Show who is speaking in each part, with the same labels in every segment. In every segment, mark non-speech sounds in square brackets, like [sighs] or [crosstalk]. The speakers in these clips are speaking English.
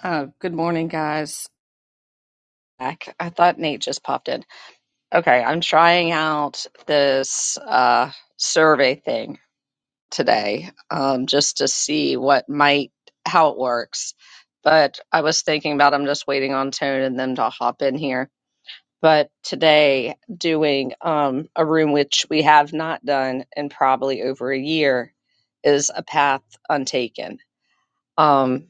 Speaker 1: Uh, good morning, guys. Back. I thought Nate just popped in. Okay, I'm trying out this uh, survey thing today um, just to see what might, how it works. But I was thinking about I'm just waiting on Tone and them to hop in here. But today, doing um, a room which we have not done in probably over a year is a path untaken. Um,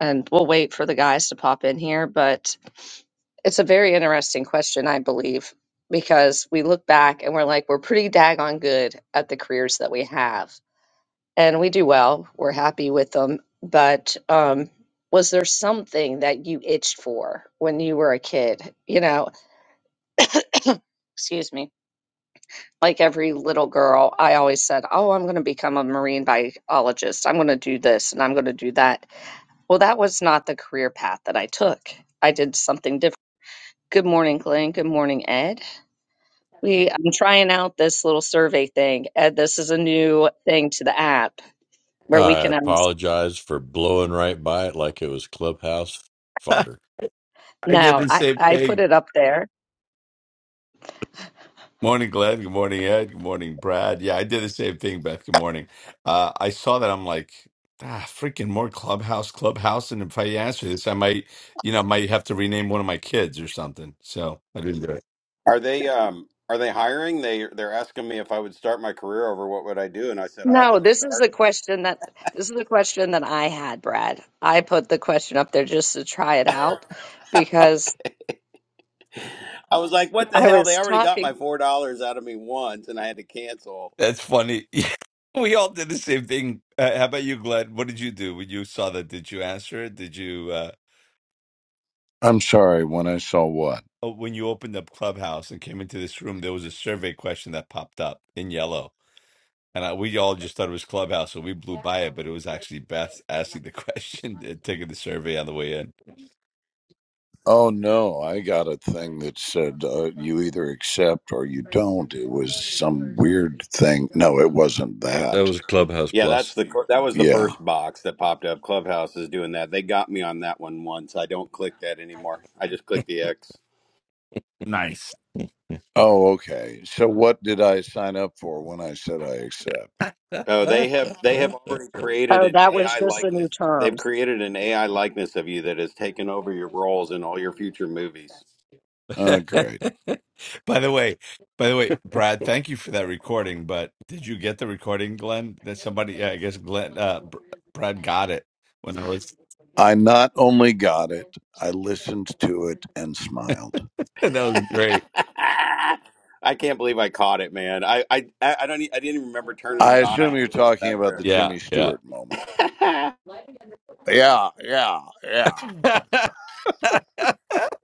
Speaker 1: and we'll wait for the guys to pop in here. But it's a very interesting question, I believe, because we look back and we're like, we're pretty daggone good at the careers that we have, and we do well. We're happy with them. But um, was there something that you itched for when you were a kid? You know, excuse me. Like every little girl, I always said, Oh, I'm going to become a marine biologist. I'm going to do this and I'm going to do that. Well, that was not the career path that I took. I did something different. Good morning, Glenn. Good morning, Ed. We I'm trying out this little survey thing. Ed, this is a new thing to the app where we
Speaker 2: I
Speaker 1: can ask.
Speaker 2: apologize for blowing right by it like it was clubhouse fodder.
Speaker 3: I did
Speaker 1: No,
Speaker 3: the
Speaker 1: I
Speaker 3: same
Speaker 1: I put
Speaker 3: thing.
Speaker 1: it up there.
Speaker 3: Morning, Glenn. Good morning, Ed. Good morning, Brad. Yeah, I did the same thing, Beth. Good morning. Uh, I saw that. I'm like, ah, freaking more clubhouse, clubhouse. And if I answer this, I might, you know, might have to rename one of my kids or something. So I didn't do it.
Speaker 4: Are they um are they hiring? They they're asking me if I would start my career over, what would I do? And I said I
Speaker 1: No,
Speaker 4: would
Speaker 1: this is
Speaker 4: start.
Speaker 1: the question that this is the question that I had, Brad. I put the question up there just to try it out
Speaker 4: [laughs]
Speaker 1: because
Speaker 4: okay. I was like, what the
Speaker 1: I
Speaker 4: hell? They
Speaker 1: was
Speaker 4: already got my
Speaker 1: talking.
Speaker 4: four dollars out of me once, and I had to cancel.
Speaker 3: That's funny. [laughs] we all did the same thing. Uh, how about you, Glenn? What did you do when you saw that? Did you answer it? Did you, uh,
Speaker 5: I'm sorry, when I saw what?
Speaker 3: oh, when you opened up Clubhouse and came into this room, there was a survey question that popped up in yellow. And I, we all just thought it was Clubhouse, so we blew by it, but it was actually Beth asking the [laughs] question and taking the survey on the way in.
Speaker 5: Oh no, I got a thing that said uh, you either accept or you don't. It was some weird thing. No, it wasn't
Speaker 2: That
Speaker 5: that.
Speaker 2: was Clubhouse
Speaker 4: Yeah, that's
Speaker 2: Plus.
Speaker 4: the that was the
Speaker 5: Yeah.
Speaker 4: first box that popped up. Clubhouse is doing that. They got me on that one once. I don't click that anymore. I just click the X.
Speaker 3: Nice.
Speaker 5: Oh, okay. So what did I sign up for when I said I accept?
Speaker 2: [laughs] they
Speaker 4: Oh, they have they have already created
Speaker 1: Oh,
Speaker 4: an
Speaker 1: that was
Speaker 4: AI
Speaker 1: just the new
Speaker 4: likeness. They've
Speaker 1: terms.
Speaker 4: created an AI likeness of you that has taken over your roles in all your future movies.
Speaker 3: [laughs]
Speaker 5: Oh, great.
Speaker 3: By the way, by the way, Brad, thank you for that recording, but did you get the recording, Glenn? That somebody, yeah, I guess Glenn, uh, Br- Brad got it when I was,
Speaker 5: I not only got it, I listened to it and smiled.
Speaker 3: [laughs] that was great.
Speaker 4: I can't believe I caught it, man. I I I don't. e- I didn't even remember turning
Speaker 5: I
Speaker 4: it on. I
Speaker 5: assume
Speaker 4: had
Speaker 5: you're
Speaker 4: it in the
Speaker 5: talking about the
Speaker 4: background.
Speaker 3: Yeah,
Speaker 5: Jimmy
Speaker 3: yeah.
Speaker 5: Stewart moment. Yeah, yeah, yeah.
Speaker 3: [laughs]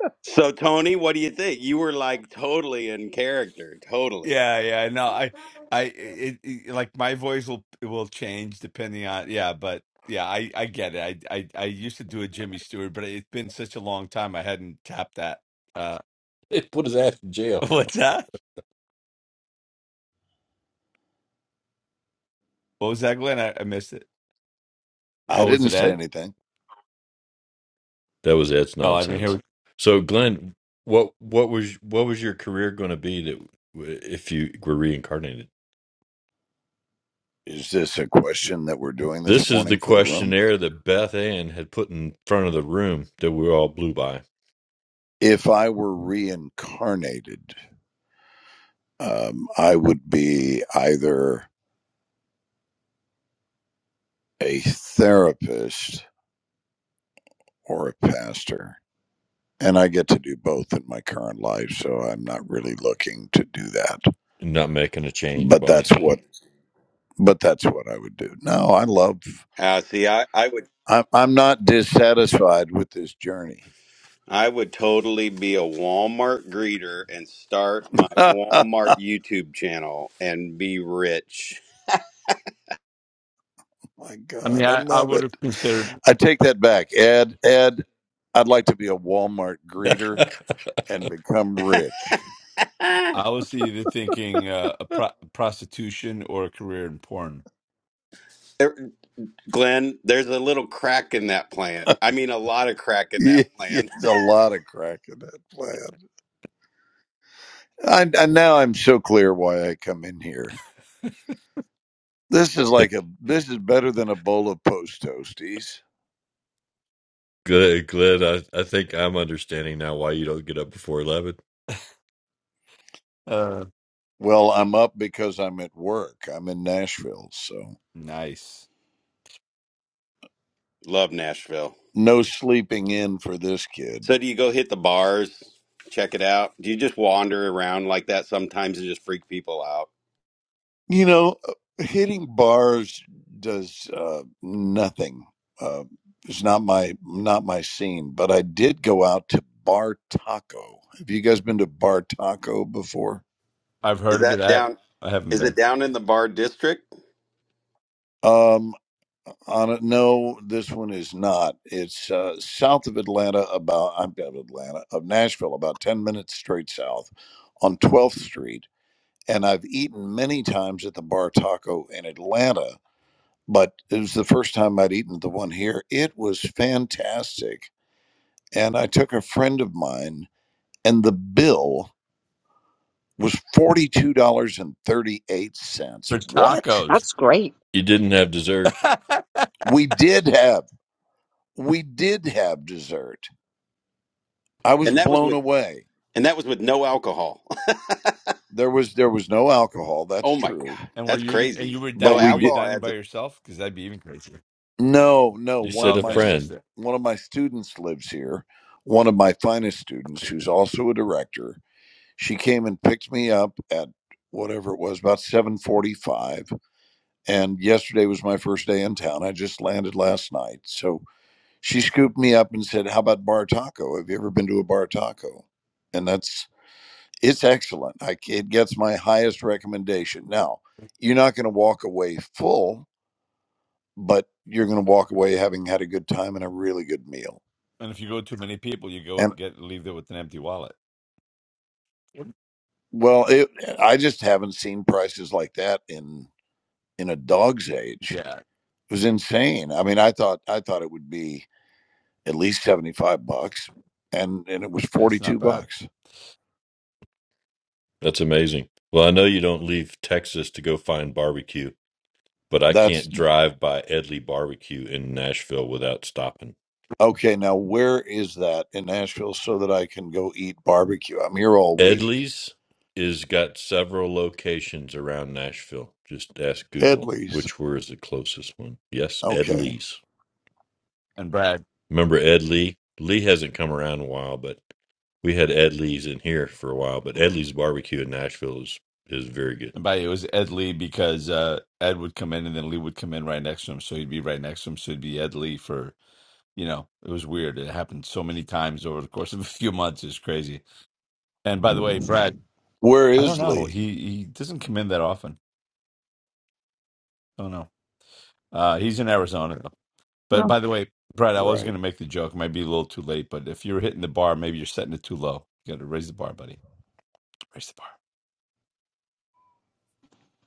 Speaker 4: [laughs] so Tony, what do you think? You were like totally in character, totally.
Speaker 3: Yeah, yeah, no, I, I, it, it, like my voice will will change depending on, yeah, but yeah, I, I get it. I, I, I used to do a Jimmy Stewart, but it's been such a long time I hadn't tapped that. Uh,
Speaker 2: put his ass in jail.
Speaker 3: [laughs] what's that? What was that, Glenn? I, I missed it.
Speaker 5: I
Speaker 3: Oh, was
Speaker 5: didn't
Speaker 3: it
Speaker 5: say
Speaker 3: Ed?
Speaker 5: anything.
Speaker 2: That was Ed's
Speaker 3: Oh, I didn't hear.
Speaker 2: nonsense.
Speaker 3: what-
Speaker 2: So, Glenn, what what was what was your career going to be that w- if you were reincarnated?
Speaker 5: Is this a question that we're doing this
Speaker 2: This is the
Speaker 5: morning for the room?
Speaker 2: questionnaire that Beth Ann had put in front of the room that we all blew by.
Speaker 5: If I were reincarnated, um, I would be either a therapist or a pastor. And I get to do both in my current life, so I'm not really looking to do that.
Speaker 2: Not making a change,
Speaker 5: But that's
Speaker 2: boss.
Speaker 5: what but that's what I would do. No, I love
Speaker 4: Uh, see, I I would
Speaker 5: I'm I'm not dissatisfied with this journey.
Speaker 4: I would totally be a Walmart greeter and start my
Speaker 5: [laughs]
Speaker 4: Walmart YouTube channel and be rich.
Speaker 5: Oh my
Speaker 3: I mean,
Speaker 5: God, I
Speaker 3: I, I
Speaker 5: love
Speaker 3: would
Speaker 5: it.
Speaker 3: have considered.
Speaker 5: I take that back. Ed, Ed, I'd like to be a Walmart
Speaker 2: [laughs]
Speaker 5: greeter and become rich.
Speaker 4: [laughs]
Speaker 3: I was either thinking uh, a pro prostitution or a career in porn.
Speaker 4: There- Glenn, there's a little crack in that plan. I mean, a lot of crack
Speaker 5: [laughs]
Speaker 4: in
Speaker 5: Yeah,
Speaker 4: that
Speaker 5: yeah,
Speaker 4: plan.
Speaker 5: there's a lot of crack in that plan. I, I now I'm so clear why I come in here. This is like a this is better than a bowl of post toasties.
Speaker 2: Glenn, Glenn I, I think I'm understanding now why you don't get up before 11.
Speaker 3: Uh,
Speaker 5: Well, I'm up because I'm at work. I'm in Nashville, so
Speaker 3: nice.
Speaker 4: [laughs] Love Nashville.
Speaker 5: no sleeping in for this kid.
Speaker 4: So do you go hit the bars, check it out? Do you just wander around like that sometimes and just freak people out?
Speaker 5: You know, uh, hitting bars does uh, nothing. Uh, it's not my not my scene. But I did go out to Bar Taco. Have you guys been to Bar Taco before?
Speaker 3: I've
Speaker 4: Is
Speaker 3: heard of it.
Speaker 4: that
Speaker 3: I,
Speaker 4: down
Speaker 3: I haven't
Speaker 4: is it
Speaker 3: been.
Speaker 4: down in the bar district?
Speaker 5: Um, On it, no, this one is not. It's uh, south of Atlanta, about I'm out of Atlanta of Nashville, about ten minutes straight south, on 12th Street. And I've eaten many times at the Bar Taco in Atlanta, but it was the first time I'd eaten at the one here. It was fantastic, and I took a friend of mine, and the bill was forty two dollars and thirty eight cents.
Speaker 3: For
Speaker 5: What
Speaker 3: tacos.
Speaker 1: That's great.
Speaker 2: You didn't have dessert.
Speaker 3: [laughs]
Speaker 5: we did have, we did have dessert. I was
Speaker 4: And that was
Speaker 5: blown
Speaker 4: with
Speaker 5: away
Speaker 4: and that was with no alcohol. [laughs]
Speaker 5: There was there was no alcohol. That's
Speaker 4: Oh my god.
Speaker 5: true.
Speaker 3: And were
Speaker 4: That's
Speaker 3: you and you
Speaker 4: crazy.
Speaker 3: were
Speaker 5: But
Speaker 4: No
Speaker 3: di-
Speaker 5: we
Speaker 3: were you
Speaker 5: did
Speaker 4: alcohol
Speaker 3: dining
Speaker 4: adds
Speaker 3: by yourself? Because that'd be even crazier.
Speaker 5: no no.
Speaker 2: You
Speaker 5: One
Speaker 3: Oh,
Speaker 5: of
Speaker 2: said a
Speaker 3: okay,
Speaker 5: my
Speaker 3: I missed
Speaker 2: friend.
Speaker 3: it.
Speaker 5: one of my students lives here. One of my finest students, who's also a director, she came and picked me up at whatever it was about 7:45 and yesterday was my first day in town i just landed last night so she scooped me up and said how about bar taco have you ever been to a bar taco and that's it's excellent. I, c- it gets my highest recommendation. Now, you're not going to walk away full, but you're going to walk away having had a good time and a really good meal.
Speaker 3: And if you go too many people, you go
Speaker 5: And
Speaker 3: get leave there with an empty wallet. Yep.
Speaker 5: well, it, I just haven't seen prices like that in in a dog's age.
Speaker 3: Yeah,
Speaker 5: It was insane. I mean, I thought I thought it would be at least seventy five bucks, and and it was forty
Speaker 3: that's not
Speaker 5: two
Speaker 3: bad.
Speaker 5: bucks.
Speaker 2: That's amazing. Well, I know you don't leave Texas to go find barbecue, but I
Speaker 5: That's
Speaker 2: can't drive by Edley Barbecue in Nashville without stopping.
Speaker 5: okay. Now, where is that in Nashville so that I can go eat barbecue? I'm here all week
Speaker 2: Edley's is got several locations around Nashville. Just ask
Speaker 5: at
Speaker 2: Google
Speaker 5: least.
Speaker 2: which where is the closest one. Yes,
Speaker 5: Okay.
Speaker 2: Edley's.
Speaker 3: And Brad,
Speaker 2: Remember Ed Lee? Lee hasn't come around in a while, but we had Ed Lee's in here for a while. But Ed Lee's barbecue in Nashville is is very good.
Speaker 3: and by the way, it was Ed Lee because uh, Ed would come in and then Lee would come in right next to him, so he'd be right next to him, so it'd be Ed Lee for you know. It was weird. It happened so many times over the course of a [laughs] few months. It's crazy. And by the way, Brad,
Speaker 5: Where
Speaker 3: I don't
Speaker 5: is
Speaker 3: know.
Speaker 5: Lee?
Speaker 3: He he doesn't come in that often. Don't know. Uh, he's in Arizona. But by the way, Brad, I was
Speaker 5: Right.
Speaker 3: going to make the joke. It might be a little too late, but if you're hitting the bar, maybe you're setting it too low. You got to raise the bar, buddy. Raise the bar.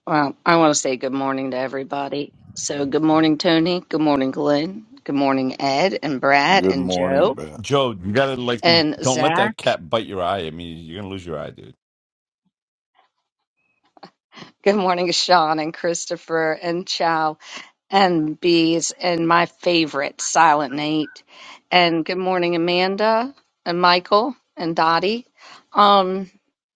Speaker 1: Well, I want to say good morning to everybody. So, good morning, Tony. Good morning, Glenn. Good morning, Ed and Brad
Speaker 5: Good
Speaker 1: and
Speaker 5: morning,
Speaker 1: Joe
Speaker 5: Beth.
Speaker 3: Joe, you got to like,
Speaker 1: and
Speaker 3: don't let that
Speaker 1: Zach.
Speaker 3: cat bite your eye. I mean, you're going to lose your eye, dude.
Speaker 1: Good morning, Sean and Christopher and Chow. and bees and my favorite silent nate and good morning amanda and michael and dottie um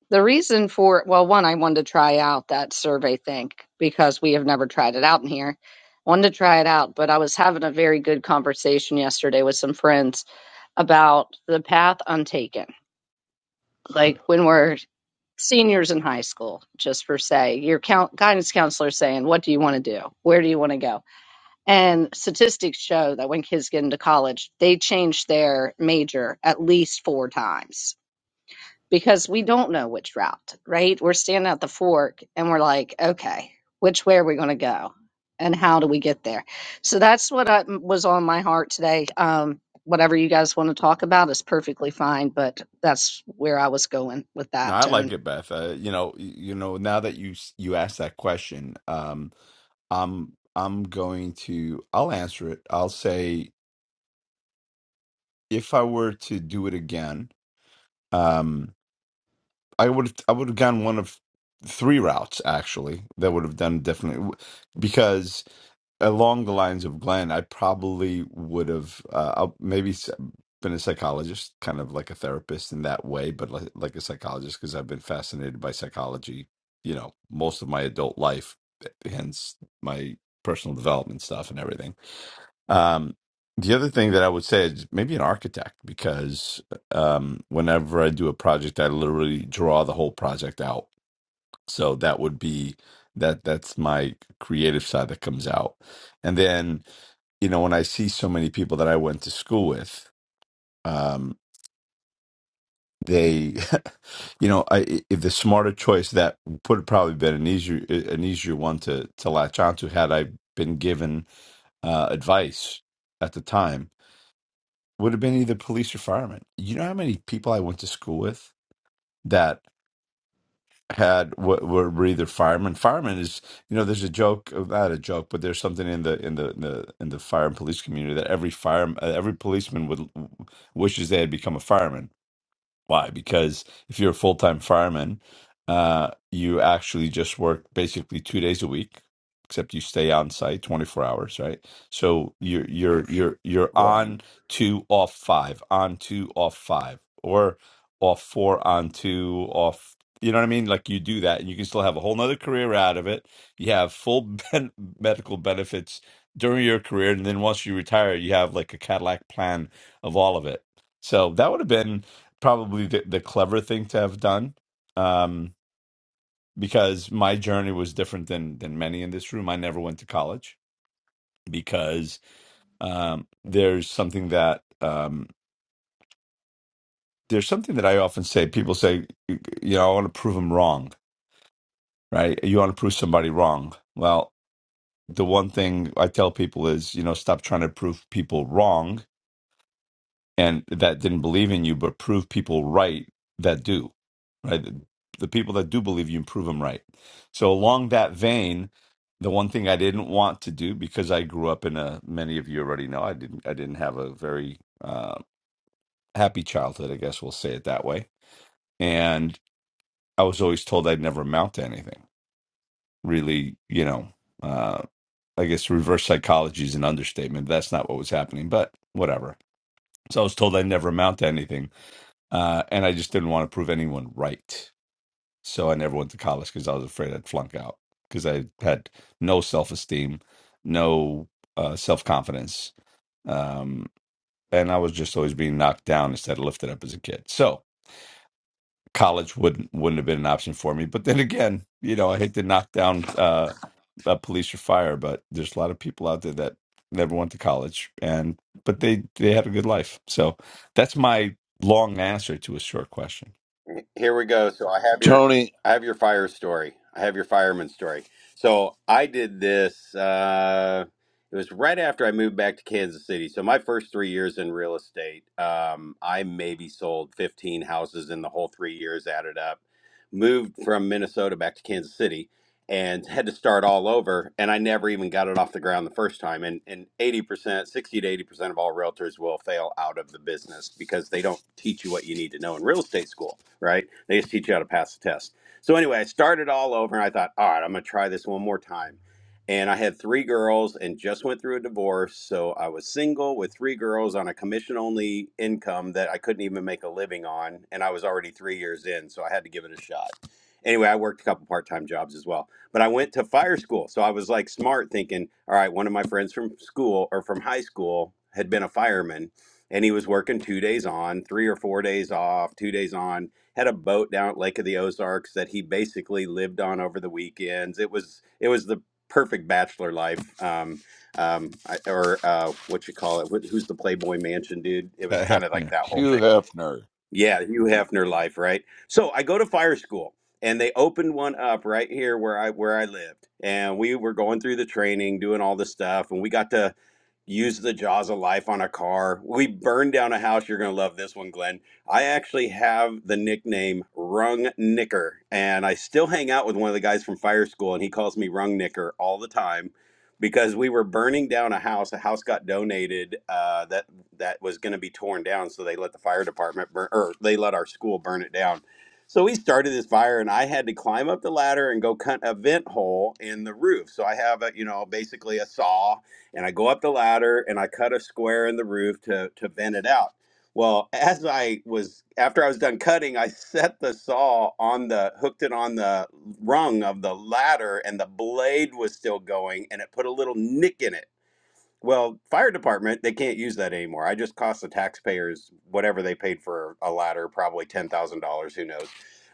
Speaker 1: the reason for well one i wanted to try out that survey thing because we have never tried it out in here wanted to try it out but i was having a very good conversation yesterday with some friends about the path untaken like when we're seniors in high school just for say your count, guidance counselor saying what do you want to do where do you want to go and statistics show that when kids get into college, they change their major at least four times because we don't know which route, right? We're standing at the fork and we're like, okay, which way are we going to go? And how do we get there? So that's what I, was on my heart today. Um, whatever you guys want to talk about is perfectly fine, but that's where I was going with
Speaker 3: No,
Speaker 1: that
Speaker 3: I like
Speaker 1: tone.
Speaker 3: it, Beth. Uh, you know, y- you know. Now that you s- you asked that question, um, I'm I'm going to I'll answer it. I'll say if I were to do it again, um, I would I would have gone one of three routes actually that would have done definitely because along the lines of Glenn, I probably would have uh, I'll- maybe s- been a psychologist, kind of like a therapist in that way, but like, like a psychologist because I've been fascinated by psychology, you know, most of my adult life, eh, hence my personal development stuff and everything um, the other thing that I would say is maybe an architect because um, whenever I do a project, I literally draw the whole project out. So that would be that that's my creative side that comes out. And then, you know, when I see so many people that I went to school with, um, they, [laughs] you know, I, if the smarter choice that would have probably been an easier an easier one to to latch onto had I been given uh, advice at the time would have been either police or firemen. You know how many people I went to school with that had what were were either firemen. Firemen is you know there's a joke uh, not a joke, but there's something in the in the in the, in the fire and police community that every fire uh, every policeman would wishes they had become a fireman why? Because if you're a full time fireman, uh, you actually just work basically two days a week, except you stay on site 24 hours, right? So you're you're you're you're
Speaker 5: Right.
Speaker 3: on two off five, on two off five, or off four on two off. You know what I mean? Like you do that, and you can still have a whole nother career out of it. You have full ben- [laughs] medical benefits during your career, and then once you retire, you have like a Cadillac plan of all of it. So that would have been probably the, the clever thing to have done um, because my journey was different than than many in this room. I never went to college because um, there's something that um, there's something that I often say. People say, you know, I want to prove them wrong, right? You want to prove somebody wrong. Well, the one thing I tell people is, you know, stop trying to prove people wrong and that didn't believe in you, but prove people right that do, right? The, the people that do believe you, prove them right. So along that vein, the one thing I didn't want to do because I grew up in a many of you already know I didn't I didn't have a very uh, happy childhood, I guess we'll say it that way, and I was always told I'd never amount to anything. Really, you know, uh, I guess reverse psychology is an understatement. That's not what was happening, but whatever. So I was told I'd never amount to anything Uh, and I just didn't want to prove anyone right. So I never went to college because I was afraid I'd flunk out because I had no self esteem, no uh, self confidence. Um, and I was just always being knocked down instead of lifted up as a kid. So college wouldn't wouldn't have been an option for me. But then again, you know, I hate to knock down uh, uh, police or fire, but there's a lot of people out there that never went to college and but they they had a good life. So that's my long answer to a short question.
Speaker 4: here we go. So I have your
Speaker 5: Tony
Speaker 4: I have your fire story. I have your fireman story. So I did this uh it was right after I moved back to Kansas City. So my first 3 years in real estate, um I maybe sold 15 houses in the whole 3 years added up. Moved from Minnesota back to Kansas City and had to start all over and i never even got it off the ground the first time and and 80% 60 to 80% of all realtors will fail out of the business because they don't teach you what you need to know in real estate school right they just teach you how to pass the test so anyway i started all over and i thought all right i'm going to try this one more time and i had three girls and just went through a divorce so i was single with three girls on a commission only income that i couldn't even make a living on and i was already three years in so i had to give it a shot anyway i worked a couple part-time jobs as well but I went to fire school. So I was like smart thinking, all right, one of my friends from school or from high school had been a fireman and he was working two days on, three or four days off, two days on, had a boat down at Lake of the Ozarks that he basically lived on over the weekends. It was it was the perfect bachelor life. Um, um, I, or uh, what you call it? Wh- Who's the Playboy Mansion dude? It was
Speaker 3: Uh,
Speaker 4: kind
Speaker 3: hap-
Speaker 4: of
Speaker 3: [laughs]
Speaker 4: like
Speaker 3: yeah.
Speaker 4: that whole
Speaker 5: Hugh
Speaker 4: thing
Speaker 5: Hefner. [laughs]
Speaker 4: yeah, Hugh Hefner life, right? So I go to fire school and they opened one up right here where I where I lived. And we were going through the training, doing all the stuff, and we got to use the jaws of life on a car. We burned down a house. You're going to love this one, Glenn. I actually have the nickname Rung Knicker, and I still hang out with one of the guys from fire school, and he calls me Rung Knicker all the time because we were burning down a house. A house got donated. Uh, that that was going to be torn down. So they let the fire department burn, or they let our school burn it down. So we started this fire, and I had to climb up the ladder and go cut a vent hole in the roof. So I have a, you know, basically a saw, and I go up the ladder and I cut a square in the roof to to vent it out. Well, [laughs] as I was after I was done cutting, I set the saw on the hooked it on the rung of the ladder and the blade was still going and it put a little nick in it. Well, fire department, they can't use that anymore. I just cost the taxpayers whatever they paid for a ladder, probably ten thousand dollars, who knows.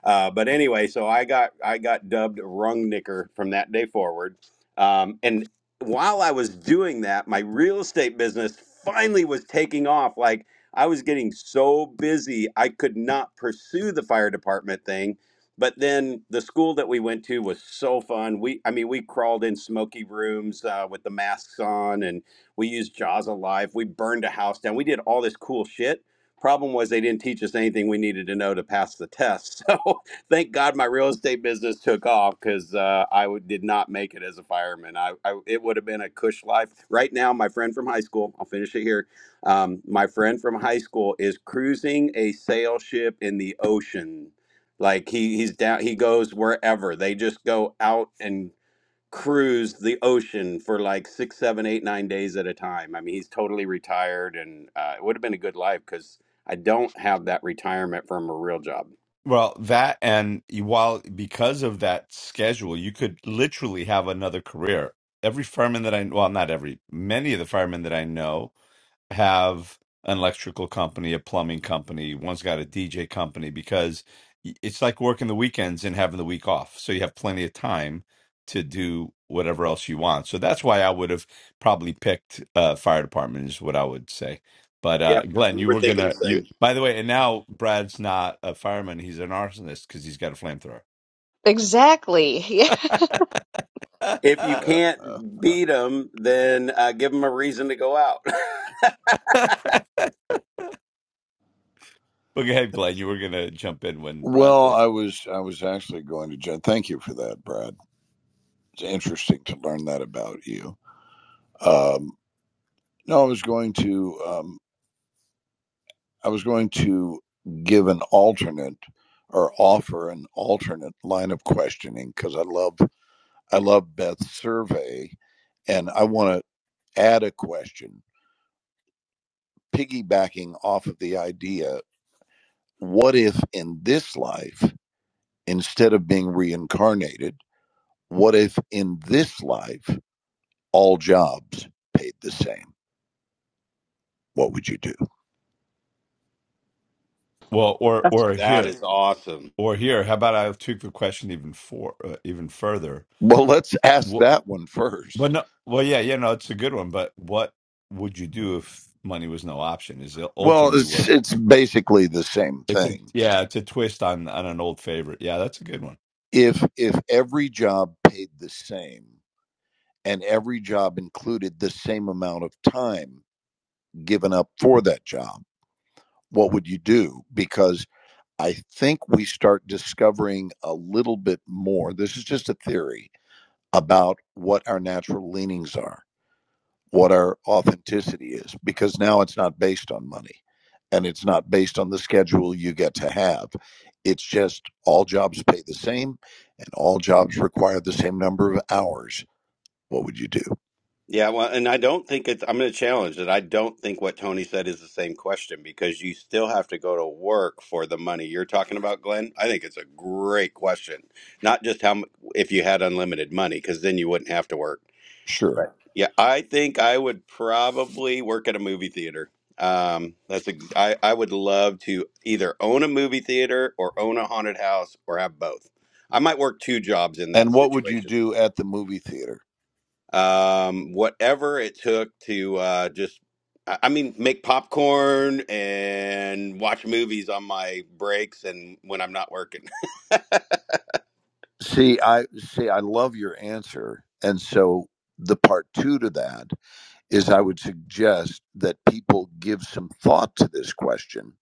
Speaker 4: Uh, but anyway, so I got I got dubbed rung knicker from that day forward. Um, and while I was doing that, my real estate business finally was taking off. Like I was getting so busy, I could not pursue the fire department thing. But then the school that we went to was so fun. We, I mean, we crawled in smoky rooms uh, with the masks on, and we used Jaws Alive. We burned a house down. We did all this cool shit. Problem was they didn't teach us anything we needed to know to pass the test. So [laughs] thank God my real estate business took off because uh, I w- did not make it as a fireman. I, I it would have been a cush life. Right now, my friend from high school. I'll finish it here. Um, my friend from high school is cruising a sail ship in the ocean. Like he he's down. He goes wherever. They just go out and cruised the ocean for like six, seven, eight, nine days at a time. I mean, he's totally retired, and uh, it would have been a good life because I don't have that retirement from a real job.
Speaker 3: Well, that and you- while because of that schedule, you could literally have another career. Every fireman that I well, not every, many of the firemen that I know have an electrical company, a plumbing company, one's got a DJ company because y- it's like working the weekends and having the week off. So you have plenty of time to do whatever else you want. So that's why I would have probably picked uh fire department is what I would say. But uh
Speaker 4: Yep,
Speaker 3: Glenn,
Speaker 4: we
Speaker 3: you
Speaker 4: were
Speaker 3: were
Speaker 4: thinking the
Speaker 3: gonna you
Speaker 4: same.
Speaker 3: by the way, and now Brad's not a fireman, he's an arsonist because he's got a flamethrower.
Speaker 1: Exactly. [laughs] Yeah.
Speaker 3: [laughs]
Speaker 4: If you
Speaker 5: Uh, uh,
Speaker 4: can't
Speaker 5: uh.
Speaker 4: beat them, then uh, give them a reason to go out.
Speaker 3: but go ahead, Glenn, you were gonna jump in when Brad
Speaker 5: well,
Speaker 3: did.
Speaker 5: I was I was actually going to. Jen- Thank you for that, Brad. It's interesting to learn that about you. Um, no, I was going to um, I was going to give an alternate or offer an alternate line of questioning because I love I love Beth's survey, and I want to add a question piggybacking off of the idea what if in this life, instead of being reincarnated, what if in this life, all jobs paid the same? What would you do?
Speaker 3: Well, or
Speaker 1: That's-
Speaker 3: or
Speaker 4: [laughs] that
Speaker 3: here.
Speaker 4: is awesome.
Speaker 3: Or here, how about I took the question even for uh, even further?
Speaker 5: Well, let's ask
Speaker 3: Well,
Speaker 5: that one
Speaker 3: well,
Speaker 5: first.
Speaker 3: no, well, yeah, yeah, no, it's a good one. But what would you do if money was no option? Is it
Speaker 5: Well,
Speaker 3: ultimately what?
Speaker 5: it's, it's basically the same
Speaker 3: It's a,
Speaker 5: thing.
Speaker 3: yeah, it's a twist on on an old favorite. Yeah, that's a good one.
Speaker 5: If, if every job paid the same and every job included the same amount of time given up for that job, what would you do? Because. I think we start discovering a little bit more. This is just a theory about what our natural leanings are, what our authenticity is, because now it's not based on money and it's not based on the schedule you get to have. It's just all jobs pay the same and all jobs require the same number of hours. What would you do?
Speaker 4: Yeah, well, and I don't think it's, I'm going to challenge that. I don't think what Tony said is the same question because you still have to go to work for the money you're talking about, Glenn. I think it's a great question. Not just how, mu- if you had unlimited money, because then you wouldn't have to work.
Speaker 5: Sure.
Speaker 4: Yeah, I think I would probably work at a movie theater. Um, that's a, I, I would love to either own a movie theater or own a haunted house or have both. I might work two jobs in that
Speaker 5: And what would you
Speaker 4: situation
Speaker 5: do at the movie theater?
Speaker 4: um, whatever it took to uh, just, I I mean, make popcorn and watch movies on my breaks and when I'm not working.
Speaker 5: See, I see I love your answer. And so the part 2 to that is I would suggest that people give some thought to this question.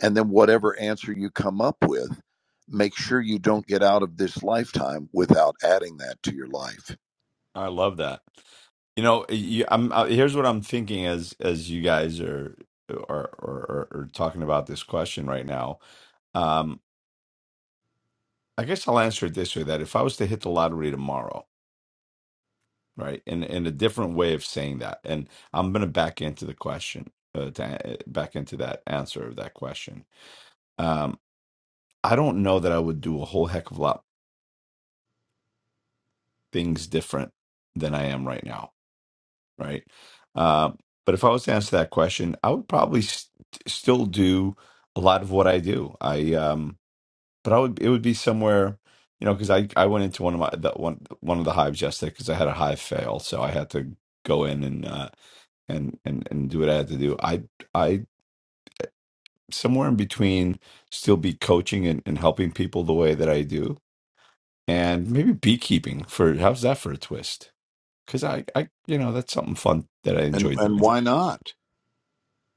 Speaker 5: And then, whatever answer you come up with, make sure you don't get out of this lifetime without adding that to your life.
Speaker 3: I love that. You know, you, I'm uh, here's what I'm thinking as as you guys are are are, are talking about this question right now. Um, I guess I'll answer it this way: that if I was to hit the lottery tomorrow. right? And and a different way of saying that. And I'm gonna back into the question, uh, to, back into that answer of that question. Um, I don't know that I would do a whole heck of a lot things different than I am right now, right? Um, but if I was to answer that question, I would probably st- still do a lot of what I do. I um, but I would it would be somewhere. You know, because I, I went into one of my the, one one of the hives yesterday because I had a hive fail, so I had to go in and uh, and and and do what I had to do. I I somewhere in between still be coaching and, and helping people the way that I do, and maybe beekeeping for how's that for a twist? Because I I you know that's something fun that I
Speaker 5: And
Speaker 3: enjoy
Speaker 5: and
Speaker 3: doing.
Speaker 5: why not?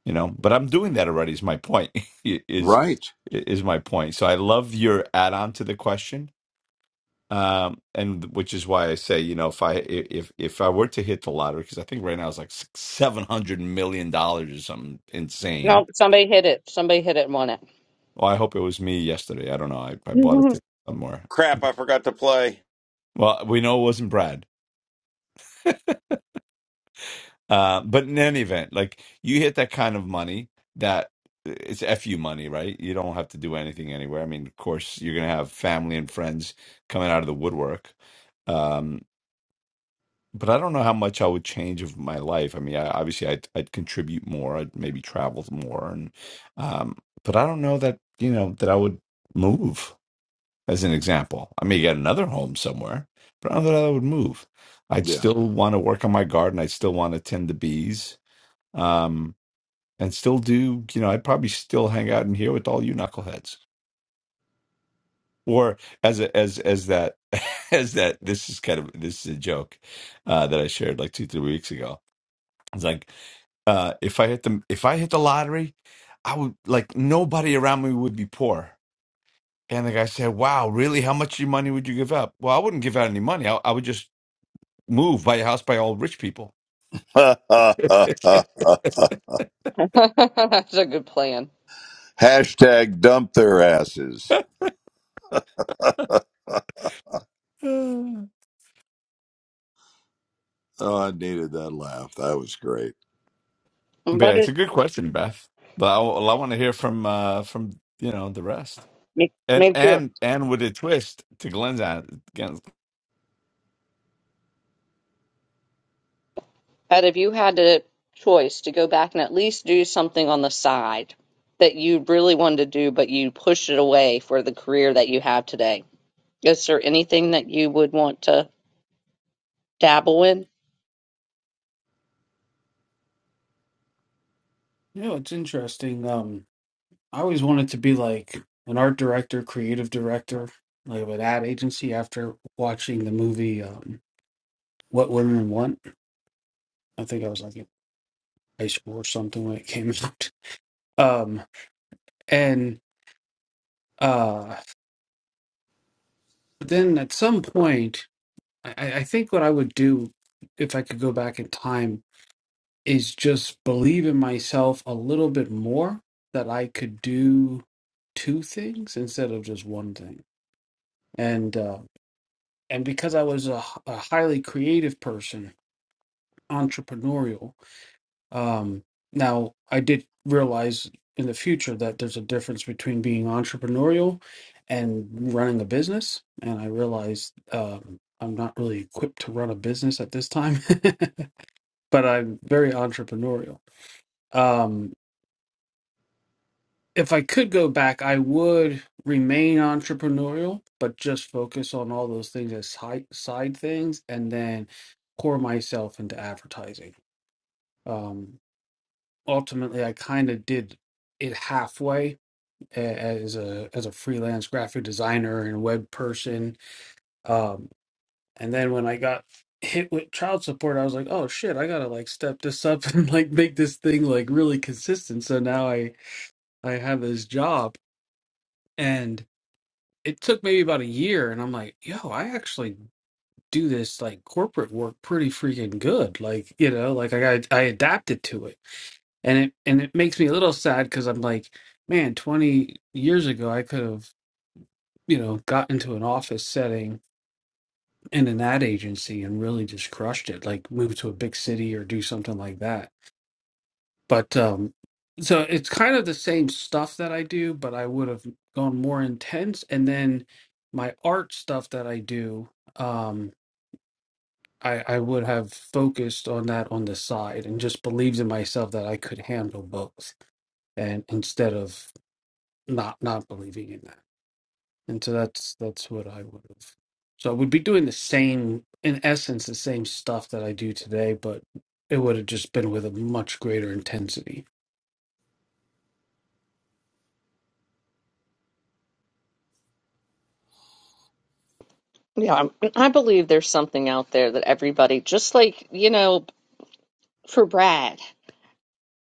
Speaker 3: You know, but I'm doing that already. Is my point [laughs] is
Speaker 5: Right.
Speaker 3: is my point. So I love your add on to the question. Um, and which is why I say, you know, if I if if I were to hit the lottery, because I think right now it's like six, seven hundred million dollars or something insane
Speaker 1: No, somebody hit it. Somebody hit it and won it.
Speaker 3: Well, I hope it was me yesterday. I don't know. I, I bought a
Speaker 1: [laughs]
Speaker 3: ticket somewhere.
Speaker 4: [laughs] Crap, I forgot to play.
Speaker 3: Well, we know it wasn't Brad. Uh, but in any event, like you hit that kind of money that uh, it's FU money, right? You don't have to do anything anywhere. I mean, of course, you're going to have family and friends coming out of the woodwork. Um, but I don't know how much I would change of my life. I mean, I, obviously, I'd, I'd contribute more. I'd maybe travel more, and um, but I don't know that you know that I would move. as an example. I may get another home somewhere, but I don't know that I would move. I'd
Speaker 5: Yeah.
Speaker 3: still want to work on my garden. I'd still want to tend the bees, um, and still do. You know, I'd probably still hang out in here with all you knuckleheads. Or as a, as as that [laughs] as that this is kind of this is a joke uh, that I shared like two three weeks ago. It's like uh, if I hit the if I hit the lottery, I would like nobody around me would be poor. And the guy said, "Wow, really? How much of your money would you give up?" Well, I wouldn't give out any money. I, I would just move, buy a house, by all rich people.
Speaker 5: [laughs]
Speaker 3: [sighs] [laughs] but
Speaker 1: That's a good plan.
Speaker 5: Hashtag dump their asses.
Speaker 3: yeah,
Speaker 5: Oh, I needed that laugh. That was great.
Speaker 1: But
Speaker 3: it's a
Speaker 1: it
Speaker 3: good question, Beth. But I, well, I want to hear from uh, from you know the rest,
Speaker 1: me,
Speaker 3: and
Speaker 1: me too.
Speaker 3: and and with a twist to Glenn's. an- Glenn's
Speaker 1: Had if you had a choice to go back and at least do something on the side that you really wanted to do, but you pushed it away for the career that you have today, is there anything that you would want to dabble in?
Speaker 6: Yeah, it's interesting. Um, I always wanted to be like an art director, creative director, like of an ad agency after watching the movie um, What Women Want. I think I was like in high school or something when it came [laughs] out. Um, and uh, but then at some point, I, I I think what I would do if I could go back in time is just believe in myself a little bit more that I could do two things instead of just one thing. And uh, and because I was a a highly creative person, entrepreneurial, um, now I did realize in the future that there's a difference between being entrepreneurial and running a business. And I realized um, I'm not really equipped to run a business at this time, [laughs] but I'm very entrepreneurial. Um, if I could go back, I would remain entrepreneurial, but just focus on all those things as side side things, and then pour myself into advertising. Um, ultimately, I kind of did it halfway a- as a as a freelance graphic designer and web person. Um, and then when I got hit with child support, I was like, oh shit, I gotta like step this up [laughs] and like make this thing like really consistent. So now I I have this job. and. it took maybe about a year and I'm like, yo, I actually do this like corporate work pretty freaking good. Like, you know, like I got I adapted to it. And it and it makes me a little sad cuz I'm like, man, 20 years ago I could have, you know, got into an office setting in an ad agency and really just crushed it, like move to a big city or do something like that but um so it's kind of the same stuff that I do, but I would have gone more intense and then my art stuff that I do um I I would have focused on that on the side and just believed in myself that I could handle both and instead of not not believing in that. And so that's that's what I would have. So I would be doing the same in essence the same stuff that I do today, but it would have just been with a much greater intensity.
Speaker 1: Yeah, I'm- I believe there's something out there that everybody, just like, you know, for Brad.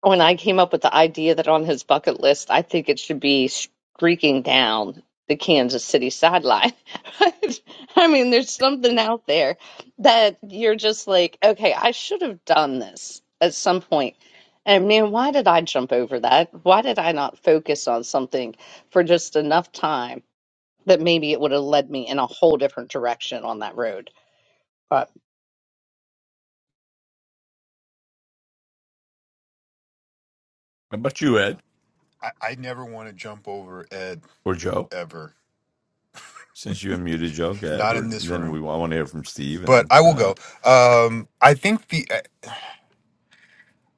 Speaker 1: when I came up with the idea that on his bucket list, I think it should be streaking down the Kansas City sideline. [laughs] I mean, there's something out there that you're just like, okay, I should have done this at some point. And man, why did I jump over that? Why did I not focus on something for just enough time that maybe it would have led me in a whole different direction on that road?
Speaker 3: how about you, Ed
Speaker 7: I, I never want to jump over Ed
Speaker 3: or Joe?
Speaker 7: ever,
Speaker 3: Since you unmuted Joe, go ahead.
Speaker 7: not
Speaker 3: Or
Speaker 7: in this
Speaker 3: then we
Speaker 7: room.
Speaker 3: I want to hear from Steve
Speaker 7: But
Speaker 3: and
Speaker 7: I will
Speaker 3: uh,
Speaker 7: go. Um, I think the I-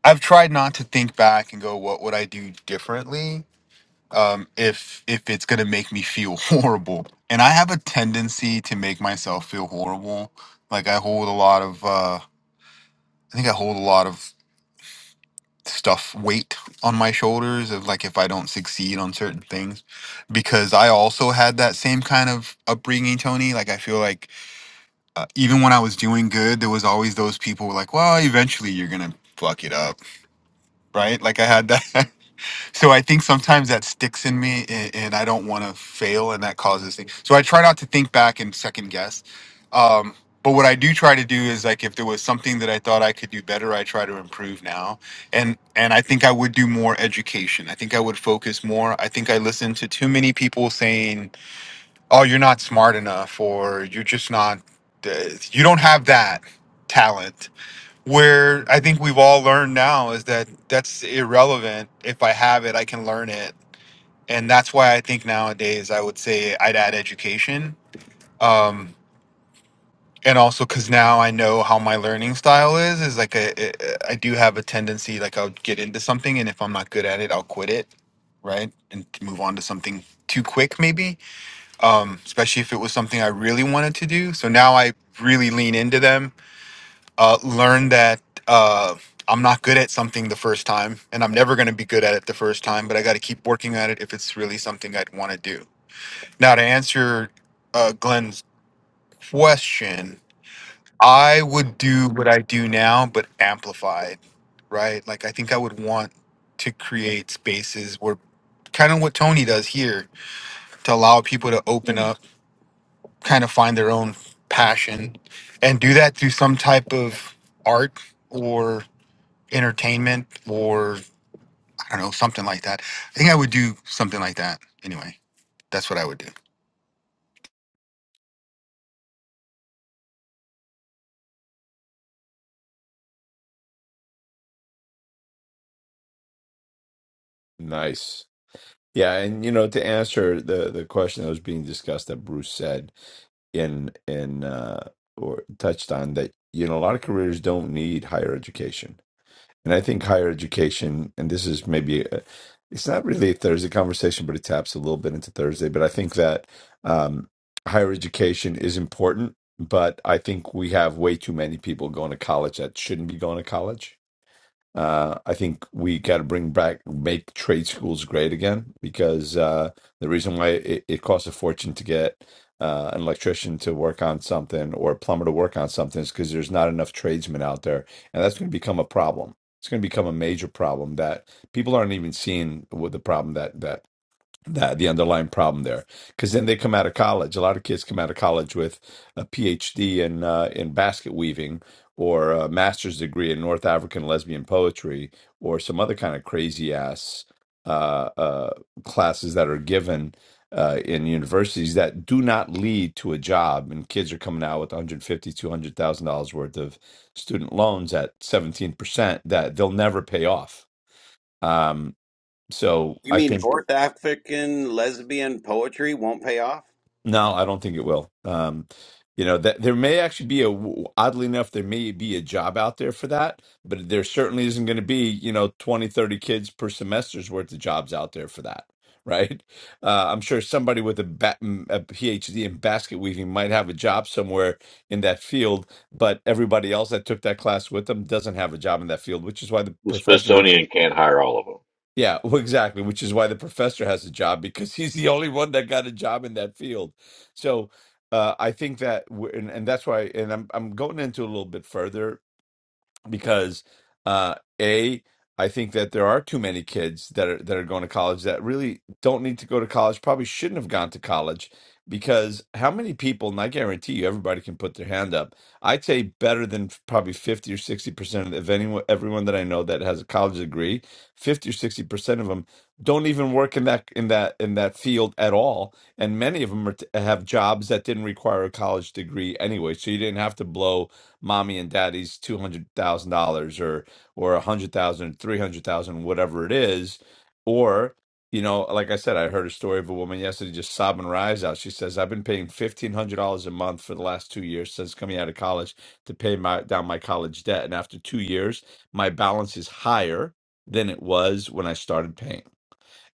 Speaker 7: I've tried not to think back and go, what would I do differently? Um, if if it's gonna make me feel [laughs] horrible, and I have a tendency to make myself feel horrible. Like I hold a lot of, uh, I think I hold a lot of stuff weight on my shoulders of like if I don't succeed on certain things because I also had that same kind of upbringing Tony like I feel like uh, even when I was doing good, there was always those people who were like, well, eventually you're going to fuck it up. Right. Like I had that. [laughs] so I think sometimes that sticks in me and, and I don't want to fail. And that causes things. So I try not to think back and second guess. Um, but what I do try to do is like if there was something that I thought I could do better, I try to improve now. And and I think I would do more education. I think I would focus more. I think I listened to too many people saying oh you're not smart enough or you're just not uh, you don't have that talent where i think we've all learned now is that that's irrelevant if i have it i can learn it and that's why i think nowadays i would say i'd add education um and also because now i know how my learning style is is like a, a, i do have a tendency like i'll get into something and if i'm not good at it i'll quit it right and move on to something too quick maybe um, especially if it was something I really wanted to do. So now I really lean into them, uh, learn that uh, I'm not good at something the first time, and I'm never going to be good at it the first time, but I got to keep working at it if it's really something I'd want to do. Now, to answer uh, Glenn's question, I would do what I do now, but amplified, right? Like, I think I would want to create spaces where kind of what Tony does here to allow people to open up kind of find their own passion and do that through some type of art or entertainment or I don't know, something like that. I think I would do something like that. Anyway, that's what I would do.
Speaker 3: Nice. Yeah, and you know, to answer the the question that was being discussed that Bruce said in in uh or touched on that, you know, a lot of careers don't need higher education. And I think higher education, and this is maybe, a, it's not really a Thursday conversation, but it taps a little bit into Thursday. But I think that um, higher education is important, but I think we have way too many people going to college that shouldn't be going to college. Uh, I think we got to bring back, make trade schools great again because uh, the reason why it, it costs a fortune to get uh, an electrician to work on something or a plumber to work on something is because there's not enough tradesmen out there. And that's going to become a problem. It's going to become a major problem that people aren't even seeing with the problem that that that the underlying problem there because then they come out of college a lot of kids come out of college with a phd in uh, in basket weaving or a master's degree in north african lesbian poetry or some other kind of crazy ass uh, uh, classes that are given uh, in universities that do not lead to a job and kids are coming out with 150, 200000 dollars worth of student loans at 17% that they'll never pay off um, so
Speaker 4: You
Speaker 3: i
Speaker 4: mean
Speaker 3: think
Speaker 4: North African lesbian poetry won't pay off?
Speaker 3: No, I don't think it will. Um, you know that there may actually be a oddly enough there may be a job out there for that, but there certainly isn't going to be, you know, 20 30 kids per semester's worth of jobs out there for that, [laughs] right? Uh, I'm sure somebody with a, ba m- a PhD in basket weaving might have a job somewhere in that field, but everybody else that took that class with them doesn't have a job in that field, which is why the
Speaker 2: The
Speaker 3: professor
Speaker 2: Smithsonian can't hire all of them.
Speaker 3: yeah, [laughs] well, exactly, which is why the professor has a job because he's the only one that got a job in that field. So uh, I think that, we and, and that's why, and I'm I'm going into a little bit further because uh a I think that there are too many kids that are that are going to college that really don't need to go to college, probably shouldn't have gone to college because how many people, and I guarantee you everybody can put their hand up. I'd say better than f- probably 50 or 60% of anyone everyone that I know that has a college degree, 50 or 60% of them don't even work in that in that in that field at all, and many of them are t- have jobs that didn't require a college degree anyway, so you didn't have to blow mommy and daddy's two hundred thousand dollars or or a hundred thousand, three hundred thousand, whatever it is, or you know, like I said, I heard a story of a woman yesterday just sobbing her eyes out. She says, "I've been paying fifteen hundred dollars a month for the last two years since coming out of college to pay my down my college debt, and after two years, my balance is higher than it was when I started paying."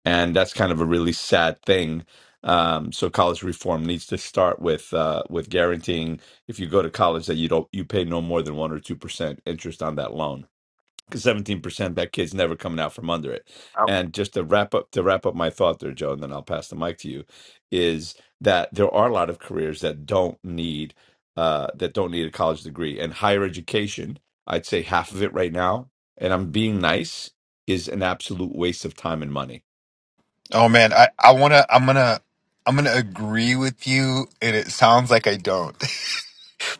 Speaker 3: and that's kind of a really sad thing. Um, so college reform needs to start with uh, with guaranteeing if you go to college that you don't you pay no more than one or two percent interest on that loan because seventeen percent that kid's never coming out from under it. And just to wrap up to wrap up my thought there, Joe, and then I'll pass the mic to you, is that there are a lot of careers that don't need uh, that don't need a college degree and higher education. I'd say half of it right now, and I'm being nice is an absolute waste of time and money
Speaker 7: Oh man, I I wanna I'm gonna I'm gonna agree with you, and it sounds like I don't, [laughs]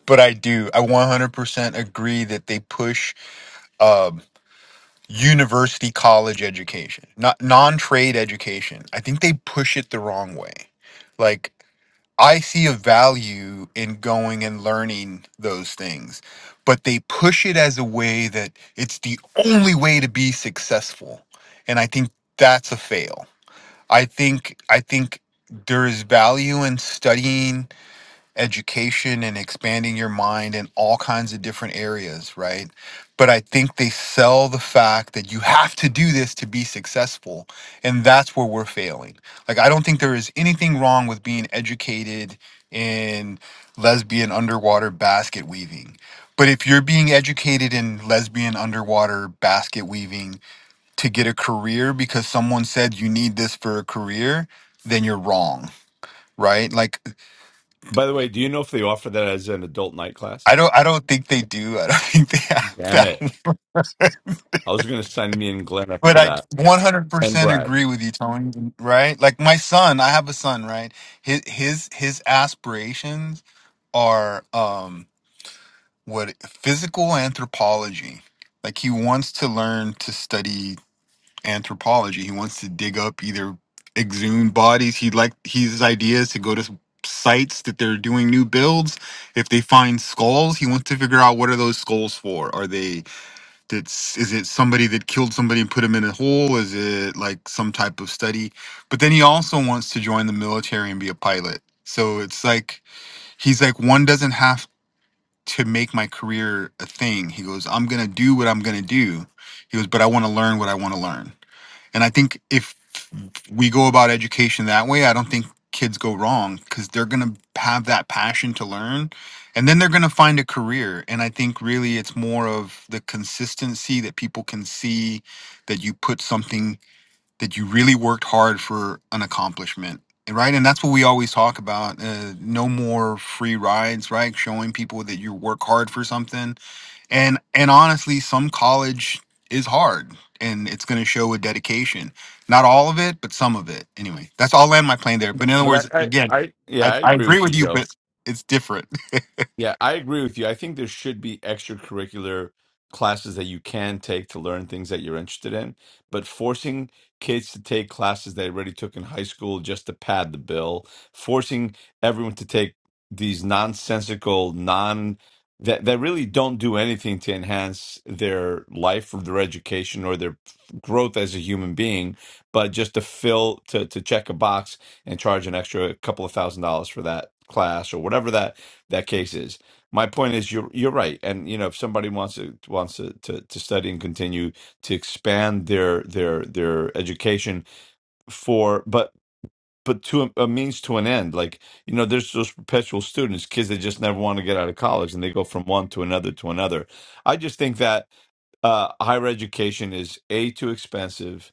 Speaker 7: but I do. I 100% agree that they push um, university college education, not non trade education. I think they push it the wrong way. like. I see a value in going and learning those things, but they push it as a way that it's the only way to be successful. And I think that's a fail. I think I think there is value in studying education and expanding your mind in all kinds of different areas, right? But I think they sell the fact that you have to do this to be successful. And that's where we're failing. Like, I don't think there is anything wrong with being educated in lesbian underwater basket weaving. But if you're being educated in lesbian underwater basket weaving to get a career because someone said you need this for a career, then you're wrong right? Like
Speaker 3: By the way, do you know if they offer that as an adult night class?
Speaker 7: I don't. I don't think they do. I don't [laughs] think they have
Speaker 3: Damn
Speaker 7: that.
Speaker 3: it.
Speaker 7: one.
Speaker 3: I was going to sign me and Glenn up
Speaker 7: But
Speaker 3: for
Speaker 7: I
Speaker 3: that and
Speaker 7: 100%
Speaker 3: Brad.
Speaker 7: agree with you, Tony. Right? Like my son. I have a son. Right? His his his aspirations are um what physical anthropology. Like he wants to learn to study anthropology. He wants to dig up either exhumed bodies. He like his ideas to go to sites that they're doing new builds if they find skulls, he wants to figure out what are those skulls for? Are they that's is it somebody that killed somebody and put him in a hole is it like some type of study but then he also wants to join the military and be a pilot so it's like he's like one doesn't have to make my career a thing he goes i'm gonna do what i'm gonna do he goes but i want to learn what i want to learn and I think if we go about education that way, I don't think kids go wrong because they're going to have that passion to learn and then they're going to find a career. And I think really it's more of the consistency that people can see that you put something that you really worked hard for an accomplishment. Right. And that's what we always talk about. Uh, no more free rides, right? Showing people that you work hard for something and and honestly some college is hard and it's going to show with dedication not all of it but some of it anyway that's all land my plane there but in other
Speaker 3: But
Speaker 7: words
Speaker 3: I, I,
Speaker 7: again
Speaker 3: I yeah,
Speaker 7: i,
Speaker 3: I
Speaker 7: I
Speaker 3: agree
Speaker 7: agree
Speaker 3: with
Speaker 7: with
Speaker 3: you,
Speaker 7: you
Speaker 3: Joe.
Speaker 7: but it's different [laughs]
Speaker 3: Yeah, I agree with you. I think there should be extracurricular classes that you can take to learn things that you're interested in, but forcing kids to take classes they already took in high school just to pad the bill, forcing everyone to take these nonsensical, non that that really don't do anything to enhance their life or their education or their growth as a human being, but just to fill to to check a box and charge an extra couple of thousand dollars for that class or whatever that that case is. My point is you're you're right. And you know, if somebody wants to wants to, to, to study and continue to expand their their their education for but but to a, a means to an end, like you know, there's those perpetual students, kids that just never want to get out of college, and they go from one to another to another. I just think that uh, higher education is a too expensive,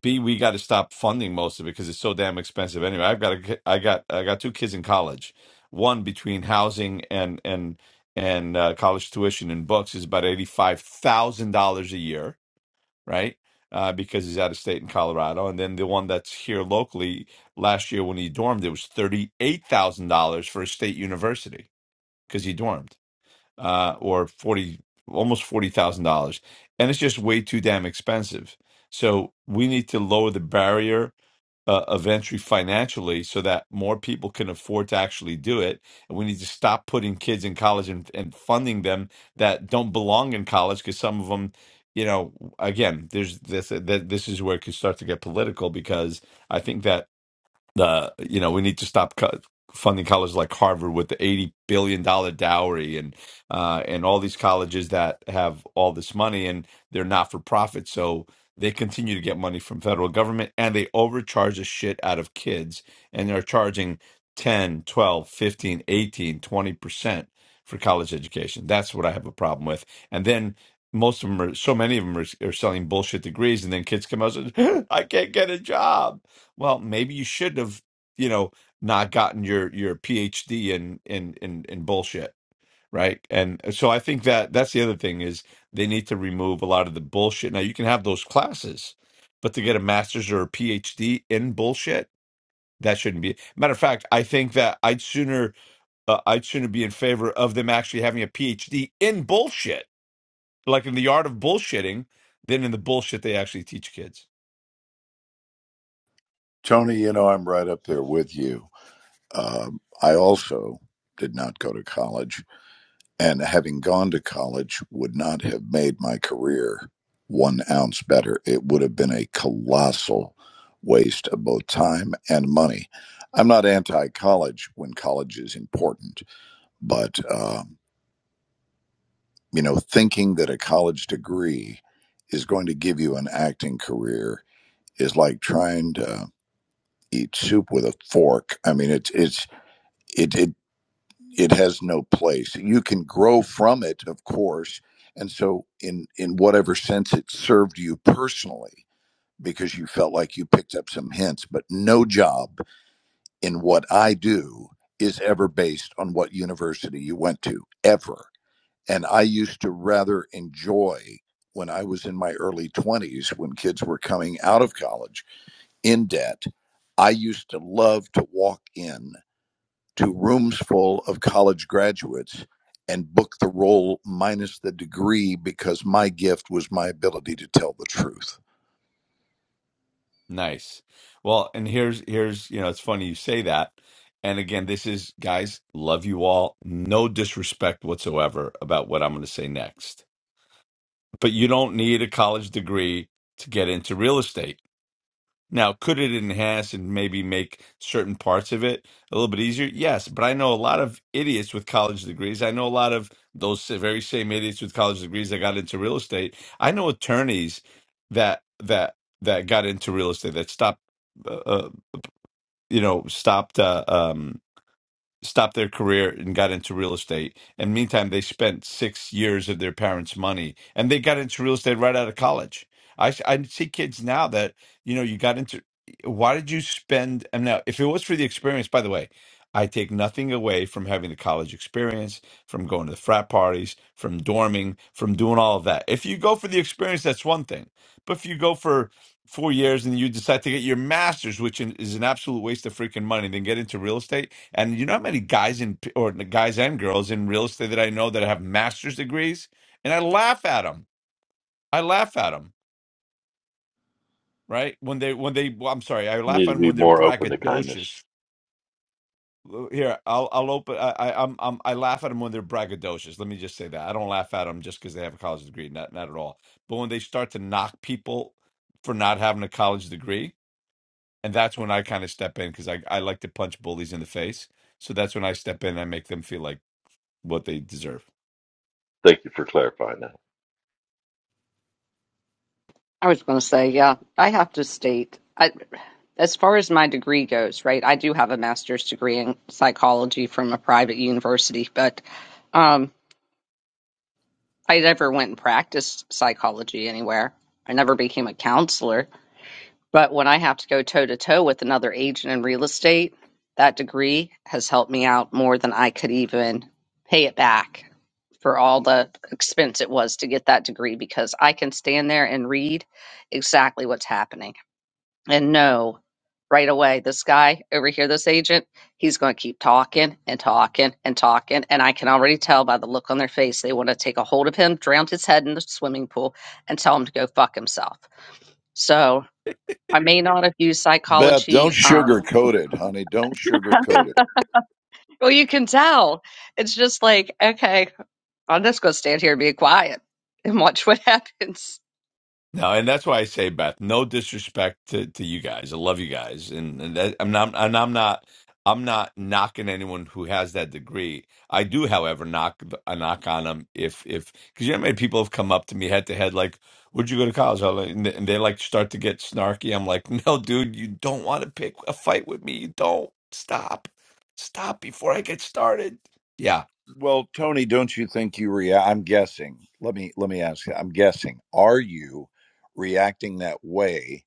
Speaker 3: B, we got to stop funding most of it because it's so damn expensive anyway. I've got a, ki- I got, I got two kids in college. One between housing and and and uh, college tuition and books is about eighty five thousand dollars a year, right? Uh, because he's out of state in Colorado, and then the one that's here locally last year when he dormed, it was thirty eight thousand dollars for a state university because he dormed uh, or forty, almost forty thousand dollars, and it's just way too damn expensive. So we need to lower the barrier uh, of entry financially, so that more people can afford to actually do it. And we need to stop putting kids in college and, and funding them that don't belong in college, because some of them, you know, again, there's this. That this is where it could start to get political, because I think that the you know we need to stop co- funding colleges like Harvard with the eighty billion dollar dowry and uh, and all these colleges that have all this money and they're not for profit, so they continue to get money from federal government and they overcharge the shit out of kids and they're charging ten twelve fifteen eighteen twenty percent for college education that's what i have a problem with and then most of them are so many of them are, are selling bullshit degrees and then kids come out and say, [laughs] i can't get a job well, maybe you should have, you know, not gotten your your PhD in in in in bullshit, right? And uh, so I think that that's the other thing is they need to remove a lot of the bullshit. Now you can have those classes, but to get a master's or a PhD in bullshit, that shouldn't be. Matter of fact, I think that I'd sooner uh, I'd sooner be in favor of them actually having a PhD in bullshit, like in the art of bullshitting, than in the bullshit they actually teach kids.
Speaker 5: Tony, you know, I'm right up there with you. Um, I also did not go to college. and having gone to college would not have made my career one ounce better. It would have been a colossal waste of both time and money. I'm not anti college when college is important, but, um, you know, thinking that a college degree is going to give you an acting career is like trying to eat soup with a fork. I mean, it's, it's, it, it it has no place. You can grow from it, of course, and so in in whatever sense it served you personally because you felt like you picked up some hints, but no job in what I do is ever based on what university you went to ever. And I used to rather enjoy when I was in my early 20s when kids were coming out of college in debt. I used to love to walk in to rooms full of college graduates and book the role minus the degree because my gift was my ability to tell the truth.
Speaker 3: Nice. Well, and here's here's you know it's funny you say that. And again, this is guys, love you all. No disrespect whatsoever about what I'm going to say next. But you don't need a college degree to get into real estate. Now, could it enhance and maybe make certain parts of it a little bit easier? Yes, but I know a lot of idiots with college degrees. I know a lot of those very same idiots with college degrees that got into real estate. I know attorneys that that that got into real estate that stopped, uh, uh, you know, stopped. Uh, um, stopped their career and got into real estate. And meantime, they spent six years of their parents' money, and they got into real estate right out of college. I s- I see kids now that you know you got into. Why did you spend? And now, if it was for the experience, by the way, I take nothing away from having the college experience, from going to the frat parties, from dorming, from doing all of that. If you go for the experience, that's one thing. But if you go for four years and you decide to get your master's, which is an absolute waste of freaking money, then get into real estate and you know how many guys in or guys and girls in real estate that I know that have master's degrees, and I laugh at them. I laugh at them, right? When they when they well, I'm sorry, I laugh
Speaker 2: Need
Speaker 3: at
Speaker 2: to
Speaker 3: them
Speaker 2: be
Speaker 3: when they're
Speaker 2: more open to kindness.
Speaker 3: braggadocious. Here, I'll I'll open. I, I I'm, I'm I laugh at them when they're braggadocious. Let me just say that I don't laugh at them just because they have a college degree. Not not at all. But when they start to knock people for not having a college degree, and that's when I kind of step in because I I like to punch bullies in the face. So that's when I step in and I make them feel like what they deserve.
Speaker 2: Thank you for clarifying that.
Speaker 1: I was going to say, yeah, I have to state, I, as far as my degree goes, right, I do have a master's degree in psychology from a private university, but um, I never went and practiced psychology anywhere. I never became a counselor. But when I have to go toe to toe with another agent in real estate, that degree has helped me out more than I could even pay it back for all the expense it was to get that degree because I can stand there and read exactly what's happening and no, right away this guy over here this agent he's going to keep talking and talking and talking and i can already tell by the look on their face they want to take a hold of him drown his head in the swimming pool and tell him to go fuck himself so i may not have used
Speaker 5: Beth, don't
Speaker 1: psychology um,
Speaker 5: sugarcoat it, honey. Don't sugarcoat it.
Speaker 1: well you can tell it's just like okay i'm just going to stand here and be quiet and watch what [laughs] happens
Speaker 3: No, and that's why I say, Beth, no disrespect to, to you guys. I love you guys, and, and that, I'm not, and I'm not, I'm not knocking anyone who has that degree. I do, however, knock I knock on them if if because you know how many people have come up to me head to head like, "Where'd you go to college?" I'm like- And they and they, like start to get snarky. I'm like, "No, dude, you don't want to pick a fight with me. You don't stop, stop before I get started." Yeah,
Speaker 5: Well, Tony, don't you think you react? I'm guessing. Let me let me ask you. I'm guessing. Are you reacting that way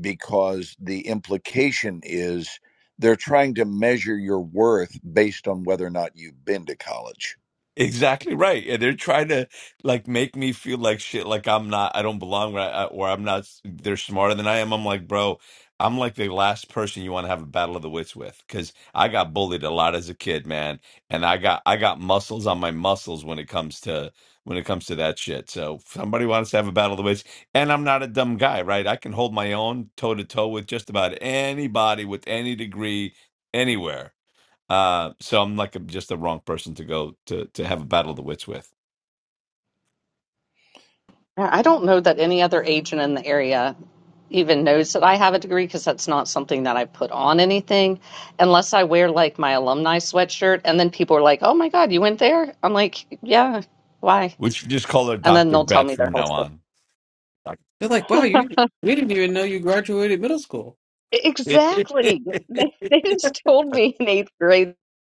Speaker 5: because the implication is they're trying to measure your worth based on whether or not you've been to college?
Speaker 3: Exactly right. And they're trying to like make me feel like shit, like I'm not, I don't belong where I, or I'm not, they're smarter than I am. I'm like, bro, I'm like the last person you want to have a battle of the wits with because I got bullied a lot as a kid, man. And I got, I got muscles on my muscles when it comes to, when it comes to that shit. So if somebody wants to have a battle of the wits and I'm not a dumb guy, right? I can hold my own toe to toe with just about anybody with any degree anywhere. Uh, so I'm like a, just the wrong person to go to to have a battle of the wits with.
Speaker 1: yeah, i don't know that any other agent in the area even knows that I have a degree because that's not something that I put on anything unless I wear like my alumni sweatshirt. And then people are like, oh my God, you went there? I'm like, yeah, why?
Speaker 3: We should just call her
Speaker 1: And then
Speaker 3: Doctor
Speaker 1: they'll tell
Speaker 3: Beth
Speaker 1: me their
Speaker 3: from
Speaker 1: whole
Speaker 3: now
Speaker 1: story.
Speaker 3: on.
Speaker 6: They're like, wow, you we didn't even know you graduated middle school.
Speaker 1: Exactly.
Speaker 3: [laughs]
Speaker 1: They, they just told me in eighth grade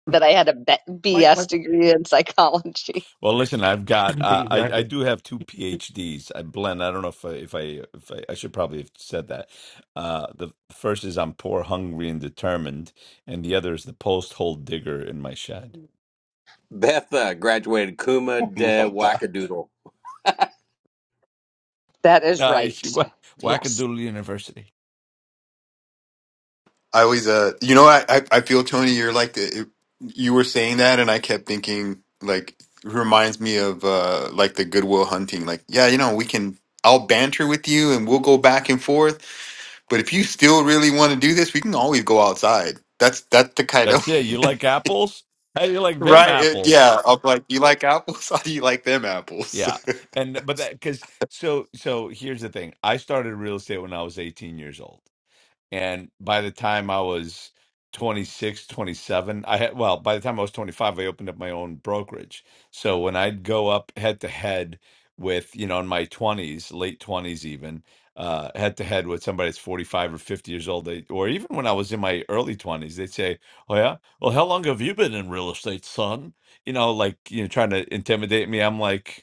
Speaker 1: that I had a B-
Speaker 6: Might
Speaker 1: BS
Speaker 6: might
Speaker 1: degree in psychology.
Speaker 3: well, listen, I've got
Speaker 6: [laughs]
Speaker 3: uh,
Speaker 6: be
Speaker 3: I I
Speaker 6: exactly.
Speaker 3: do have two PhDs. I blend. I don't know if I, if I if I, I should probably have said that. Uh, the first is I'm poor, hungry, and determined, and the other is the post hole digger in my shed.
Speaker 4: Betha graduated Kuma
Speaker 8: [laughs]
Speaker 4: de
Speaker 8: Love that.
Speaker 4: Wackadoodle.
Speaker 1: That is
Speaker 3: Uh, she,
Speaker 1: right.
Speaker 3: Wha-
Speaker 1: Yes.
Speaker 3: Wackadoodle University.
Speaker 7: I always, uh, you know, I, I, I feel Tony, you're like the, it, you were saying that, and I kept thinking like it reminds me of uh, like the Goodwill Hunting. Like, yeah, you know, we can. I'll banter with you, and we'll go back and forth. But if you still really want to do this, we can always go outside. That's that's the kind
Speaker 3: That's it. You like apples? How do you like them
Speaker 7: Right. It,
Speaker 3: apples?
Speaker 7: yeah. I'm like, you like apples? [laughs] How do you like them apples?
Speaker 3: Yeah.
Speaker 7: [laughs]
Speaker 3: And but that cuz so so here's the thing. I started real estate when I was 18 years old. And by the time I was 26, 27, I had well, by the time I was 25, I opened up my own brokerage. So when I'd go up head to head with, you know, in my 20s, late 20s even, uh head to head with somebody that's 45 or 50 years old, they, or even when I was in my early 20s, they'd say, "Oh yeah? Well, how long have you been in real estate, son?" You know, like, you know, trying to intimidate me. I'm like,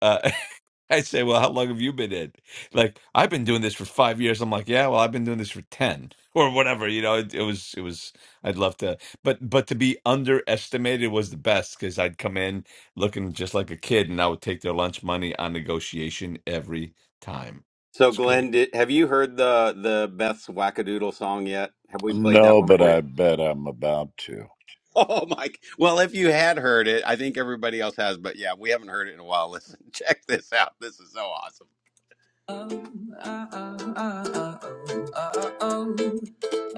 Speaker 3: uh, [laughs] I say, well, how long have you been in? Like, I've been doing this for five years. I'm like, yeah, well, I've been doing this for ten [laughs] or whatever. You know, it, it was, it was. I'd love to, but but to be underestimated was the best because I'd come in looking just like a kid, and I would take their lunch money on negotiation every time.
Speaker 4: So,
Speaker 3: It's great.
Speaker 4: Glenn, did, have you heard the the Beth's Wackadoodle song yet? Have we played that
Speaker 5: No,
Speaker 4: one
Speaker 5: but
Speaker 4: for you?
Speaker 5: I bet I'm about to.
Speaker 4: [laughs] Oh Mike. Well, if you had heard it, I think everybody else has, but yeah, we haven't heard it in a while. Listen, [laughs] check this out. This is so awesome. Um, uh, uh, uh, uh, uh, oh. uh,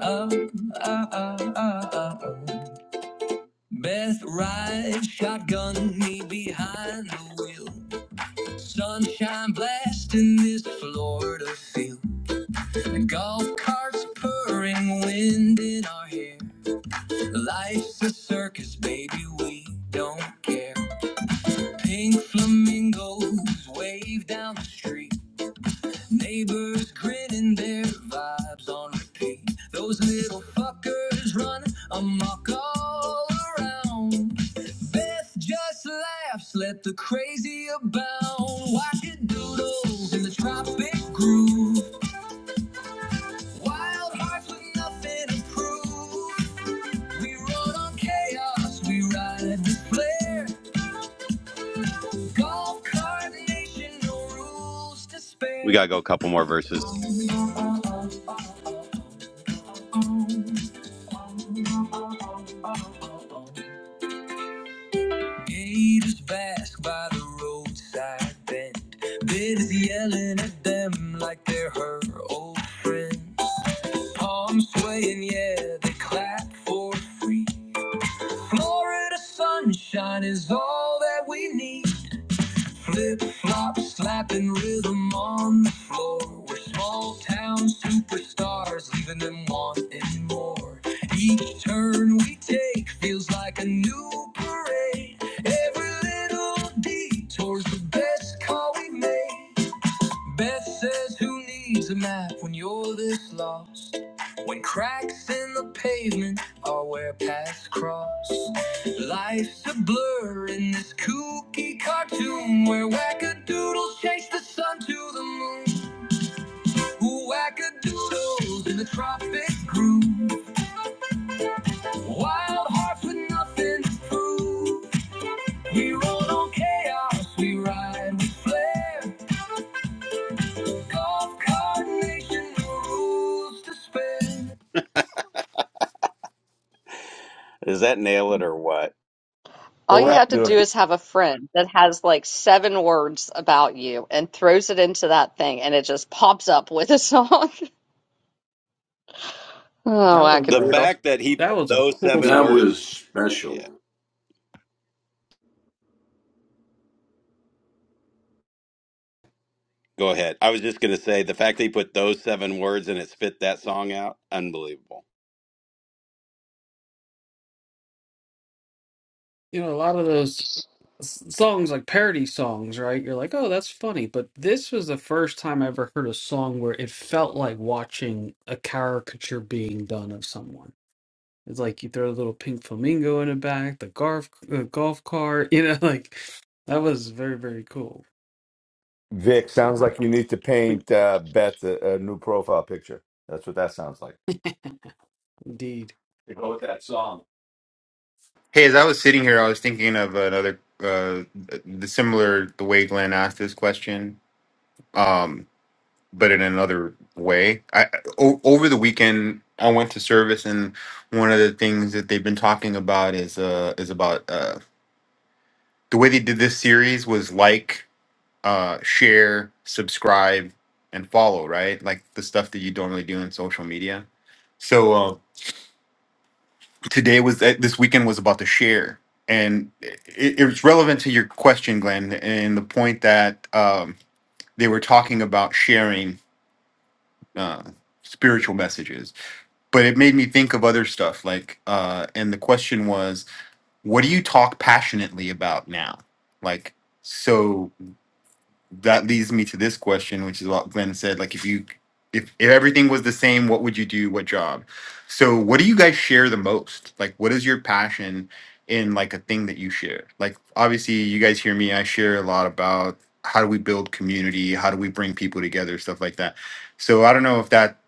Speaker 4: oh, Um, uh, uh, uh, uh, oh. Best ride shotgun me behind the wheel. Sunshine blasting this Florida field. golf carts purring wind in our hair. Life's a circus, baby, we don't care. Pink flamingos wave down the street. Neighbors grinning their vibes on repeat. Those little fuckers run amok all around. Beth just laughs, let the crazy abound. Watching doodles in the tropic groove. Wild hearts with nothing to prove. We rode on chaos, we ride the flare. Golf cart nation, no rules to spare. We gotta go a couple more verses. Haters bask by the roadside bend. Bids yelling at them like they're her old friends. Palms swaying, yeah, they clap for free. Florida sunshine is all that we need. Flip flop slapping rhythm on the floor. We're small town superstars, leaving them wanting more. Each turn we take feels like a new parade. Every little detour's the best call we made. Beth says, Who needs a map when you're this lost? When cracks in the pavement are where paths cross. Life's a blur in this kooky cartoon where wackadoodles chase the sun to the moon. Who wackadoodles in the tropic groove? Wild hearts with nothing to prove. We roll on chaos, we ride with flair. Does that nail it or what?
Speaker 1: All you have to do
Speaker 3: Interactive.
Speaker 1: is have a friend that has like seven words about you and throws it into that thing and it just pops up with a [laughs] song. Oh,
Speaker 6: That was
Speaker 4: The
Speaker 6: a
Speaker 1: wackadoodle.
Speaker 4: fact that he
Speaker 6: that
Speaker 4: put
Speaker 6: was a
Speaker 4: those
Speaker 6: cool
Speaker 4: seven
Speaker 6: song.
Speaker 5: That
Speaker 4: words.
Speaker 5: was
Speaker 4: Yeah,
Speaker 5: special.
Speaker 4: go ahead. I was just going to say the fact that he put those seven words and it spit that song out. Unbelievable.
Speaker 6: You know, a lot of those s- songs like parody songs, right? You're like, oh, that's funny. But this was the first time I ever heard a song where it felt like watching a caricature being done of someone. It's like you throw a little pink flamingo in the back, the golf uh, golf cart. You know, [laughs] like that was very very cool
Speaker 3: Vic, sounds like you need to paint uh, Beth a, a new profile picture. That's what that sounds like.
Speaker 6: indeed.
Speaker 3: To go with that song.
Speaker 7: Hey, as I was sitting here, I was thinking of another, uh, the similar the way Glenn asked this question, um, but in another way. I o- over the weekend, I went to service, and one of the things that they've been talking about is uh is about uh the way they did this series was like, uh, share, subscribe, and follow, right? Like the stuff that you don't really do in social media. So, Um, today was that this weekend was about the share and it, it was relevant to your question glenn and the point that um, they were talking about sharing uh, spiritual messages but it made me think of other stuff like uh, and the question was what do you talk passionately about now like so that leads me to this question, which is what Glenn said. Like, if you, if, if everything was the same, what would you do? What job? So, what do you guys share the most? Like, what is your passion in like a thing that you share? Like, obviously, you guys hear me. I share a lot about how do we build community, how do we bring people together, stuff like that. So, I don't know if that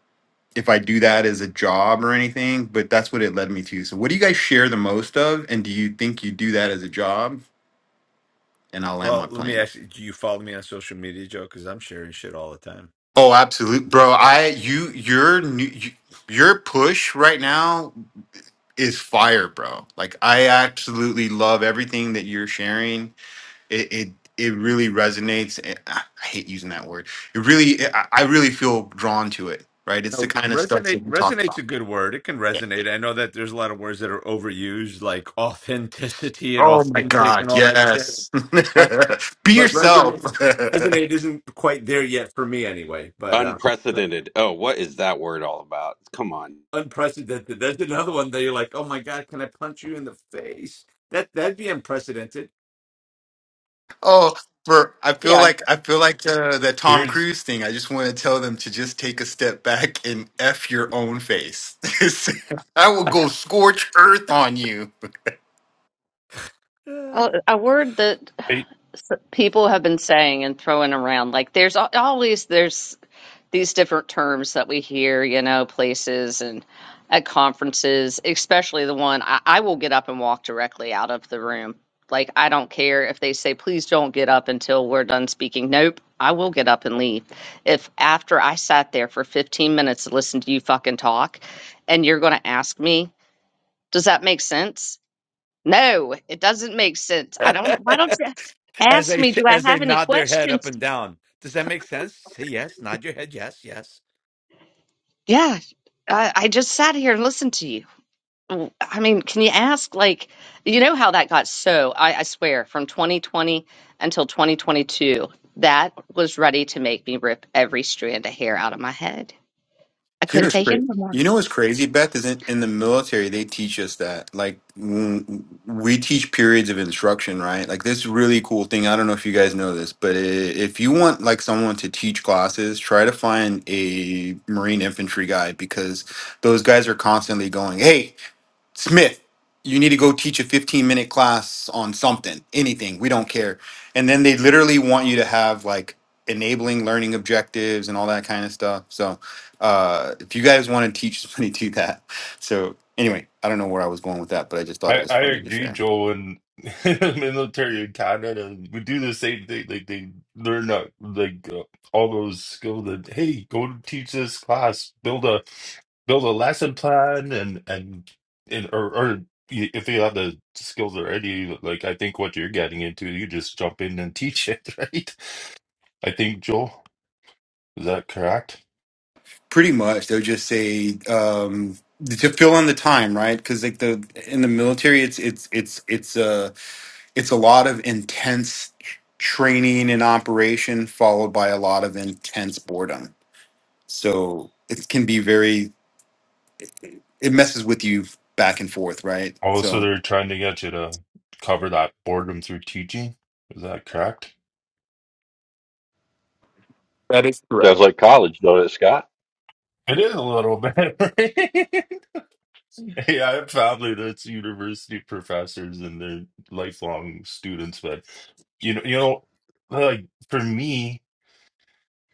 Speaker 7: if I do that as a job or anything, but that's what it led me to. So, what do you guys share the most of, and do you think you do that as a job? And I'll land
Speaker 3: Well,
Speaker 7: my
Speaker 3: let me
Speaker 7: plane.
Speaker 3: ask you: Do you follow me on social media, Joe? Because I'm sharing shit all the time.
Speaker 7: Oh, absolutely, bro. I you your new- you- your push right now is fire, bro. Like I absolutely love everything that you're sharing. It it it really resonates. and- ah, I hate using that word. It really eh, I I really feel drawn to it. Right? It's the
Speaker 3: No,
Speaker 7: kind of stuff that
Speaker 3: resonate
Speaker 7: we talk
Speaker 3: resonate's
Speaker 7: about.
Speaker 3: a good word. It can
Speaker 7: Yeah.
Speaker 3: resonate. I know that there's a lot of words that are overused, like [laughs] authenticity and
Speaker 7: Oh my
Speaker 3: authentic
Speaker 7: god,
Speaker 3: and all that.
Speaker 7: yes.
Speaker 3: But
Speaker 7: [laughs] Be
Speaker 3: but
Speaker 7: yourself.
Speaker 3: resonate
Speaker 7: [laughs]
Speaker 3: resonate isn't quite there yet for me anyway. But uh,
Speaker 4: Unprecedented. Oh, what is that word all about? Come on.
Speaker 3: unprecedented. There's another one that you're like, oh my god, can I punch you in the face? That that'd be unprecedented.
Speaker 7: Oh, for I feel
Speaker 1: Yeah.
Speaker 7: like I feel like uh, that Tom
Speaker 8: Here's
Speaker 7: Cruise thing. I just want to tell them to just take a step back and f your own face. [laughs] I will go scorch earth on you.
Speaker 3: [laughs]
Speaker 1: A, a word that
Speaker 8: I
Speaker 1: s- people have been saying and throwing around. Like there's al- always there's these different terms that we hear, you know, places and at conferences, especially the one I, I will get up and walk directly out of the room. Like I don't care if they say, please don't get up until we're done speaking. Nope, I will get up and leave. If after I sat there for 15 minutes to listen to you fucking talk and you're going to ask me, does that make sense? No, it doesn't make sense. I don't. Why don't you
Speaker 3: as
Speaker 1: ask
Speaker 3: they
Speaker 1: me?
Speaker 3: sh-
Speaker 1: Do I
Speaker 3: as they
Speaker 1: have any
Speaker 3: nod their head up
Speaker 1: questions?
Speaker 3: and down. Does that make sense? Say yes. Nod your head. Yes. Yes.
Speaker 1: Yeah, I, I just sat here and listened to you. W- I mean, can you ask? Like, you know how that got so? I, I swear, from 2020 until 2022, that was ready to make me rip every strand of hair out of my head. I
Speaker 7: You know
Speaker 1: couldn't
Speaker 7: what's
Speaker 1: take it
Speaker 7: crazy?
Speaker 1: anymore.
Speaker 7: You know what's crazy, Beth? Is in, in the military they teach us that. Like mm, we teach periods of instruction, right? Like this really cool thing. I don't know if you guys know this, but i if you want like someone to teach classes, try to find a Marine infantry guy because those guys are constantly going, "Hey." Smith, you need to go teach a 15 minute class on something, anything, we don't care. And then they literally want you to have like enabling learning objectives and all that kind of stuff. So, uh, if you guys want to teach somebody, [laughs] do that. So, anyway, I don't know where I was going with that, but I just thought it
Speaker 8: I,
Speaker 7: was
Speaker 8: I
Speaker 7: funny to
Speaker 8: agree,
Speaker 7: share.
Speaker 8: Joel. And [laughs] in the military in Canada, we do the same thing. Like they learn uh, like uh, all those skills. That hey, go teach this class, build a build a lesson plan, and and and or or y- if you have the skills already, like I think what you're getting into, you just jump in and teach it, [laughs] right? I think, Joel, is that correct?
Speaker 7: Pretty much, they'll just say, um, to fill in the time, right? Because like the in the military, it's it's it's it's uh it's a lot of intense tr- training and operation followed by a lot of intense boredom so it can be very it messes with you back and forth right
Speaker 8: Oh, so
Speaker 7: so
Speaker 8: they're trying to get you to cover that boredom through teaching? Is that correct?
Speaker 7: that is correct
Speaker 2: Sounds like college, don't it, Scott?
Speaker 8: It is a little bit. [laughs] Hey, I have family that's university professors and they're lifelong students, but you know, you know, like for me,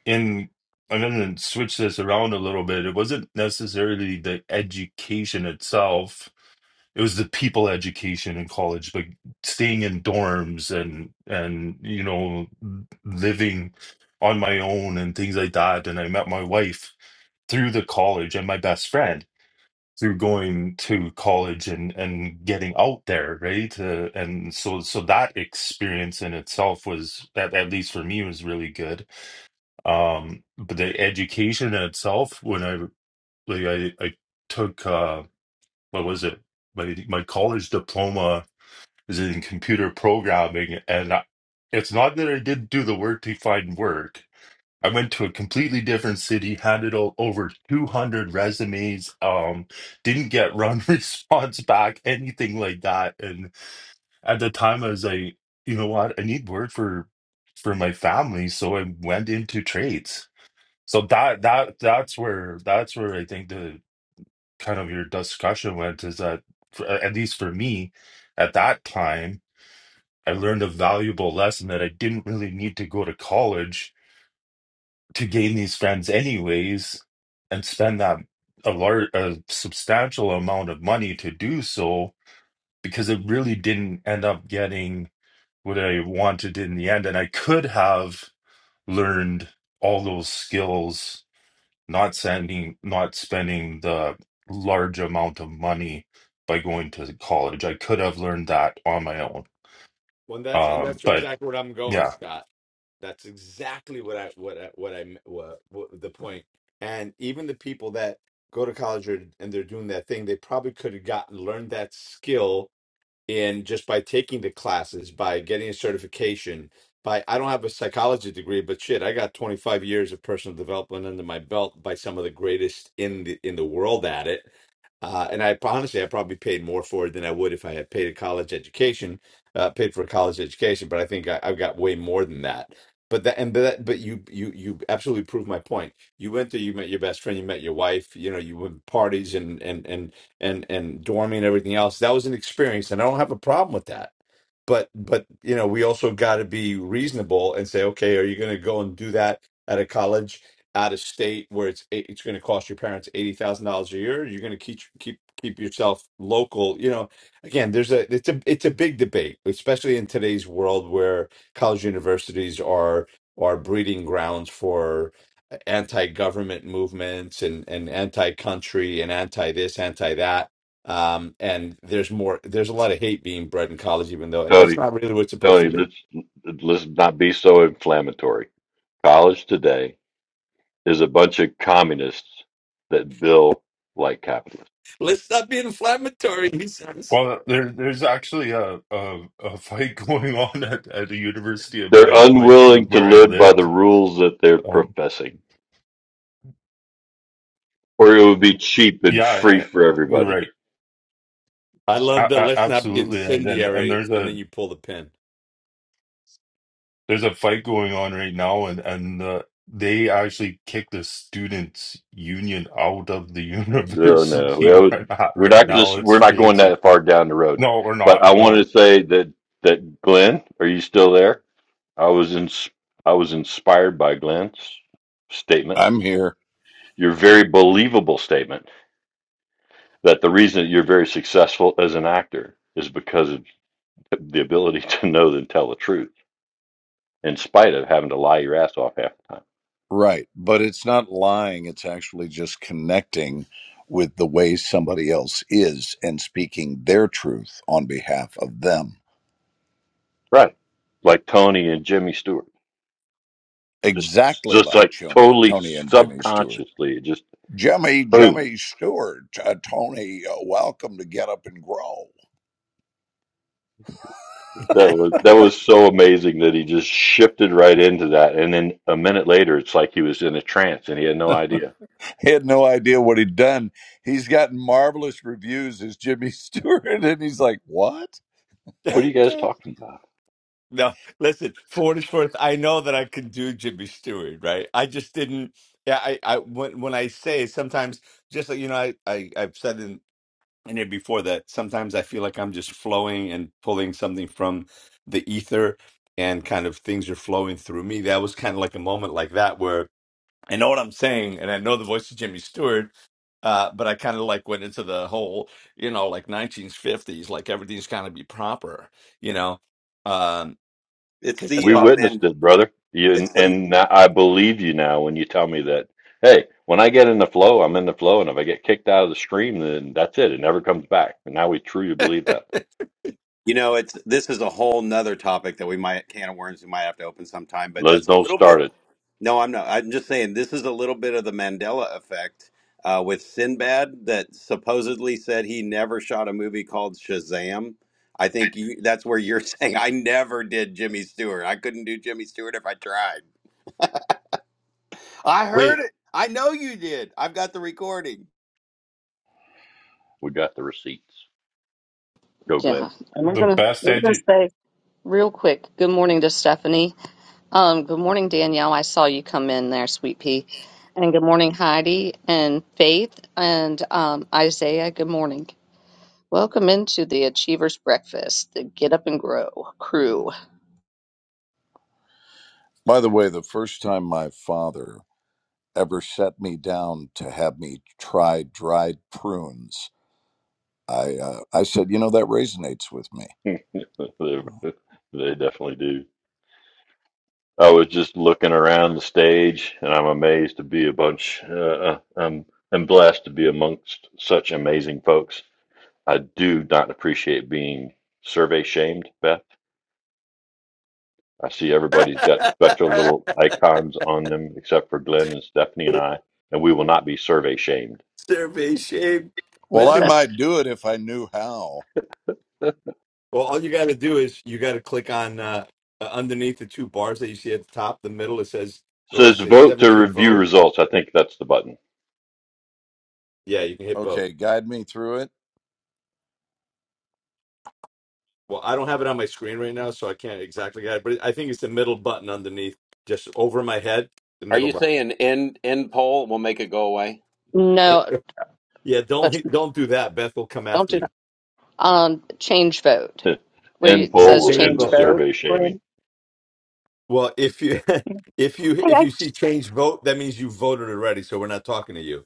Speaker 8: in I'm gonna switch this around a little bit. It wasn't necessarily the education itself. it was the people education in college but staying in dorms and and you know living on my own and things like that and i met my wife through the college and my best friend through going to college and and getting out there right uh, and so so that experience in itself was at, at least for me was really good um but the education in itself when i like i i took uh what was it my my college diploma is in computer programming, and I, it's not that I didn't do the work to find work. I went to a completely different city, handed o- over 200 resumes, um, didn't get run [laughs] response back, anything like that. And at the time, I was like, you know what? I need work for for my family, so I went into trades. So that that that's where that's where I think the kind of your discussion went is that for, at least for me at that time I learned a valuable lesson that I didn't really need to go to college to gain these friends, anyways, and spend that a large, a substantial amount of money to do so because it really didn't end up getting what I wanted in the end. And I could have learned all those skills, not sending, not spending the large amount of money by going to college. I could have learned that on my own.
Speaker 3: Well, that's and
Speaker 8: Um,
Speaker 3: that's
Speaker 8: but
Speaker 3: exactly where I'm
Speaker 8: yeah,
Speaker 3: going, Scott. That's exactly what I what I, what I what, what the point. And even the people that go to college or, and they're doing that thing, they probably could have gotten learned that skill and just by taking the classes by getting a certification by i don't have a psychology degree but shit i got 25 years of personal development under my belt by some of the greatest in the in the world at it uh, and I honestly, I probably paid more for it than I would if I had paid a college education, uh, paid for a college education. But I think I, I've got way more than that. But that, and but that, but you, you, you absolutely proved my point. You went there, you met your best friend, you met your wife. You know, you went to parties and and and and and dorming and everything else. That was an experience, and I don't have a problem with that. But but you know, we also got to be reasonable and say, okay, are you going to go and do that at a college out of state where it's eight- it's going to cost your parents eighty thousand dollars a year? You're going to keep keep keep yourself local. You know, again, there's a it's a it's a big debate, especially in today's world where college universities are are breeding grounds anti-government movements and and anti-country and anti-this, anti-that. Um, and there's more. There's a lot of hate being bred in college, even though, and that's
Speaker 2: Tony,
Speaker 3: not really what it's supposed to
Speaker 2: Tony,
Speaker 3: be.
Speaker 2: let's let's not be so inflammatory. College today is a bunch of communists that bill like capitalists.
Speaker 3: Let's not be inflammatory, he says.
Speaker 8: Well, there, there's actually a, a a fight [laughs] going on at, at the university of
Speaker 2: They're
Speaker 8: my my
Speaker 2: unwilling to
Speaker 8: where I
Speaker 2: live by the
Speaker 8: live.
Speaker 2: rules that they're
Speaker 8: Um,
Speaker 2: professing, or it would be cheap and
Speaker 8: yeah,
Speaker 2: free
Speaker 8: eh,
Speaker 2: for
Speaker 8: you're
Speaker 2: everybody.
Speaker 8: right,
Speaker 3: I love
Speaker 8: a
Speaker 3: the
Speaker 8: a-
Speaker 3: let's not be
Speaker 8: absolutely. And and and
Speaker 3: incendiary,
Speaker 8: there's
Speaker 3: and
Speaker 8: a
Speaker 3: then you pull the pin.
Speaker 8: there's a fight going on right now, and and uh, they actually kicked the students' union out of the [laughs]
Speaker 2: No, no,
Speaker 8: university
Speaker 2: that
Speaker 8: where
Speaker 2: would-
Speaker 8: I'm at
Speaker 2: we're
Speaker 8: right
Speaker 2: not going
Speaker 8: now.
Speaker 2: to. We're
Speaker 8: It's
Speaker 2: not going
Speaker 8: crazy.
Speaker 2: that far down the road.
Speaker 8: No, we're
Speaker 2: But
Speaker 8: not.
Speaker 2: I wanted to
Speaker 8: No,
Speaker 2: say that that Glenn, are you still there? I was in, I was inspired by Glenn's statement,
Speaker 5: I'm here.
Speaker 2: your very believable statement that the reason that you're very successful as an actor is because of the ability to know and tell the truth, in spite of having to lie your ass off half the time.
Speaker 5: Right. But it's not lying. It's actually just connecting with the way somebody else is and speaking their truth on behalf of them.
Speaker 2: Right. Like Tony and Jimmy Stewart, just
Speaker 5: Exactly
Speaker 2: just
Speaker 5: like
Speaker 2: like
Speaker 5: Tony,
Speaker 2: totally
Speaker 5: Tony and Jimmy Stewart.
Speaker 2: subconsciously, it just
Speaker 5: Jimmy,
Speaker 2: boom.
Speaker 5: Jimmy Stewart, uh, Tony, uh, welcome to Get Up and Grow.
Speaker 2: That
Speaker 3: [laughs]
Speaker 2: was that was so amazing that he just shifted right into that, and then a minute later, it's like he was in a trance and he had no idea.
Speaker 5: He had no idea what he'd done. He's gotten marvelous reviews as Jimmy [laughs] Stewart, and he's like, What? [laughs]
Speaker 2: What are you guys
Speaker 5: By
Speaker 2: talking about?
Speaker 3: no, listen. For what it's worth, I know that I could do Jimmy Stewart, right? I just didn't. Yeah, I, I when when I say sometimes, just like you know, I, I I've said in and here before that sometimes i feel like i'm just flowing and pulling something from the ether and kind of things are flowing through me that was kind of like a moment like that where i know what i'm saying and i know the voice of jimmy stewart uh, but i kind of like went into the whole you know like 1950s like everything's kind of be proper you know um
Speaker 4: It's
Speaker 3: because that's
Speaker 4: the,
Speaker 2: We
Speaker 4: uh,
Speaker 3: proper.
Speaker 4: man,
Speaker 2: witnessed it, brother. You,
Speaker 4: it's the,
Speaker 2: and I believe you now when you tell me that, hey, when I get in the flow, I'm in the flow. And if I get kicked out of the stream, then that's it. It never comes back. And now we truly believe that.
Speaker 4: you know, it's, this is a whole nother topic that we might, can of worms we might have to open sometime, but
Speaker 2: Let's
Speaker 4: that's a
Speaker 2: don't
Speaker 4: little bit
Speaker 2: start it.
Speaker 4: No, I'm not. I'm just saying this is a little bit of the Mandela effect uh, with Sinbad that supposedly said he never shot a movie called Shazam. I think you, that's where you're [laughs] saying I never did Jimmy Stewart. I couldn't do Jimmy Stewart if I tried. I
Speaker 3: wait
Speaker 4: heard it. I know you did. I've got the recording.
Speaker 2: We got the receipts. Go, Glenn.
Speaker 1: Yeah, and we're
Speaker 8: the
Speaker 1: gonna
Speaker 8: best
Speaker 1: we're gonna
Speaker 8: edu
Speaker 1: say real quick. Good morning to Stephanie. Um, good morning, Danielle. I saw you come in there, sweet pea. And good morning, Heidi and Faith and um, Isaiah. Good morning. Welcome into the Achievers Breakfast, the Get Up and Grow crew.
Speaker 5: the way, the first time my father ever set me down to have me try dried prunes. I uh, I said, you know, that resonates with me.
Speaker 2: [laughs] they
Speaker 5: Mm.
Speaker 2: they definitely do. I was just looking around the stage and I'm amazed to be a bunch, uh, uh, I'm, I'm blessed to be amongst such amazing folks. I do not appreciate being survey shamed, Beth I see everybody's got
Speaker 3: [laughs]
Speaker 2: special little icons on them, except for Glenn and Stephanie and I, and we will not be survey shamed.
Speaker 3: survey shame
Speaker 5: Well, I
Speaker 3: listen
Speaker 5: might do it if I knew how.
Speaker 3: Well, all you got to do is you got to click on uh, uh, underneath the two bars that you see at the top, the middle. It says, well, let's
Speaker 2: Says
Speaker 3: say
Speaker 2: vote to
Speaker 3: 17
Speaker 2: review
Speaker 3: vote.
Speaker 2: results. I think that's the button.
Speaker 3: Yeah, you can hit vote.
Speaker 5: Okay, guide me through it.
Speaker 3: Well, I don't have it on my screen right now, so I can't exactly get it, but I think it's the middle button underneath, just over my head, the
Speaker 4: Are
Speaker 3: middle
Speaker 4: you
Speaker 3: button.
Speaker 4: saying end end poll will make it go away?
Speaker 3: Yeah,
Speaker 1: No,
Speaker 3: yeah, don't
Speaker 1: let's
Speaker 3: hit- don't do that. Beth will come
Speaker 1: don't
Speaker 3: after
Speaker 1: do
Speaker 3: you.
Speaker 1: that. Um, change vote
Speaker 2: [laughs]
Speaker 1: where
Speaker 2: end
Speaker 1: it
Speaker 3: You
Speaker 2: poll
Speaker 3: can
Speaker 1: says
Speaker 2: will
Speaker 3: change
Speaker 2: end
Speaker 1: change
Speaker 2: the
Speaker 3: vote. Yeah.
Speaker 1: vote.
Speaker 2: survey shaming.
Speaker 1: Glenn?
Speaker 3: Well, if you [laughs] if you
Speaker 1: Hey,
Speaker 3: if
Speaker 1: I,
Speaker 3: you see change vote, that means you voted already, so we're not talking to you.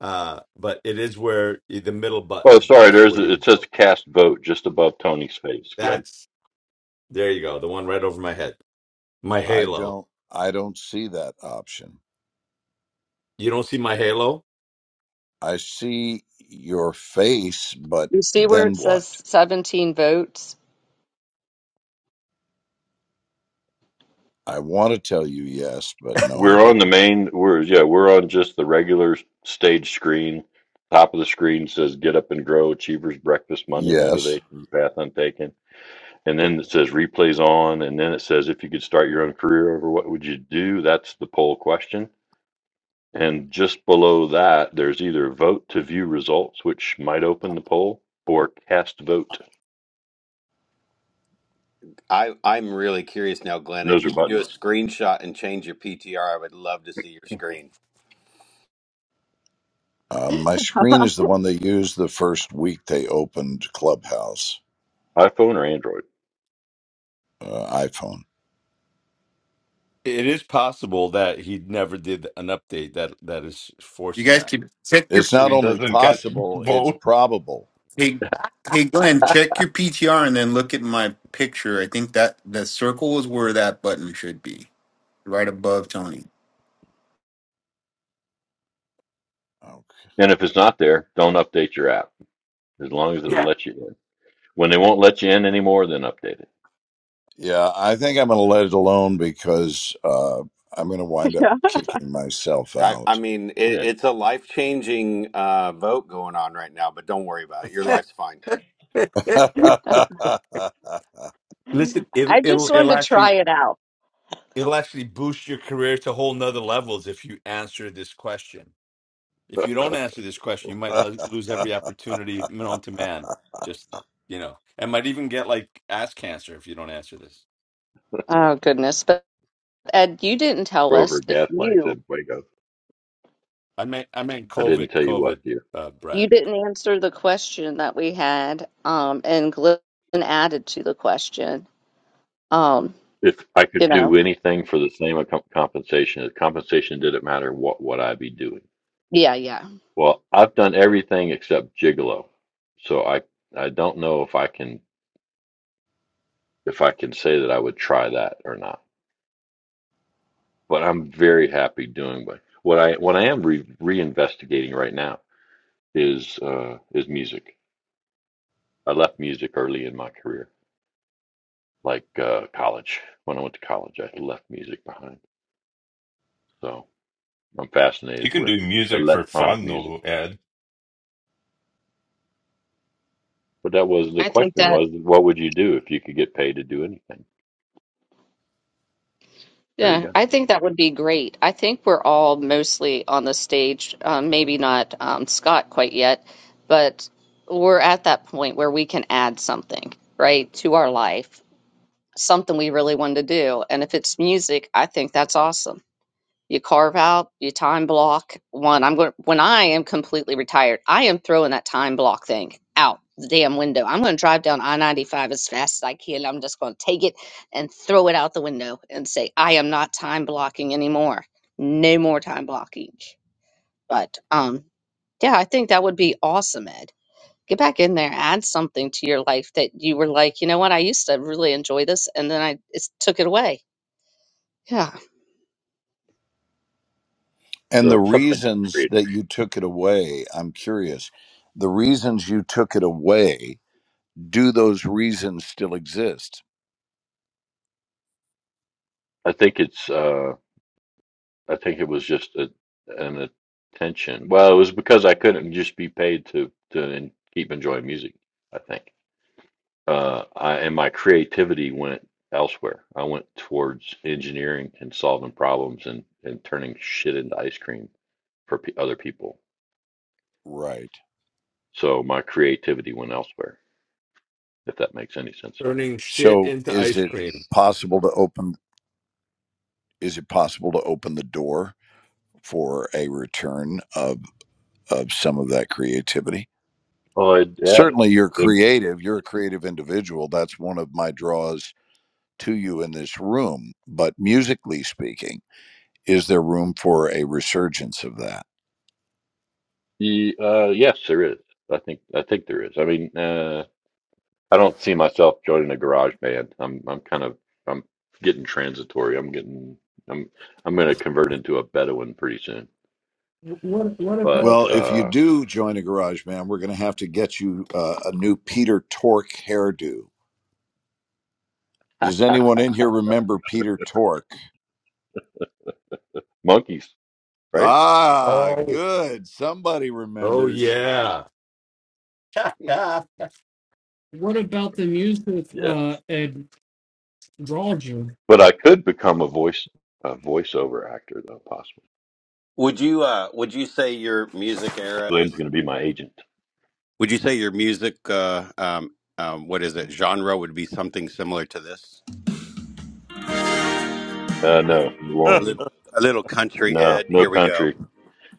Speaker 3: Uh, but it is where the middle
Speaker 2: Oh,
Speaker 3: button
Speaker 2: sorry.
Speaker 3: is
Speaker 2: There's
Speaker 3: where you
Speaker 2: a, it
Speaker 3: would
Speaker 2: says
Speaker 3: vote.
Speaker 2: cast vote just above Tony's face, Glenn.
Speaker 3: That's There you go. The one right over my head. My
Speaker 5: I
Speaker 3: halo.
Speaker 5: don't I don't see that option.
Speaker 3: You don't see my halo?
Speaker 5: I see your face, but
Speaker 1: you see where
Speaker 5: then
Speaker 1: it
Speaker 5: what?
Speaker 1: says 17 votes?
Speaker 5: I want to tell you yes, but no, I
Speaker 2: We're on
Speaker 5: don't.
Speaker 2: the main. We're yeah. We're on just the regular stage screen. Top of the screen says "Get up and grow." Achievers breakfast Monday
Speaker 5: Yes.
Speaker 2: motivation path untaken. and then it says replays on, and then it says if you could start your own career over, what would you do? That's the poll question. And just below that, there's either vote to view results, which might open the poll, or cast vote.
Speaker 4: I I'm really curious now, Glenn.
Speaker 2: And
Speaker 4: If
Speaker 2: those are
Speaker 4: you could do a
Speaker 2: buttons,
Speaker 4: screenshot and change your PTR, I would love to see your screen.
Speaker 5: Um, my screen is the one they used the first week they opened Clubhouse
Speaker 2: iPhone or Android.
Speaker 5: uh, iPhone.
Speaker 3: It is possible that he never did an update that that is
Speaker 7: you
Speaker 3: forcing
Speaker 7: guys
Speaker 3: that.
Speaker 7: keep check your
Speaker 5: It's
Speaker 8: so
Speaker 5: not
Speaker 8: he
Speaker 5: only
Speaker 8: doesn't get [laughs]
Speaker 5: possible, it's
Speaker 8: vote.
Speaker 5: probable.
Speaker 7: hey hey glenn check your ptr and then look at my picture i think that the circle is where that button should be right above tony
Speaker 5: Okay.
Speaker 2: And if it's not there, don't update your app as long as it
Speaker 3: Yeah.
Speaker 2: lets you in. When they won't let you in anymore, then update it.
Speaker 5: Yeah, I think I'm going to let it alone because uh, I'm going to wind up
Speaker 2: But
Speaker 5: kicking myself
Speaker 4: I, I
Speaker 5: out.
Speaker 4: mean, it,
Speaker 2: man,
Speaker 4: it's a life changing uh, vote going on right now, but don't worry about it. Your life's fine.
Speaker 3: Eh,
Speaker 5: [laughs]
Speaker 3: Listen,
Speaker 1: [laughs]
Speaker 3: it,
Speaker 1: I
Speaker 3: will it'll
Speaker 1: just
Speaker 3: it'll
Speaker 1: wanted to try
Speaker 3: actually
Speaker 1: it out.
Speaker 3: it'll actually boost your career to whole nother levels if you answer this question. If you don't answer this question, you might lo- lose every opportunity known to man. Just you know, and might even get like ass cancer if you don't answer this.
Speaker 1: Oh, goodness. But Ed, you didn't tell
Speaker 2: Grover
Speaker 1: us if
Speaker 2: gaslights
Speaker 1: you
Speaker 2: in Waco.
Speaker 3: I meant I meant
Speaker 2: I didn't
Speaker 3: COVID,
Speaker 2: tell you
Speaker 3: COVID,
Speaker 2: what, dear.
Speaker 3: uh,
Speaker 1: You
Speaker 3: Brad,
Speaker 1: didn't answer the question that we had, um, and Glenn added to the question. Um,
Speaker 2: If I
Speaker 1: you
Speaker 2: could do
Speaker 1: know,
Speaker 2: anything for the same accom- compensation, if compensation didn't matter, what would I be doing?
Speaker 1: yeah, yeah.
Speaker 2: Well, I've done everything except gigolo, so I I don't know if I can if I can say that I would try that or not. But I'm very happy doing what what I what I am re reinvestigating right now is uh, is music. I left music early in my career, like uh, college. When I went to college, I left music behind. So I'm fascinated
Speaker 8: You can
Speaker 2: with
Speaker 8: do music for
Speaker 2: electronic
Speaker 8: fun
Speaker 2: music.
Speaker 8: though, Ed.
Speaker 2: But that was the
Speaker 1: I think
Speaker 2: question
Speaker 1: that,
Speaker 2: was, what would you do if you could get paid to do anything? There you
Speaker 1: yeah,
Speaker 2: go.
Speaker 1: I think that would be great. I think we're all mostly on the stage, um, maybe not um, Scott quite yet, but we're at that point where we can add something, right, to our life, something we really want to do. And if it's music, I think that's awesome. You carve out, you time block one. I'm going when I am completely retired, I am throwing that time block thing out the damn window. I'm going to drive down I-95 as fast as I can. I'm just going to take it and throw it out the window and say I am not time blocking anymore. No more time blocking. But um yeah, I think that would be awesome, Ed. Get back in there, add something to your life that you were like, you know what, I used to really enjoy this, and then I it's, took it away. Yeah,
Speaker 5: and the
Speaker 2: So something
Speaker 5: reasons
Speaker 2: creative.
Speaker 5: that you took it away, I'm curious. The reasons you took it away, do those reasons still exist?
Speaker 2: I think it's, uh, I think it was just a, an attention. Well, it was because I couldn't just be paid to, to en- keep enjoying music, I think. Uh, I, and my creativity went elsewhere. I went towards engineering and solving problems and, and turning shit into ice cream for p other people.
Speaker 5: Right.
Speaker 2: So my creativity went elsewhere, if that makes any sense at all.
Speaker 3: turning shit
Speaker 5: So
Speaker 3: into
Speaker 5: is
Speaker 3: ice
Speaker 5: it
Speaker 3: cream.
Speaker 5: possible to open is it possible to open the door for a return of some of that creativity.
Speaker 2: Oh, it
Speaker 5: Certainly, you're
Speaker 2: did.
Speaker 5: creative, you're a creative individual. That's one of my draws to you in this room. But musically speaking, is there room for a resurgence of that?
Speaker 2: Ye- uh, yes, there is. I think I think there is. I mean, uh, I don't see myself joining a garage band. I'm I'm kind of I'm getting transitory. I'm getting I'm I'm going to convert into a Bedouin pretty soon. But
Speaker 5: Well, if you
Speaker 2: uh,
Speaker 5: do join a garage band, we're going to have to get you uh, a new Peter Tork hairdo. Does anyone in here remember
Speaker 2: for sure,
Speaker 5: Peter Tork?
Speaker 2: monkeys, right?
Speaker 5: Ah,
Speaker 3: Oh,
Speaker 5: good. Somebody
Speaker 3: oh
Speaker 5: remembers.
Speaker 3: yeah. [laughs]
Speaker 6: What about the music,
Speaker 2: Yeah.
Speaker 6: uh, Ed? Draw, you.
Speaker 2: But I could become a voice a voiceover actor though, possibly.
Speaker 4: Would you uh, Would you say your music era is?
Speaker 2: Glenn's going to be my agent.
Speaker 4: Would you say your music uh, um, um, what is it genre would be something similar to this? A
Speaker 2: Uh, no, it
Speaker 5: [laughs]
Speaker 2: won't be.
Speaker 4: little, a little country
Speaker 2: No,
Speaker 4: Ed.
Speaker 2: no
Speaker 4: Here we go.
Speaker 2: country.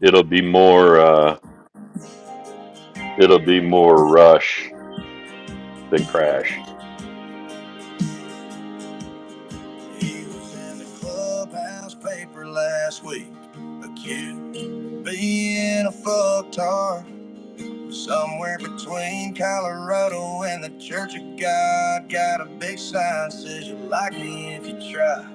Speaker 2: It'll be more. Uh, it'll be more Rush than Crash.
Speaker 4: He was in the clubhouse paper last week, accused of being a fucktard. Somewhere between Colorado and the Church of God, got a big sign says you like me if you try.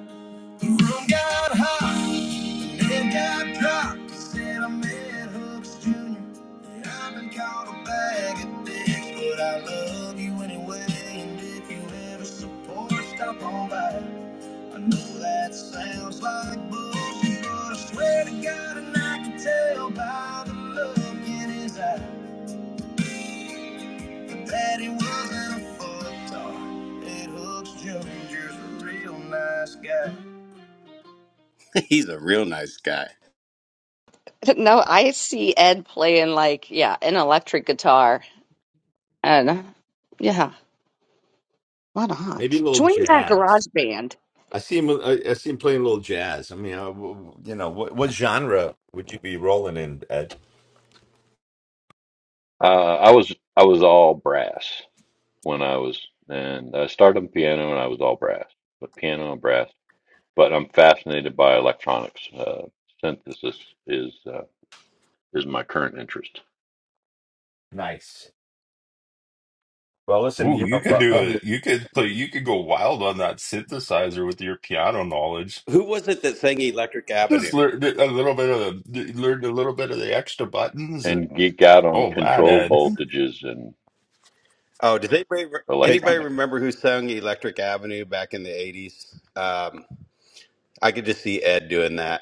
Speaker 4: The room got hot, and then got dropped. He Said I met Hooks Jr. and I've been called a bag of dicks, but I love you anyway. And if you ever support, stop on by. I know that sounds like bullshit, but I swear to God, and I can tell by the look in his eye. That he wasn't a fucktar. That Hooks Jr.'s a real nice guy. [laughs] He's a real nice guy.
Speaker 1: [laughs] No, I see Ed playing like, yeah, an electric guitar. And yeah, why
Speaker 3: Maybe
Speaker 1: not?
Speaker 3: a little
Speaker 1: Join that
Speaker 3: jazz.
Speaker 1: garage band.
Speaker 3: I see him. I, I see him playing a little jazz. I mean, uh, w- w- you know, what what genre would you be rolling in, Ed?
Speaker 2: Uh, I was I was all brass when I was, and I started on piano, and I was all brass, but piano and brass. But I'm fascinated by electronics. Uh, synthesis is uh, is my current interest,
Speaker 3: Nice. Well, listen,
Speaker 8: Ooh,
Speaker 3: you
Speaker 8: you
Speaker 3: know. [laughs]
Speaker 8: could
Speaker 3: uh,
Speaker 8: do
Speaker 3: uh,
Speaker 8: it. You could play. You could go wild on that synthesizer with your piano knowledge.
Speaker 4: Who was it that sang Electric
Speaker 8: Just
Speaker 4: Avenue?
Speaker 8: learn a little bit of the, learn a little bit of the extra buttons. And,
Speaker 2: and geek out on
Speaker 8: oh man,
Speaker 2: control
Speaker 8: Ed,
Speaker 2: voltages and
Speaker 4: Oh, does anybody
Speaker 3: Hey,
Speaker 4: anybody
Speaker 2: electronics.
Speaker 4: remember who sung Electric Avenue back in the eighties? Um, I could just see Ed doing that.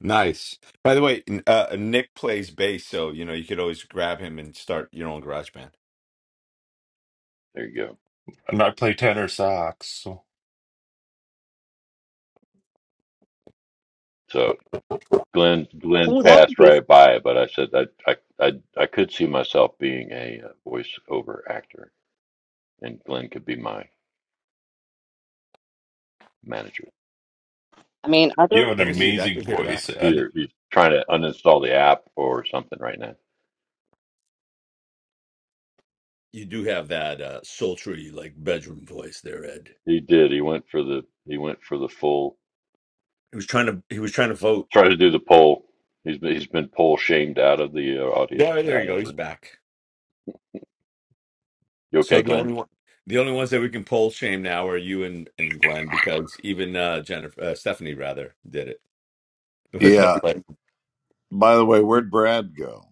Speaker 3: nice. By the way, n- uh, Nick plays bass, so you know you could always grab him and start your own garage band.
Speaker 2: There you go.
Speaker 8: [laughs] and I play tenor sax. So
Speaker 2: So Glenn Glenn
Speaker 1: Oh, that would
Speaker 2: passed
Speaker 1: be,
Speaker 2: right by it, but I said that I I I could see myself being a uh, voiceover actor, and Glenn could be my manager,
Speaker 1: I mean, other,
Speaker 8: you have
Speaker 3: I
Speaker 8: an
Speaker 3: can
Speaker 2: and he
Speaker 3: see that. I
Speaker 8: amazing
Speaker 3: can hear that.
Speaker 8: voice, Ed.
Speaker 2: Either he's trying to uninstall the app or something right now.
Speaker 3: You do have that uh, sultry like bedroom voice there, Ed.
Speaker 2: He did. He went for the he went for the full.
Speaker 3: He was trying to he was trying to vote.
Speaker 2: Tried to do the poll. He's been, he's been poll shamed out of the uh, audience,
Speaker 3: There, there you
Speaker 2: out of
Speaker 3: go.
Speaker 2: the
Speaker 3: He's
Speaker 2: room.
Speaker 3: back.
Speaker 2: You
Speaker 3: So
Speaker 2: okay,
Speaker 3: the
Speaker 2: Glenn?
Speaker 3: only one the only ones that we can poll shame now are you and and Glenn because even uh Jennifer uh, Stephanie rather did it. [laughs] What's up,
Speaker 5: Yeah.
Speaker 3: Glenn?
Speaker 5: By the way, where'd Brad go?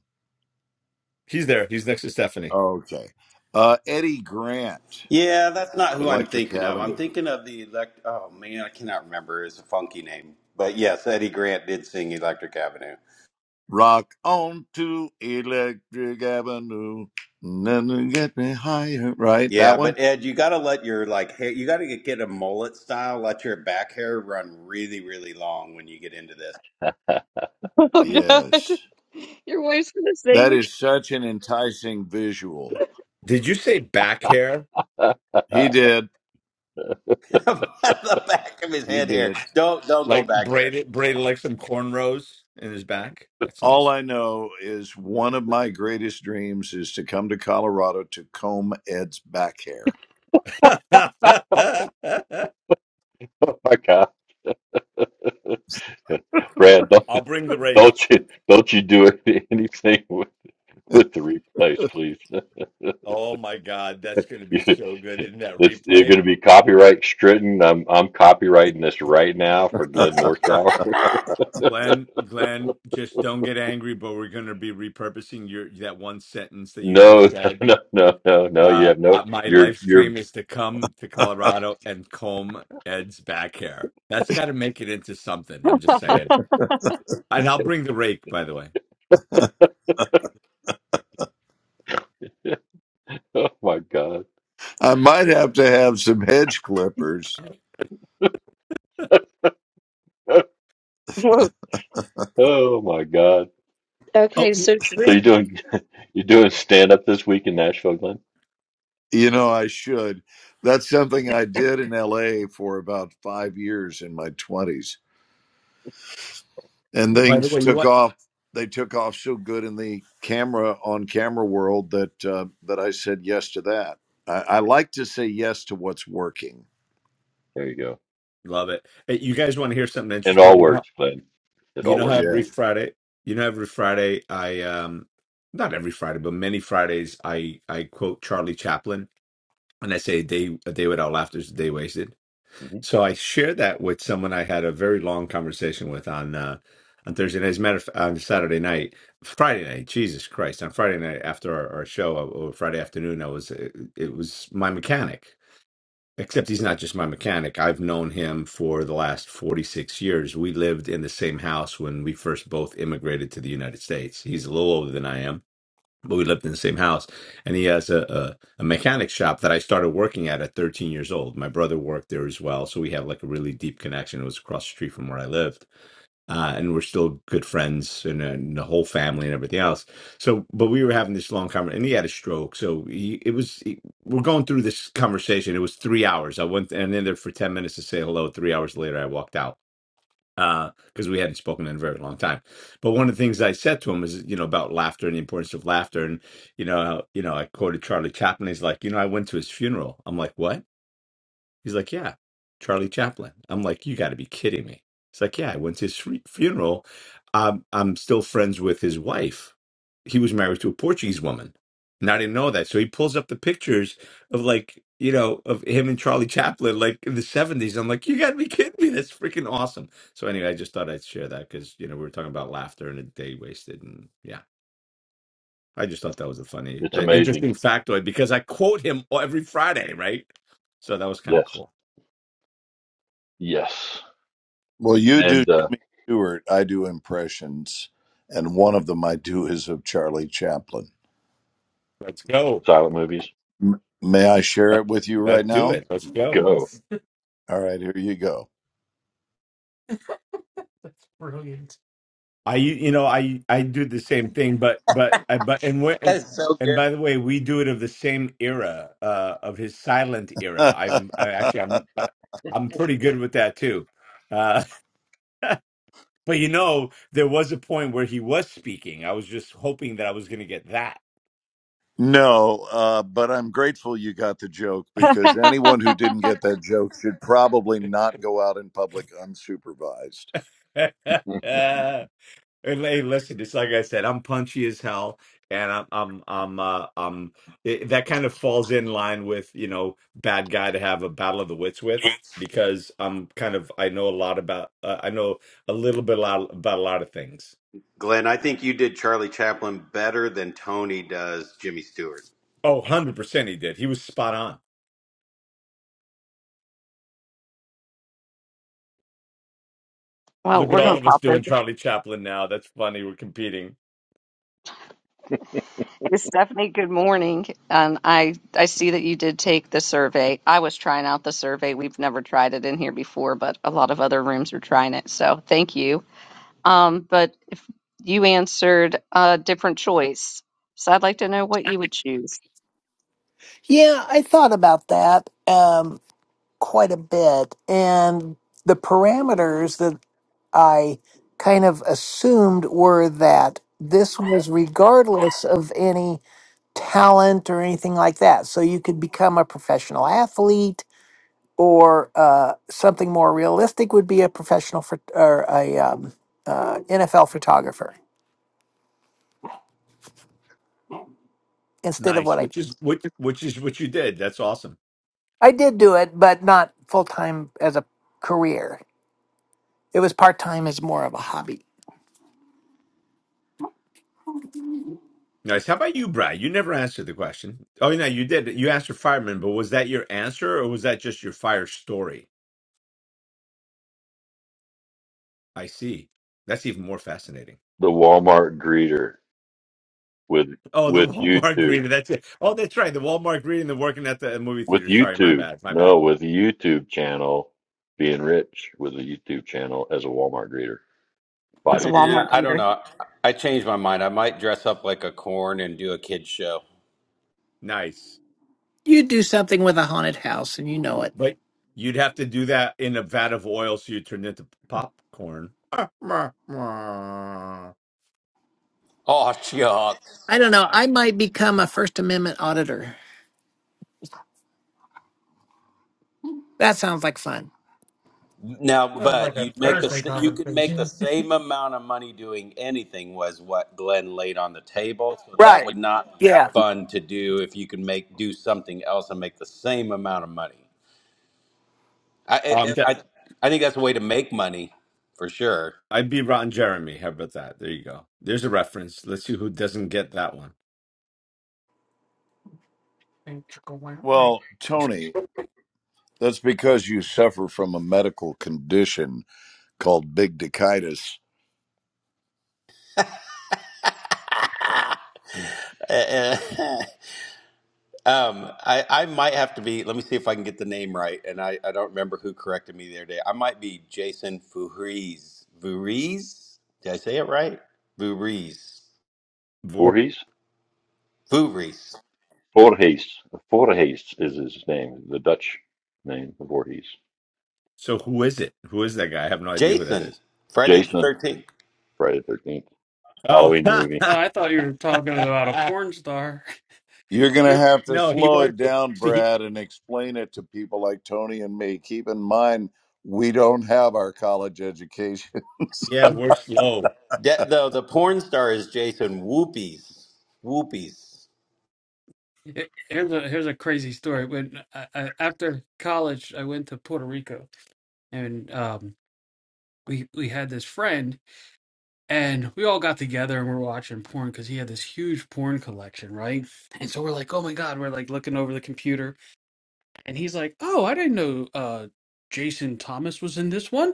Speaker 3: He's there. He's next to Stephanie.
Speaker 5: Okay. Uh, Eddie Grant.
Speaker 4: Yeah, that's not who I'm
Speaker 5: Electric
Speaker 4: thinking of. I'm
Speaker 5: Avenue.
Speaker 4: thinking of the elect. Oh man, I cannot remember. It's a funky name, but yes, Eddie Grant did sing Electric Avenue.
Speaker 5: Rock on to Electric Avenue. Nothing get me higher. Right? That
Speaker 4: Yeah,
Speaker 5: one?
Speaker 4: but Ed, you got to let your like hair, you got to get a mullet style. Let your back hair run really, really long when you get into this.
Speaker 1: [laughs] oh God,
Speaker 5: Yes.
Speaker 1: your wife's gonna say
Speaker 5: That
Speaker 1: you
Speaker 5: is such an enticing visual.
Speaker 3: Did you say back hair?
Speaker 2: [laughs] oh
Speaker 5: He did.
Speaker 4: [laughs] the back of his
Speaker 5: He
Speaker 4: head hair.
Speaker 5: did.
Speaker 4: Don't don't go
Speaker 3: Like
Speaker 4: back hair.
Speaker 3: braided, braided like some cornrows in his back? That's
Speaker 5: All
Speaker 3: nice.
Speaker 5: I know is one of my greatest dreams is to come to Colorado to comb Ed's back hair.
Speaker 2: my God, [laughs] Brad, don't
Speaker 3: [laughs] I'll bring the rake.
Speaker 2: don't you don't you do [laughs] anything with, with the replays, please.
Speaker 3: Oh my God, that's going to be
Speaker 2: [laughs]
Speaker 3: so good in that
Speaker 2: This you're
Speaker 3: replay.
Speaker 2: going to be copyright stritten. I'm I'm copywriting this right now for Glenn Morshower. [laughs]
Speaker 3: Glenn, Glenn, just don't get angry, but we're going to be repurposing your that one sentence that you
Speaker 2: No,
Speaker 3: just
Speaker 2: no,
Speaker 3: said.
Speaker 2: no, no, no, no. You
Speaker 3: Uh,
Speaker 2: have no.
Speaker 3: uh, my
Speaker 2: You're
Speaker 3: live
Speaker 2: you're.
Speaker 3: stream is to come to Colorado and comb Ed's back hair. That's got to make it into something. I'm just
Speaker 1: can't.
Speaker 3: saying.
Speaker 1: [laughs]
Speaker 3: And I'll bring the rake, by the way.
Speaker 2: [laughs] Oh my god.
Speaker 5: I might have to have some hedge clippers.
Speaker 2: [laughs]
Speaker 1: Whoa.
Speaker 2: Oh my god.
Speaker 3: Oh,
Speaker 1: Okay,
Speaker 3: y-
Speaker 1: so should
Speaker 2: So
Speaker 1: we?
Speaker 2: you're doing you're doing stand up this week in Nashville, Glenn?
Speaker 5: You know, I should. That's something I did in LA for about five years in my 20s and
Speaker 2: Hmm,
Speaker 3: by the
Speaker 5: things
Speaker 3: way, you
Speaker 5: took
Speaker 3: want.
Speaker 5: off. They took off so good in the camera on camera world that uh, that I said yes to that. I, I like to say yes to what's working.
Speaker 2: There you go.
Speaker 3: Love it. Hey, you guys want to hear something
Speaker 2: It
Speaker 3: interesting?
Speaker 2: all
Speaker 3: You know how
Speaker 2: works, Glenn. It
Speaker 3: you
Speaker 2: all
Speaker 3: know how
Speaker 2: works for
Speaker 5: Yeah.
Speaker 3: every
Speaker 2: you.
Speaker 3: Friday, you know every Friday I um not every Friday, but many Fridays I I quote Charlie Chaplin and I say a day a day without laughter is a day wasted.
Speaker 2: hmm
Speaker 3: So I shared that with someone I had a very long conversation with on uh on Thursday night. As a matter of fact, on Saturday night, Friday night, Jesus Christ, on Friday night after our, our show uh, or Friday afternoon, I was it, it was my mechanic Except he's not just my mechanic. I've known him for the last 46 years. We lived in the same house when we first both immigrated to the United States. He's a little older than I am, but we lived in the same house. And he has a, a, a mechanic shop that I started working at at 13 years old. My brother worked there as well. So we have like a really deep connection. It was across the street from where I live uh, and we're still good friends and, and the whole family and everything else. So, but we were having this long conversation, and he had a stroke. So he, it was he- we're going through this conversation. It was three hours. I went and in there for ten minutes to say hello. Three hours later, I walked out because we hadn't spoken in a very long time. But one of the things I said to him is, you know, about laughter and the importance of laughter, and you know, you know, I quoted Charlie Chaplin. He's like, you know, I went to his funeral. I'm like, what? He's like, yeah, Charlie Chaplin. I'm like, you got to be kidding me. He's like, yeah, I went to his fu- funeral. Um, I'm still friends with his wife. He was married to a Portuguese woman. And I didn't know that. So he pulls up the pictures of like, you know, of him and Charlie Chaplin, like in the 70s. I'm like, you got to be kidding me. That's freaking awesome. So anyway, I just thought I'd share that because, you know, we were talking about laughter and a day wasted. And yeah, I just thought that was a funny,
Speaker 2: It's
Speaker 3: uh,
Speaker 2: amazing.
Speaker 3: interesting factoid because I quote him every Friday, right? So that was kind of
Speaker 2: Yes.
Speaker 3: cool.
Speaker 2: Yes.
Speaker 5: Well, you do
Speaker 2: And uh,
Speaker 5: Stewart. I do impressions, and one of them I do is of Charlie Chaplin.
Speaker 3: Let's go.
Speaker 2: silent movies.
Speaker 5: M- May I share
Speaker 3: Let,
Speaker 5: it with you
Speaker 3: let's
Speaker 5: right
Speaker 3: do
Speaker 5: now?
Speaker 3: it. Let's
Speaker 6: [laughs]
Speaker 3: go.
Speaker 2: Go.
Speaker 6: That's
Speaker 5: All right, here you go.
Speaker 6: brilliant.
Speaker 3: I you know I I do the same thing, but but I but and when and,
Speaker 4: That's so
Speaker 3: and
Speaker 4: good.
Speaker 3: by the way, we do it of the same era uh, of his silent era. I'm I actually
Speaker 5: [laughs]
Speaker 3: I'm uh, I'm pretty good with that too. Uh, [laughs] but you know, there was a point where he was speaking. I was just hoping that I was going to get that.
Speaker 5: No, uh, but I'm grateful you got the joke because anyone who
Speaker 1: [laughs]
Speaker 5: didn't get that joke should probably not go out in public unsupervised.
Speaker 2: [laughs] well,
Speaker 3: [laughs] And hey, listen, it's like I said, I'm punchy as hell, and I'm I'm I'm uh, um it, that kind of falls in line with you know bad guy to have a battle of the wits with because I'm kind of I know a lot about uh, I know a little bit a lot about a lot of things.
Speaker 4: Glenn, I think you did Charlie Chaplin better than Tony does Jimmy Stewart.
Speaker 3: Oh, 100 percent, he did. He was spot on.
Speaker 1: Well,
Speaker 3: Look at
Speaker 1: we're gonna
Speaker 3: all of us
Speaker 1: pop this.
Speaker 3: doing Charlie Chaplin now. That's funny. We're competing.
Speaker 2: the
Speaker 1: Hey, Stephanie, good morning. And I, I see that you did take the survey. I was trying out the survey. We've never tried it in here before, but a lot of other rooms are trying it. So thank you. Um, but if you answered a different choice, so I'd like to know what you would choose
Speaker 9: Yeah, I thought about that um, quite a bit. And the parameters that I kind of assumed were that this was regardless of any talent or anything like that. So you could become a professional athlete, or uh, something more realistic would be a professional phot- or a um, uh, NFL photographer instead of
Speaker 3: Nice,
Speaker 9: what I
Speaker 3: which is which which is what you did. That's awesome.
Speaker 9: I did do it, but not full time as a career. It was part time as more of a hobby.
Speaker 3: Nice. How about you, Brad? You never answered the question. Oh, no, you did. You answered fireman, but was that your answer or was that just your fire story? I see. That's even more fascinating.
Speaker 2: Walmart greeter. with
Speaker 3: Oh, the [laughs]
Speaker 2: with
Speaker 3: Walmart
Speaker 2: YouTube,
Speaker 3: greeting. That's it. Oh, that's right. The Walmart greeting and working at the uh, movie
Speaker 2: with
Speaker 3: theater. Sorry, my
Speaker 2: YouTube,
Speaker 3: bad. My bad.
Speaker 2: no, with the YouTube channel, being rich with a YouTube channel as a Walmart greeter,
Speaker 1: as
Speaker 2: body
Speaker 1: a
Speaker 3: Nice.
Speaker 2: king.
Speaker 4: Yeah,
Speaker 1: Walmart
Speaker 4: I don't
Speaker 1: greeter.
Speaker 4: know. I changed my mind. I might dress up like a corn and do a kid show.
Speaker 3: Nice.
Speaker 9: You do something with a haunted house and you know it.
Speaker 3: But you'd have to do that in a vat of oil so you turn into popcorn. [laughs]
Speaker 4: Oh, [laughs] yuck.
Speaker 9: I don't know. I might become a First Amendment auditor. That sounds like fun.
Speaker 4: Now,
Speaker 6: Sounds like
Speaker 4: but
Speaker 6: a
Speaker 4: you make the
Speaker 6: Thursday
Speaker 4: s- you could make the
Speaker 6: conversation. [laughs]
Speaker 4: same amount of money doing anything was what Glenn laid on the table. So that
Speaker 9: Right.
Speaker 4: would not be
Speaker 9: Yeah.
Speaker 4: fun to do if you could make do something else and make the same amount of money.
Speaker 3: Um,
Speaker 4: I I
Speaker 3: that-
Speaker 4: I I think that's a way to make money for sure.
Speaker 3: I'd be Ron Jeremy. How about that? There you go. There's a reference. Let's see who doesn't get that one.
Speaker 5: Well, Tony, that's because you suffer from a medical condition called big dicitis.
Speaker 4: Eh, eh, [laughs] um, I I might have to be. Let me see if I can get the name right. And I I don't remember who corrected me the other day. I might be Jason Voorhees. Voorhees? Did I say it right? Voorhees.
Speaker 2: Voorhees,
Speaker 4: Voorhees.
Speaker 2: Voorhees, Voorhees is his name, the Dutch name, Voorhees.
Speaker 3: So who is it? Who is that guy? I have no idea who that
Speaker 4: Jason,
Speaker 3: is.
Speaker 4: Friday the
Speaker 2: Jason,
Speaker 4: Thirteenth.
Speaker 2: Friday the Thirteenth,
Speaker 3: Oh,
Speaker 2: Halloween movie.
Speaker 6: Uh, I thought you were talking about a
Speaker 3: [laughs]
Speaker 6: porn star.
Speaker 5: You're
Speaker 6: [laughs]
Speaker 5: going to
Speaker 6: Here-
Speaker 5: have to
Speaker 3: no, he
Speaker 5: slow
Speaker 6: here-
Speaker 5: it
Speaker 3: wasn't.
Speaker 5: down,
Speaker 3: See,
Speaker 5: Brad, and explain it to people like Tony and me. Keep in mind, we don't have our college education. [laughs]
Speaker 3: yeah, we're slow.
Speaker 4: De- the the porn star is Jason. Whoopies, whoopies.
Speaker 6: here's a here's a crazy story. When I, I, after college, I went to Puerto Rico, and um, we we had this friend, and we all got together and we're watching porn because he had this huge porn collection, right? And so we're like, oh my god, we're like looking over the computer, and he's like, oh, I didn't know uh, Jason Thomas was in this one.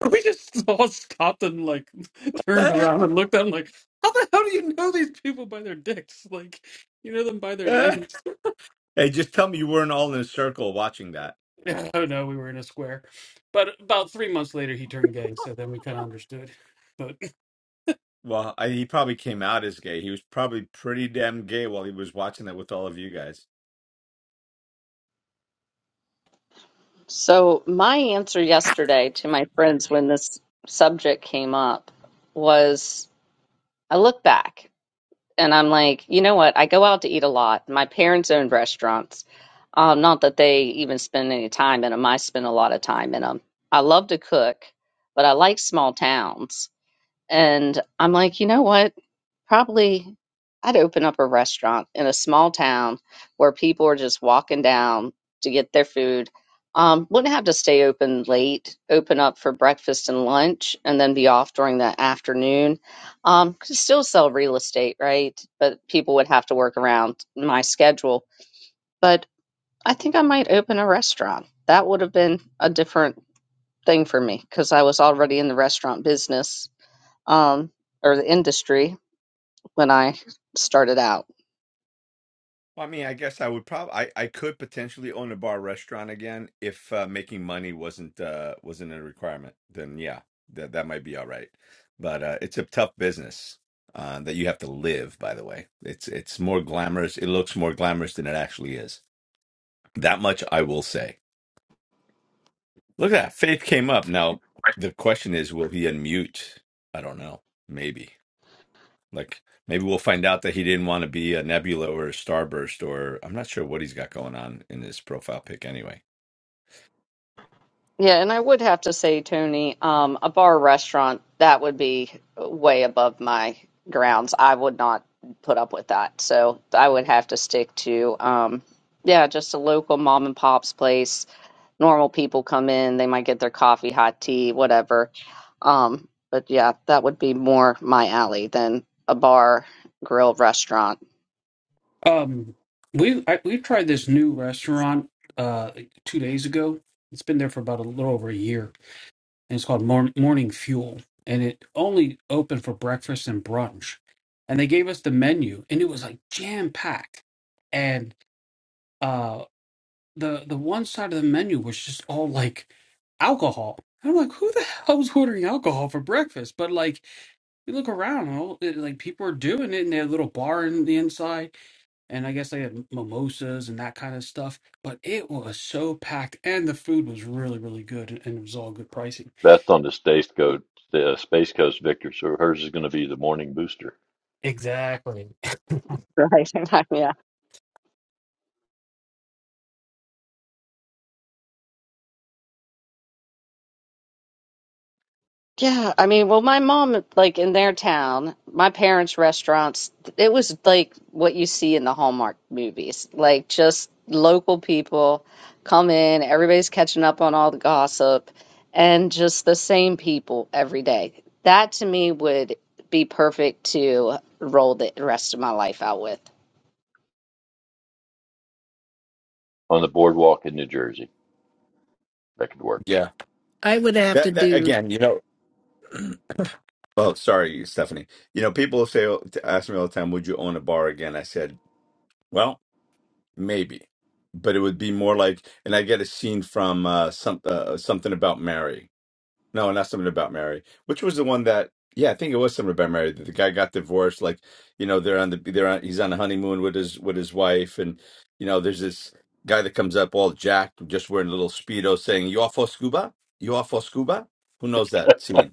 Speaker 6: [laughs] We just all stopped and like [laughs]
Speaker 3: [laughs]
Speaker 6: turned
Speaker 3: hey,
Speaker 6: around and looked at him like, how the hell do you know these people by their dicks? Like, you know them by their names.
Speaker 3: just tell me you weren't all in a circle watching that.
Speaker 6: [laughs] oh no, we were in a square. But about three months later, he turned gay, so then we kind of understood. But
Speaker 3: Well, I, he probably came out as gay. He was probably pretty damn gay while he was watching that with all of you guys.
Speaker 1: So my answer yesterday to my friends when this subject came up was I look back and I'm like, you know what? I go out to eat a lot. My parents owned restaurants. Um, not that they even spend any time in them. I spend a lot of time in them. I love to cook, but I like small towns. And I'm like, you know what? Probably I'd open up a restaurant in a small town where people are just walking down to get their food. Um, wouldn't have to stay open late, open up for breakfast and lunch, and then be off during the afternoon. Um, could still sell real estate, right? But people would have to work around my schedule. But I think I might open a restaurant. That would have been a different thing for me because I was already in the restaurant business um, or the industry when I started out.
Speaker 3: Well, I mean, I guess I would probably I, I could potentially own a bar restaurant again if uh, making money wasn't uh wasn't a requirement. Then yeah, that that might be all right. But uh it's a tough business uh, that you have to live, by the way. It's it's more glamorous. It looks more glamorous than it actually is. That much I will say. Look at that. Faith came up. Now the question is, will he unmute? I don't know. Maybe. Like maybe we'll find out that he didn't want to be a Nebula or a Starburst, or I'm not sure what he's got going on in his profile pic anyway.
Speaker 1: Yeah, and I would have to say, Tony, um, a bar restaurant, that would be way above my grounds. I would not put up with that. So I would have to stick to, um, yeah, just a local mom and pop's place. Normal people come in, they might get their coffee, hot tea, whatever. Um, but yeah, that would be more my alley than a bar, grill, restaurant.
Speaker 6: um, we I, we tried this new restaurant uh two days ago. It's been there for about a little over a year and it's called Morn- Morning Fuel, and it only opened for breakfast and brunch. And they gave us the menu, and it was like jam packed. And uh, the the one side of the menu was just all like alcohol. And I'm like, who the hell is ordering alcohol for breakfast? But like, you look around, and all it, like people are doing it and they had a little bar in the inside, and I guess they had mimosas and that kind of stuff. But it was so packed, and the food was really, really good, and and it was all good pricing.
Speaker 2: That's on the space coast, the space coast, Victor. So hers is going to be the morning booster
Speaker 6: Exactly. [laughs]
Speaker 1: Right. [laughs] Yeah, I mean, well, my mom, like in their town, my parents' restaurants, it was like what you see in the Hallmark movies, like just local people come in, everybody's catching up on all the gossip, and just the same people every day. That to me would be perfect to roll the rest of my life out with.
Speaker 2: on the boardwalk in New Jersey. That could work.
Speaker 3: Yeah.
Speaker 9: I would have to
Speaker 3: That, that
Speaker 9: do
Speaker 3: again, you know. Oh, sorry, Stephanie. You know, people say ask me all the time, "Would you own a bar again?" I said, "Well, maybe, but it would be more like." And I get a scene from uh, some uh, something about Mary. No, not something about Mary, which was the one that yeah, I think it was something about Mary. that The guy got divorced, like you know they're on the they're on he's on a honeymoon with his with his wife, and you know there's this guy that comes up all jacked, just wearing a little speedo, saying "You off for scuba? You off for scuba?" Who knows that scene?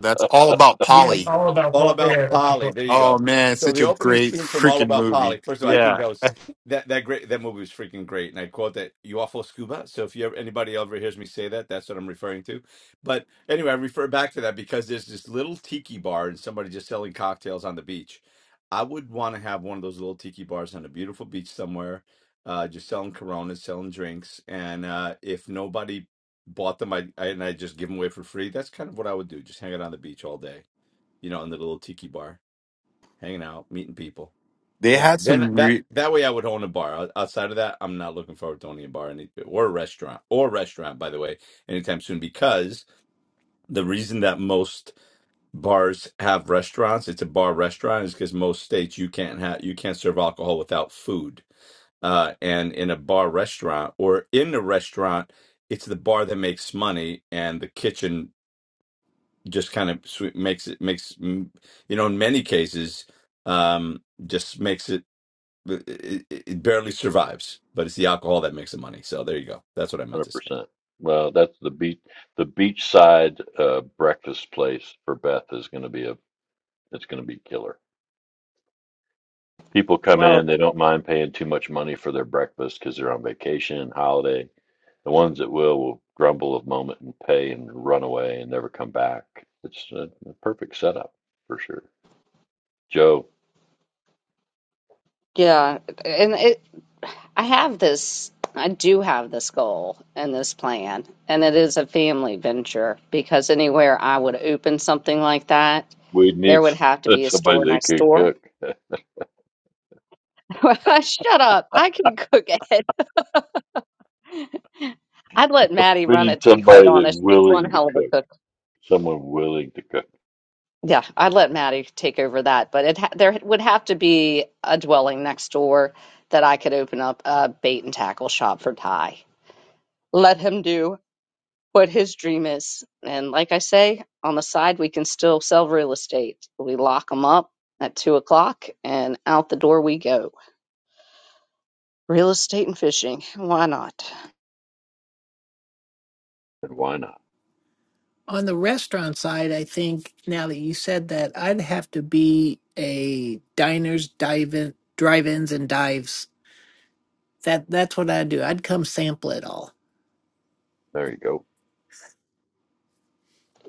Speaker 7: that's all about
Speaker 6: Yeah, it's
Speaker 7: polly
Speaker 6: all about
Speaker 3: All
Speaker 6: what
Speaker 3: About
Speaker 6: yeah. that's
Speaker 3: Polly.
Speaker 6: what-
Speaker 3: There you
Speaker 7: oh
Speaker 3: go.
Speaker 7: man it's
Speaker 3: So
Speaker 7: such
Speaker 3: the
Speaker 7: a
Speaker 3: opening
Speaker 7: great
Speaker 3: scene from All
Speaker 7: freaking
Speaker 3: About Polly.
Speaker 7: movie
Speaker 3: First of all, I think
Speaker 7: yeah
Speaker 3: that was that that great that movie was freaking great, and I quote that "you awful scuba." So if you ever, anybody ever hears me say that, that's what I'm referring to. But anyway, I refer back to that because there's this little tiki bar and somebody just selling cocktails on the beach. I would want to have one of those little tiki bars on a beautiful beach somewhere, uh, just selling Coronas, selling drinks, and uh, if nobody bought them, I, I and I just give them away for free. That's kind of what I would do. Just hang out on the beach all day you know, in the little tiki bar, hanging out, meeting people.
Speaker 7: they
Speaker 3: Yeah.
Speaker 7: had
Speaker 3: Then
Speaker 7: some
Speaker 3: that
Speaker 7: re-
Speaker 3: that way I would own a bar. O- Outside of that, I'm not looking forward to owning a bar any, or a restaurant or restaurant, by the way, anytime soon. Because the reason that most bars have restaurants, it's a bar restaurant, is because most states you can't have you can't serve alcohol without food. Uh, and in a bar restaurant or in a restaurant, it's the bar that makes money and the kitchen just kind of sw- makes it makes mm, you know in many cases um just makes it uh, it, it it barely survives but it's the alcohol that makes the money so there you go that's what i meant
Speaker 2: Hundred
Speaker 3: to say
Speaker 2: percent. Well, that's the beach. The beachside uh, breakfast place for Beth is going to be a. It's going to be killer. People come
Speaker 1: Well,
Speaker 2: in. They don't mind paying too much money for their breakfast because they're on vacation, holiday. The ones that will will grumble a moment and pay and run away and never come back. It's a, a perfect setup for sure. Joe,
Speaker 1: Yeah, and it, I have this, I do have this goal and this plan, and it is a family venture because anywhere I would open something like that,
Speaker 2: we
Speaker 1: there
Speaker 2: need
Speaker 1: would have to be
Speaker 2: s-
Speaker 1: a
Speaker 2: [laughs] somebody
Speaker 1: store
Speaker 2: that
Speaker 1: next
Speaker 2: can
Speaker 1: store.
Speaker 2: cook. [laughs]
Speaker 1: [laughs] Shut up. I can cook it. I'd let Maddie
Speaker 2: we
Speaker 1: run
Speaker 2: need
Speaker 1: it, to be quite
Speaker 2: somebody that's
Speaker 1: honest. She's one
Speaker 2: willing to
Speaker 1: hell of a
Speaker 2: cook.
Speaker 1: cook.
Speaker 2: Someone willing to cook.
Speaker 1: Yeah, I'd let Maddie take over that, but it ha there would have to be a dwelling next door that I could open up a bait and tackle shop for Ty. Let him do. what his dream is. And like I say, on the side, we can still sell real estate. We lock them up at two o'clock and out the door we go. Real estate and fishing. Why not?
Speaker 2: And why not?
Speaker 9: on the restaurant side, I think now that you said that, I'd have to be a diners, dive in, drive-ins and dives. That that's what I'd do. I'd come sample it all.
Speaker 2: There you go.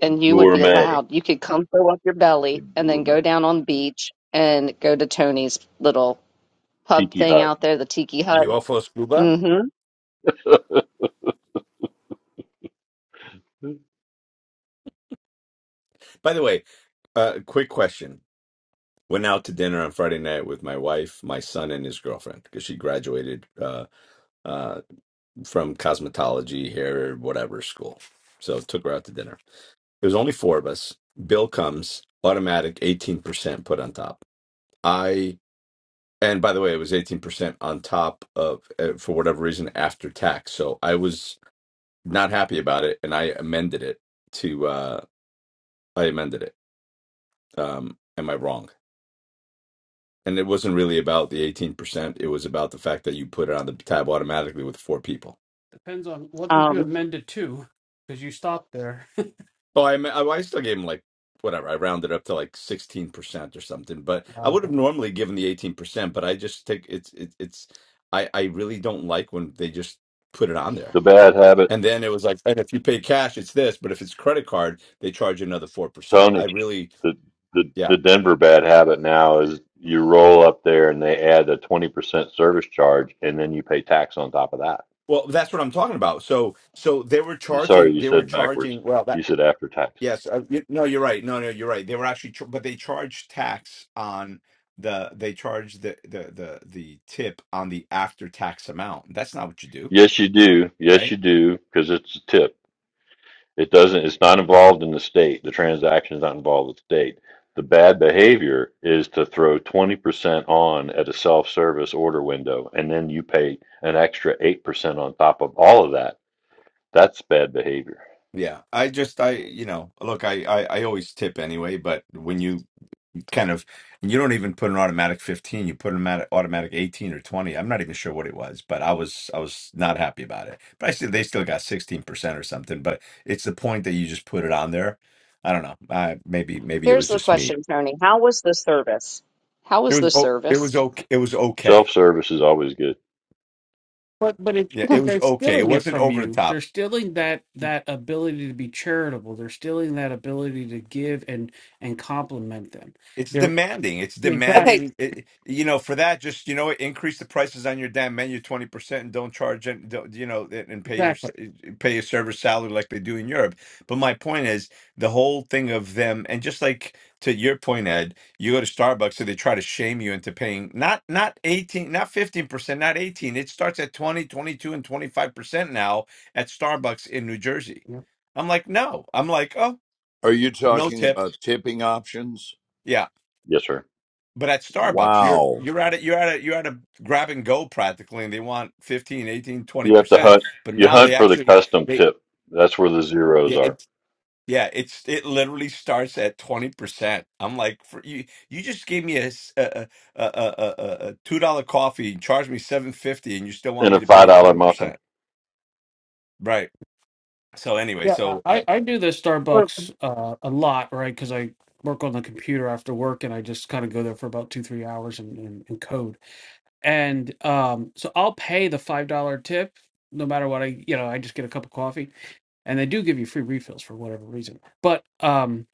Speaker 1: And you would be
Speaker 2: Gourmet.
Speaker 1: allowed. You could come fill up your
Speaker 2: The
Speaker 1: belly and then go
Speaker 2: gourmet
Speaker 1: down on the beach and go to Tony's little pub
Speaker 2: tiki
Speaker 1: thing
Speaker 2: hut.
Speaker 1: out there, the tiki hut.
Speaker 2: Yeah.
Speaker 3: ufo scuba
Speaker 1: Mm-hmm.
Speaker 2: The
Speaker 3: by the way uh quick question went out to dinner on friday night with my wife my son and his girlfriend because she graduated uh uh from cosmetology hair whatever school so took her out to dinner it was only four of us bill comes automatic 18% put on top I And by the way, it was 18% on top of, uh, for whatever reason, after tax. So I was not happy about it and I amended it to, uh, I amended it. Um, am I wrong? And it wasn't really about the 18%. It was about the fact that you put it on the tab automatically with four people.
Speaker 6: Depends on what did you
Speaker 1: Um,
Speaker 6: amend it to, because you stopped there. [laughs]
Speaker 3: Oh, I, I, I still gave him like, whatever. I rounded up to like 16% or something, but I
Speaker 6: Ah,
Speaker 3: would
Speaker 6: Okay.
Speaker 3: have normally given the 18%, but I just think it's, it, it's, I, I really don't like when they just put it on there.
Speaker 2: bad habit,
Speaker 3: And then it was like, and if you pay cash, it's this, but if it's credit card, they charge you another 4%. I
Speaker 2: Tony.
Speaker 3: really,
Speaker 2: The the
Speaker 3: yeah.
Speaker 2: the Denver bad habit now is you roll up there and they add a twenty percent service charge and then you pay tax on top of that.
Speaker 3: Well, that's what I'm talking about. So, so they were
Speaker 2: You sorry,
Speaker 3: charging,
Speaker 2: you
Speaker 3: they were
Speaker 2: said backwards.
Speaker 3: charging, well, that,
Speaker 2: You said after tax.
Speaker 3: yes, uh, you, no, you're right. No, no, you're right. They were actually, ch- but they charge tax on the, they charge the, the, the, the tip on the after tax amount. That's not what you do,
Speaker 2: Yes, you do. Yes,
Speaker 3: right?
Speaker 2: you do, because it's a tip. It doesn't, it's not involved in the state. The transaction is not involved with the state. The bad behavior is to throw 20% on at a self-service order window, and then you pay an extra 8% on top of all of that. That's bad behavior.
Speaker 3: Yeah. I just, I, you know, look, I, I, I always tip anyway, but when you kind of and you don't even put an automatic 15 you put an automatic, automatic 18 or 20 i'm not even sure what it was but i was i was not happy about it but i still they still got 16% or something but it's the point that you just put it on there i don't know i maybe maybe it
Speaker 1: here's
Speaker 3: was
Speaker 1: the
Speaker 3: just me
Speaker 1: question, Tony. How was the service? How
Speaker 3: it
Speaker 1: was
Speaker 3: was
Speaker 1: the
Speaker 3: oh it
Speaker 1: service?
Speaker 3: was okay it was okay
Speaker 2: Self-service is always good.
Speaker 6: But but it
Speaker 3: yeah
Speaker 1: [laughs]
Speaker 3: it
Speaker 6: but
Speaker 3: was
Speaker 6: they're
Speaker 3: okay it
Speaker 6: stealing it
Speaker 3: wasn't
Speaker 6: from
Speaker 3: over the
Speaker 6: you.
Speaker 3: top
Speaker 6: They're stealing that that ability to be charitable. They're stealing that ability to give and and compliment them.
Speaker 3: It's
Speaker 6: They're
Speaker 3: demanding. It's
Speaker 6: exactly
Speaker 1: okay.
Speaker 3: demanding. It, you know, for that, just you know, what, increase the prices on your damn menu twenty percent, and don't charge it. Don't, you know, and and pay your s-
Speaker 6: exactly.
Speaker 3: pay your server salary like they do in Europe. But my point is the whole thing of them, and just like to your point, Ed, you go to Starbucks, so they try to shame you into paying not not eighteen, not fifteen percent, not eighteen. It starts at 20, 22, and twenty five percent now at Starbucks in New Jersey. I'm like, no. I'm like, oh,
Speaker 5: Are you
Speaker 3: no
Speaker 5: talking
Speaker 3: tip.
Speaker 5: about tipping options?
Speaker 3: Yeah,
Speaker 2: Yes, sir.
Speaker 3: But at Starbucks, you're
Speaker 5: Wow.
Speaker 3: you're at it, you're at it, you're at a grab and go practically, and they want 15, 18, 20
Speaker 2: You have to
Speaker 3: percent.
Speaker 2: hunt,
Speaker 3: But
Speaker 2: you
Speaker 3: now they
Speaker 2: hunt for the
Speaker 3: actually
Speaker 2: custom
Speaker 3: they
Speaker 2: tip. That's where the zeros
Speaker 3: yeah
Speaker 2: are.
Speaker 3: it's yeah it's it literally starts at twenty percent. I'm like for you you just gave me a s- a a a, a, a two dollar coffee, and charged me seven fifty, and you still want
Speaker 2: In
Speaker 3: me
Speaker 2: a
Speaker 3: to pay
Speaker 2: $5
Speaker 3: you twenty percent,
Speaker 2: muffin.
Speaker 3: right? So anyway,
Speaker 6: Yeah, uh,
Speaker 3: so
Speaker 6: I,
Speaker 3: I
Speaker 6: I do the
Speaker 1: Well,
Speaker 6: Starbucks uh, a lot, right? Because I work on the computer after work and I just kind of go there for about two, three hours and, and, and code. And um, so I'll pay the $5 tip no matter what I, you know, I just get a cup of coffee and they do give you free refills for whatever reason. But um,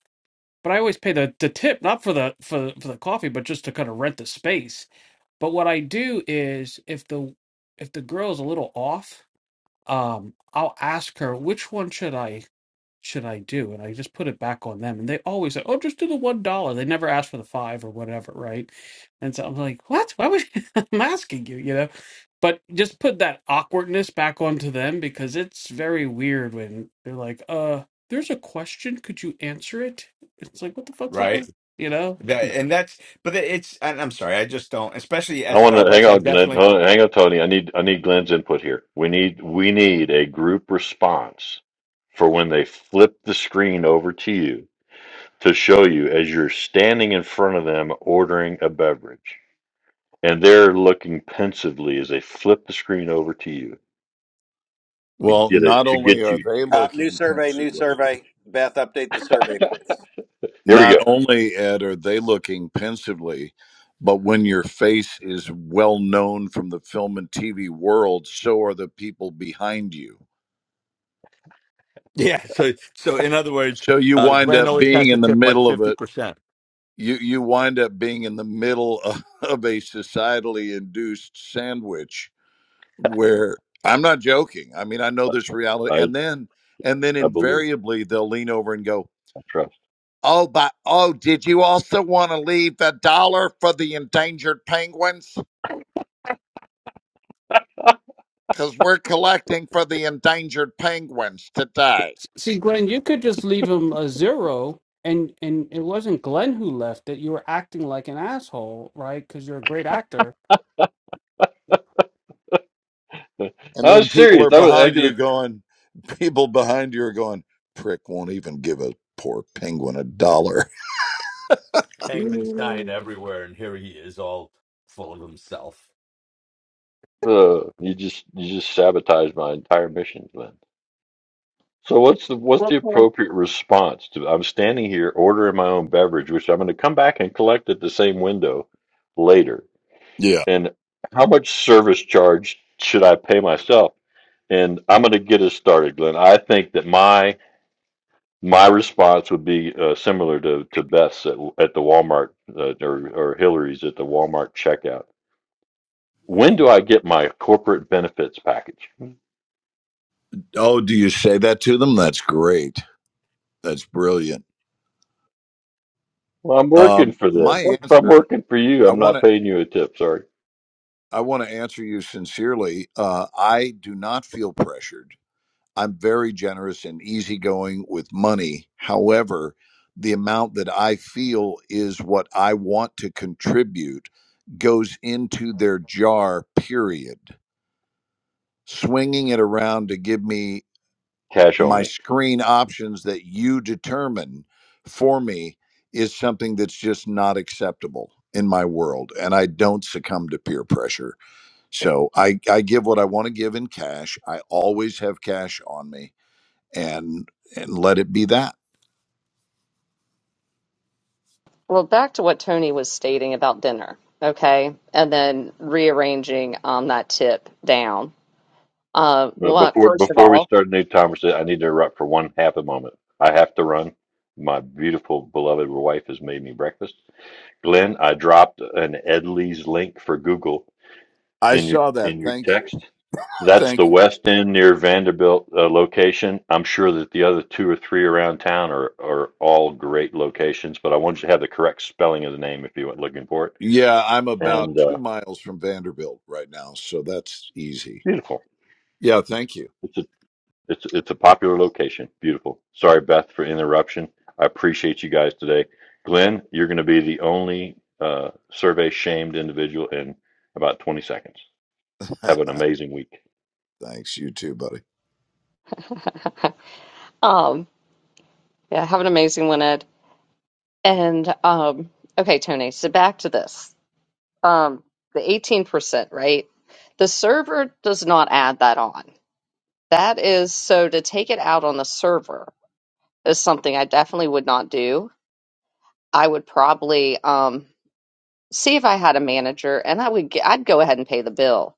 Speaker 6: but I always pay the, the tip, not for the for, the- for the coffee, but just to kind of rent the space. But what I do is if the if the girl is a little off, um, I'll ask her which one should I should I do? And I just put it back on them. And they always say, oh, just do the $1. They never ask for the five or whatever, right? And so I'm like, what? Why would [laughs] I'm asking you, you know? But just put that awkwardness back onto them because it's very weird when they're like, uh, there's a question. Could you answer it? It's like, what the fuck's the
Speaker 3: right
Speaker 6: question? You know?
Speaker 3: that and that's but it's and I'm sorry, I just don't, especially at
Speaker 2: I want to hang
Speaker 3: Starbucks. I
Speaker 2: on, Glenn.
Speaker 3: definitely.
Speaker 2: Hold on, Hang on, Tony. I need I need Glenn's input here. We need we need a group response for when they flip the screen over to you to show you as you're standing in front of them ordering a beverage, and they're looking pensively as they flip the screen over to you to
Speaker 5: Well,
Speaker 2: get
Speaker 5: not
Speaker 2: it to
Speaker 5: only
Speaker 2: get
Speaker 5: are
Speaker 2: you.
Speaker 5: they
Speaker 4: Uh, new
Speaker 5: looking
Speaker 4: survey, new
Speaker 5: pensively,
Speaker 4: survey. Beth, update the survey, please.
Speaker 2: Here we
Speaker 5: not
Speaker 2: go.
Speaker 5: only Ed are they looking pensively, but when your face is well known from the film and TV world, so are the people behind you.
Speaker 3: Yeah. So, so in other words,
Speaker 5: So you
Speaker 3: uh,
Speaker 5: wind
Speaker 3: Glenn
Speaker 5: up
Speaker 3: always
Speaker 5: being
Speaker 3: has to
Speaker 5: in the
Speaker 3: tip like
Speaker 5: middle of
Speaker 3: fifty
Speaker 5: it.
Speaker 3: percent.
Speaker 5: You you wind up being in the middle [laughs] of, of a societally induced sandwich where I'm not joking. I mean, I know this reality,
Speaker 2: I
Speaker 5: and then and then
Speaker 2: I believe
Speaker 5: invariably they'll lean over and go,
Speaker 2: I trust.
Speaker 5: Oh, but oh, did you also want to leave a dollar for the endangered penguins? Because we're collecting for the endangered penguins today.
Speaker 6: S- See, Glenn, you could just leave him a zero. And, and it wasn't Glenn who left it. You were acting like an asshole, right? Because you're a great actor.
Speaker 2: [laughs] I
Speaker 5: And then
Speaker 2: was
Speaker 5: people
Speaker 2: serious.
Speaker 5: are
Speaker 2: I was I
Speaker 5: behind you
Speaker 2: could.
Speaker 5: going, people behind you are going, prick won't even give a poor penguin a dollar. [laughs]
Speaker 3: Penguins dying
Speaker 2: [sighs]
Speaker 3: everywhere, and here he is, all full of himself.
Speaker 2: Uh, you just you just sabotaged my entire mission, Glenn. So what's the what's the
Speaker 1: well,
Speaker 2: appropriate response to I'm standing here ordering my own beverage, which I'm going to come back and collect at the same window later.
Speaker 5: Yeah.
Speaker 2: And how much service charge should I pay myself? And I'm going to get us started, Glenn. I think that my my response would be uh, similar to to Beth's at, at the Walmart uh, or or Hillary's at the Walmart checkout. When do I get my corporate benefits package?
Speaker 5: Oh, do you say that to them? That's great. That's brilliant.
Speaker 2: Well, I'm working
Speaker 5: Um,
Speaker 2: for them.
Speaker 5: my
Speaker 2: If I'm
Speaker 5: answer,
Speaker 2: working for you,
Speaker 5: I
Speaker 2: I'm
Speaker 5: want
Speaker 2: not
Speaker 5: to,
Speaker 2: paying you a tip. Sorry.
Speaker 5: I want to answer you sincerely. Uh, I do not feel pressured. I'm very generous and easygoing with money. However, the amount that I feel is what I want to contribute goes into their jar, period. Swinging it around to give me
Speaker 2: Cash
Speaker 5: my
Speaker 2: only.
Speaker 5: screen options that you determine for me is something that's just not acceptable in my world. And I don't succumb to peer pressure. So I, I give what I want to give in cash. I always have cash on me and and let it be that.
Speaker 1: Well, back to what Tony was stating about dinner, okay, and then rearranging um that tip down. Uh,
Speaker 2: Uh,
Speaker 1: well, uh,
Speaker 2: before
Speaker 1: first of
Speaker 2: before we
Speaker 1: all,
Speaker 2: start a new conversation, I need to interrupt for one half a moment. I have to run. My beautiful beloved wife has made me breakfast. Glenn, I dropped an Ed Lee's link for Google
Speaker 5: I
Speaker 2: in your
Speaker 5: saw that.
Speaker 2: in your
Speaker 5: Thank you.
Speaker 2: text. That's the
Speaker 5: Thank you.
Speaker 2: West End near Vanderbilt uh, location. I'm sure that the other two or three around town are, are all great locations, but I wanted you to have the correct spelling of the name if you went looking for it.
Speaker 5: Yeah, I'm about
Speaker 2: And uh,
Speaker 5: two miles from Vanderbilt right now, so that's easy.
Speaker 2: beautiful.
Speaker 5: Yeah, thank you.
Speaker 2: It's a It's it's a popular location. Beautiful. Sorry, Beth, for interruption. I appreciate you guys today. Glenn, you're going to be the only uh, survey shamed individual in about 20 seconds.
Speaker 5: [laughs]
Speaker 2: Have an amazing week.
Speaker 5: Thanks, you too, buddy.
Speaker 1: um, yeah, have an amazing one, Ed. And um, okay, Tony. So back to this, um, the eighteen percent, right? The server does not add that on. That is so to take it out on the server is something I definitely would not do. I would probably um see if I had a manager, and I would get, I'd go ahead and pay the bill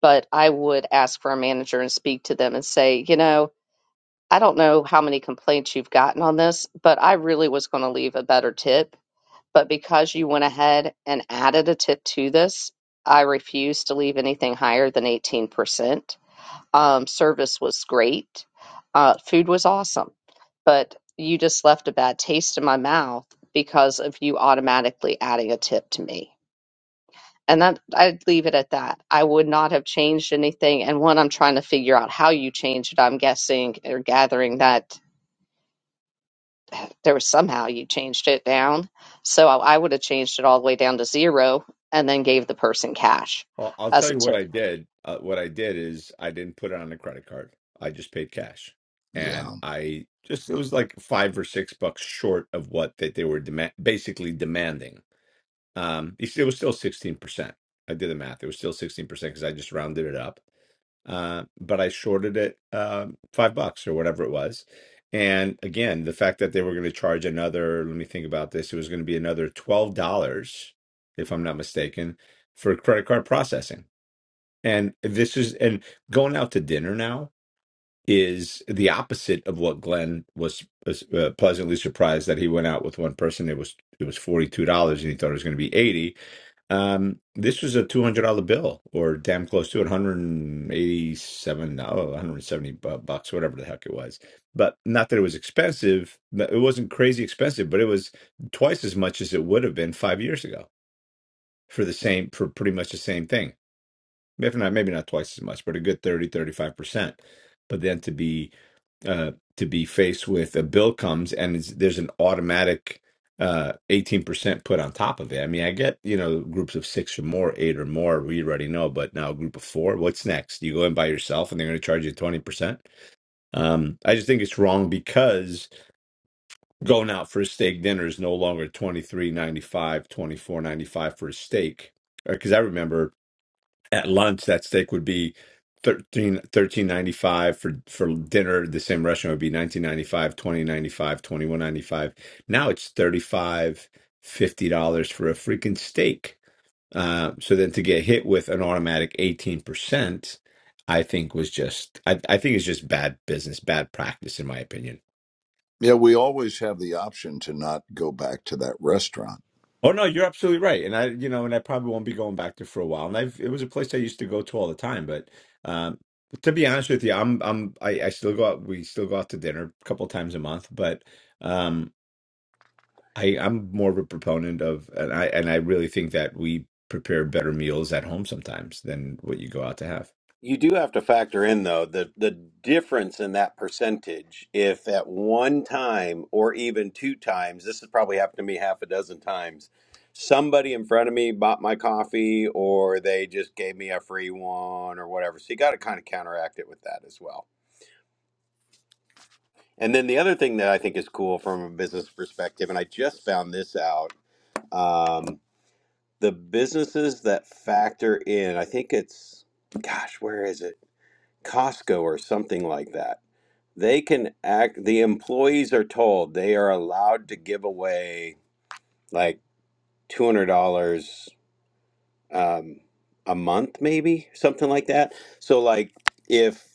Speaker 1: but I would ask for a manager and speak to them and say, you know, I don't know how many complaints you've gotten on this, but I really was going to leave a better tip. But because you went ahead and added a tip to this, I refuse to leave anything higher than 18%. Um, service was great, uh, food was awesome, but you just left a bad taste in my mouth because of you automatically adding a tip to me. And that I'd leave it at that. I would not have changed anything. And one, I'm trying to figure out how you changed it. I'm guessing or gathering that there was somehow you changed it down. So I, I would have changed it all the way down to zero and then gave the person cash
Speaker 3: Well, I'll
Speaker 1: as
Speaker 3: tell
Speaker 1: a
Speaker 3: you what
Speaker 1: tip.
Speaker 3: I did. Uh, what I did is I didn't put it on a credit card. I just paid cash,
Speaker 5: Yeah.
Speaker 3: and I just it was like five or six bucks short of what that they were demand, basically demanding. Um, it was still sixteen percent. I did the math. It was still sixteen percent because I just rounded it up. uh, but I shorted it uh, five bucks or whatever it was. And again, the fact that they were going to charge another, let me think about this, it was going to be another $12, if I'm not mistaken, for credit card processing. And this is, and going out to dinner now is the opposite of what Glenn was was, uh, pleasantly surprised that he went out with one person. It was it was forty two dollars, and he thought it was going to be eighty. Um, this was a two hundred dollar bill, or damn close to it, one hundred eighty seven, no, one hundred seventy bucks, whatever the heck it was. But not that it was expensive. but It wasn't crazy expensive, but it was twice as much as it would have been five years ago for the same, for pretty much the same thing. If not, maybe not twice as much, but a good 30, 35 percent. But then to be uh, to be faced with a bill comes and it's, there's an automatic uh, 18% put on top of it. I mean, I get, you know, groups of six or more, eight or more, we already know, but now a group of four, what's next? You go in by yourself and they're going to charge you 20%. Um, I just think it's wrong because going out for a steak dinner is no longer twenty three ninety five, twenty four ninety five for a steak. Because I remember at lunch that steak would be thirteen thirteen ninety five for for dinner the same restaurant would be nineteen ninety five, twenty ninety five, twenty one ninety five. now it's 35 50 dollars for a freaking steak uh, so then to get hit with an automatic 18% i think was just I, I think it's just bad business bad practice in my opinion
Speaker 5: Yeah, we always have the option to not go back to that restaurant.
Speaker 3: Oh no, you're absolutely right, and I, you know, and I probably won't be going back there for a while. And I've, it was a place I used to go to all the time, but um, to be honest with you, I'm, I'm, I, I still go out. We still go out to dinner a couple times a month, but um, I, I'm more of a proponent of, and I, and I really think that we prepare better meals at home sometimes than what you go out to have.
Speaker 4: You do have to factor in though the the difference in that percentage. If at one time or even two times, this has probably happened to me half a dozen times. Somebody in front of me bought my coffee, or they just gave me a free one, or whatever. So you got to kind of counteract it with that as well. And then the other thing that I think is cool from a business perspective, and I just found this out, um, the businesses that factor in, I think it's, gosh, where is it? Costco or something like that. They can act, the employees are told they are allowed to give away like $200 um, a month, maybe something like that. So, like, if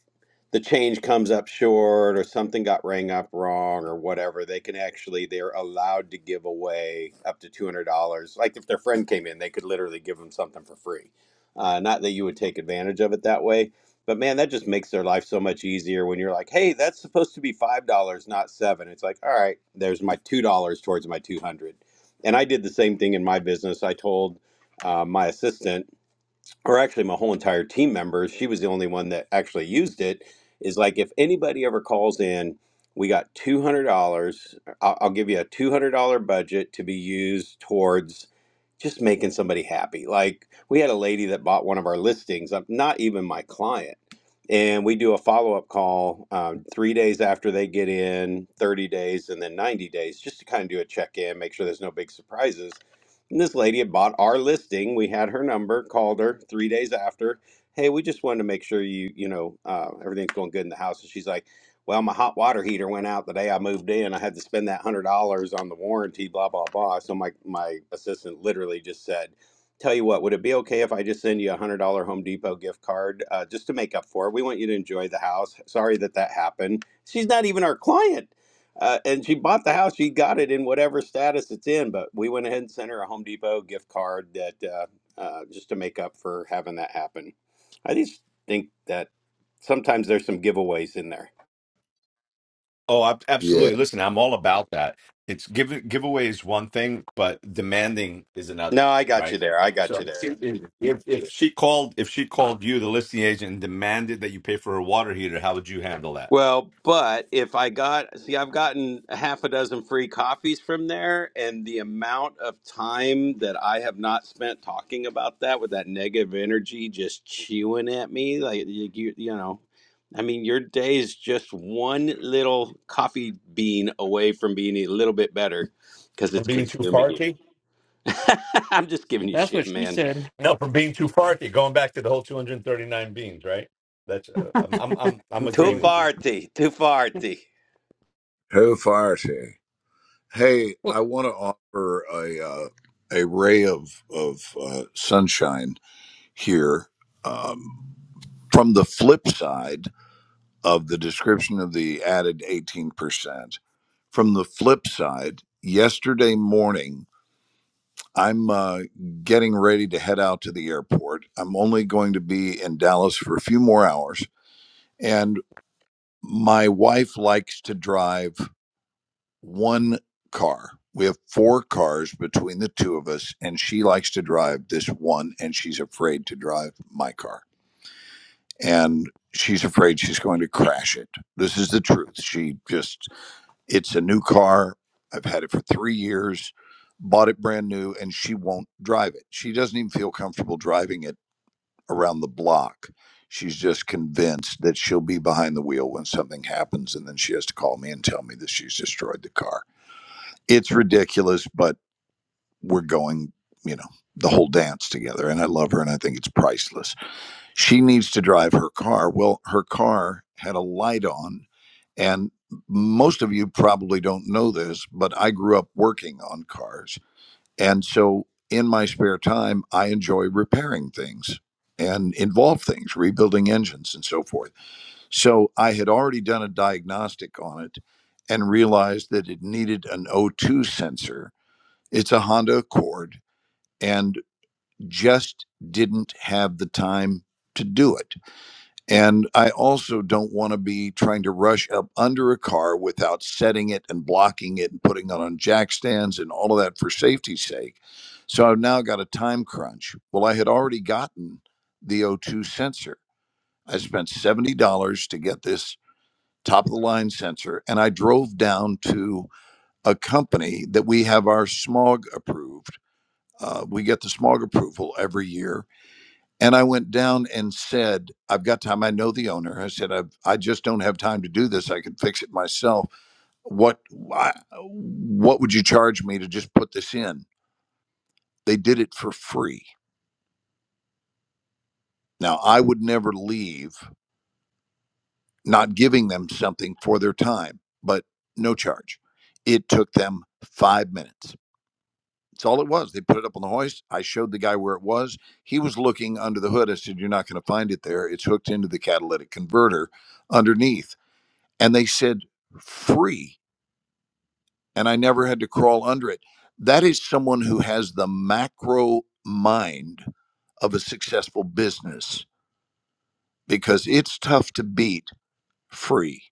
Speaker 4: the change comes up short or something got rang up wrong or whatever, they can actually they're allowed to give away up to two hundred dollars. Like, if their friend came in, they could literally give them something for free. Uh, not that you would take advantage of it that way. But man, that just makes their life so much easier when you're like, "Hey, that's supposed to be five dollars, not seven. It's like, "All right, there's my two dollars towards my two hundred. And I did the same thing in my business. I told uh, my assistant, or actually my whole entire team members, she was the only one that actually used it. Is like if anybody ever calls in, we got two hundred dollars. I'll, I'll give you a two hundred dollar budget to be used towards just making somebody happy. Like we had a lady that bought one of our listings, uh, not even my client, and we do a follow up call um, three days after they get in, thirty days, and then ninety days, just to kind of do a check in, make sure there's no big surprises and this lady had bought our listing. We had her number, called her three days after. Hey, we just wanted to make sure you, you know, uh, everything's going good in the house. And she's like, well, my hot water heater went out the day I moved in. I had to spend that hundred dollars on the warranty, blah blah blah. So my my assistant literally just said, "Tell you what, would it be okay if I just send you a hundred dollar Home Depot gift card uh, just to make up for it? We want you to enjoy the house. Sorry that that happened. She's not even our client uh, and she bought the house. She got it in whatever status it's in. But we went ahead and sent her a Home Depot gift card that uh, uh, just to make up for having that happen. I just think that sometimes there's some giveaways in there.
Speaker 3: Oh, ab-
Speaker 5: Yeah.
Speaker 3: absolutely. Listen, I'm all about that. It's give giveaway is one thing, but demanding is
Speaker 4: No,
Speaker 3: another,
Speaker 4: I got you
Speaker 3: right?
Speaker 4: there. I got you
Speaker 3: So
Speaker 4: there.
Speaker 3: if, if she called if she called you, the listing agent, and demanded that you pay for her water heater, how would you handle that?
Speaker 4: Well, but if I got, see, I've gotten a half a dozen free coffees from there, and the amount of time that I have not spent talking about that with that negative energy just chewing at me, like you, you, you know, I mean, your day is just one little coffee bean away from being a little bit better because
Speaker 3: Or
Speaker 4: it's
Speaker 3: being too
Speaker 4: consuming you.
Speaker 3: party?
Speaker 4: [laughs] I'm just giving you
Speaker 6: That's what
Speaker 4: shit,
Speaker 6: she
Speaker 4: man.
Speaker 6: said.
Speaker 3: No, from being too farty, going back to the whole 239 beans, right? That's uh, I'm I'm I'm I'm
Speaker 4: Too
Speaker 3: agreeing with
Speaker 6: 40.
Speaker 3: you.
Speaker 4: farty, too farty.
Speaker 5: Who fires here? Hey,
Speaker 6: Well,
Speaker 5: I want to offer a uh, a ray of of uh, sunshine here. Um, from the flip side, of the description of the added 18%. From the flip side, yesterday morning, I'm uh, getting ready to head out to the airport. I'm only going to be in Dallas for a few more hours. And my wife likes to drive one car. We have four cars between the two of us, and she likes to drive this one, and she's afraid to drive my car. And she's afraid she's going to crash it. This is the truth. She just It's a new car. I've had it for three years, bought it brand new, and she won't drive it. She doesn't even feel comfortable driving it around the block. She's just convinced that she'll be behind the wheel when something happens, and then she has to call me and tell me that she's destroyed the car. It's ridiculous, but we're going, you know, the whole dance together, and I love her, and I think it's priceless. She needs to drive her car. Well, her car had a light on, and most of you probably don't know this, but I grew up working on cars. And so in my spare time, I enjoy repairing things and involve things, rebuilding engines and so forth. So I had already done a diagnostic on it and realized that it needed an O2 sensor. It's a Honda Accord and just didn't have the time to do it. And I also don't want to be trying to rush up under a car without setting it and blocking it and putting it on jack stands and all of that for safety's sake. So I've now got a time crunch. Well, I had already gotten the O2 sensor. I spent $70 to get this top of the line sensor, and I drove down to a company that we have our smog approved. Uh, we get the smog approval every year and I went down and said, I've got time. I know the owner. I said, I've, I just don't have time to do this. I can fix it myself. What, why, what would you charge me to just put this in? They did it for free. Now, I would never leave not giving them something for their time, but no charge. It took them five minutes. That's all it was. They put it up on the hoist. I showed the guy where it was. He was looking under the hood. I said, You're not going to find it there. It's hooked into the catalytic converter underneath and they said free and i never had to crawl under it that is someone who has the macro mind of a successful business because it's tough to beat free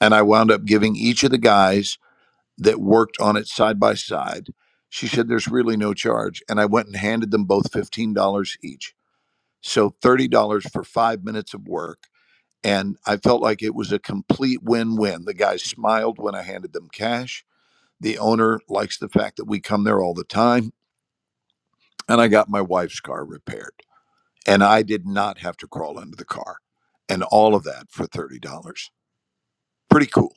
Speaker 5: and i wound up giving each of the guys that worked on it side by side she said there's really no charge and i went and handed them both $15 each so $30 for 5 minutes of work and i felt like it was a complete win-win the guys smiled when i handed them cash The owner likes the fact that we come there all the time. And I got my wife's car repaired. And I did not have to crawl under the car. And all of that for $30. Pretty cool.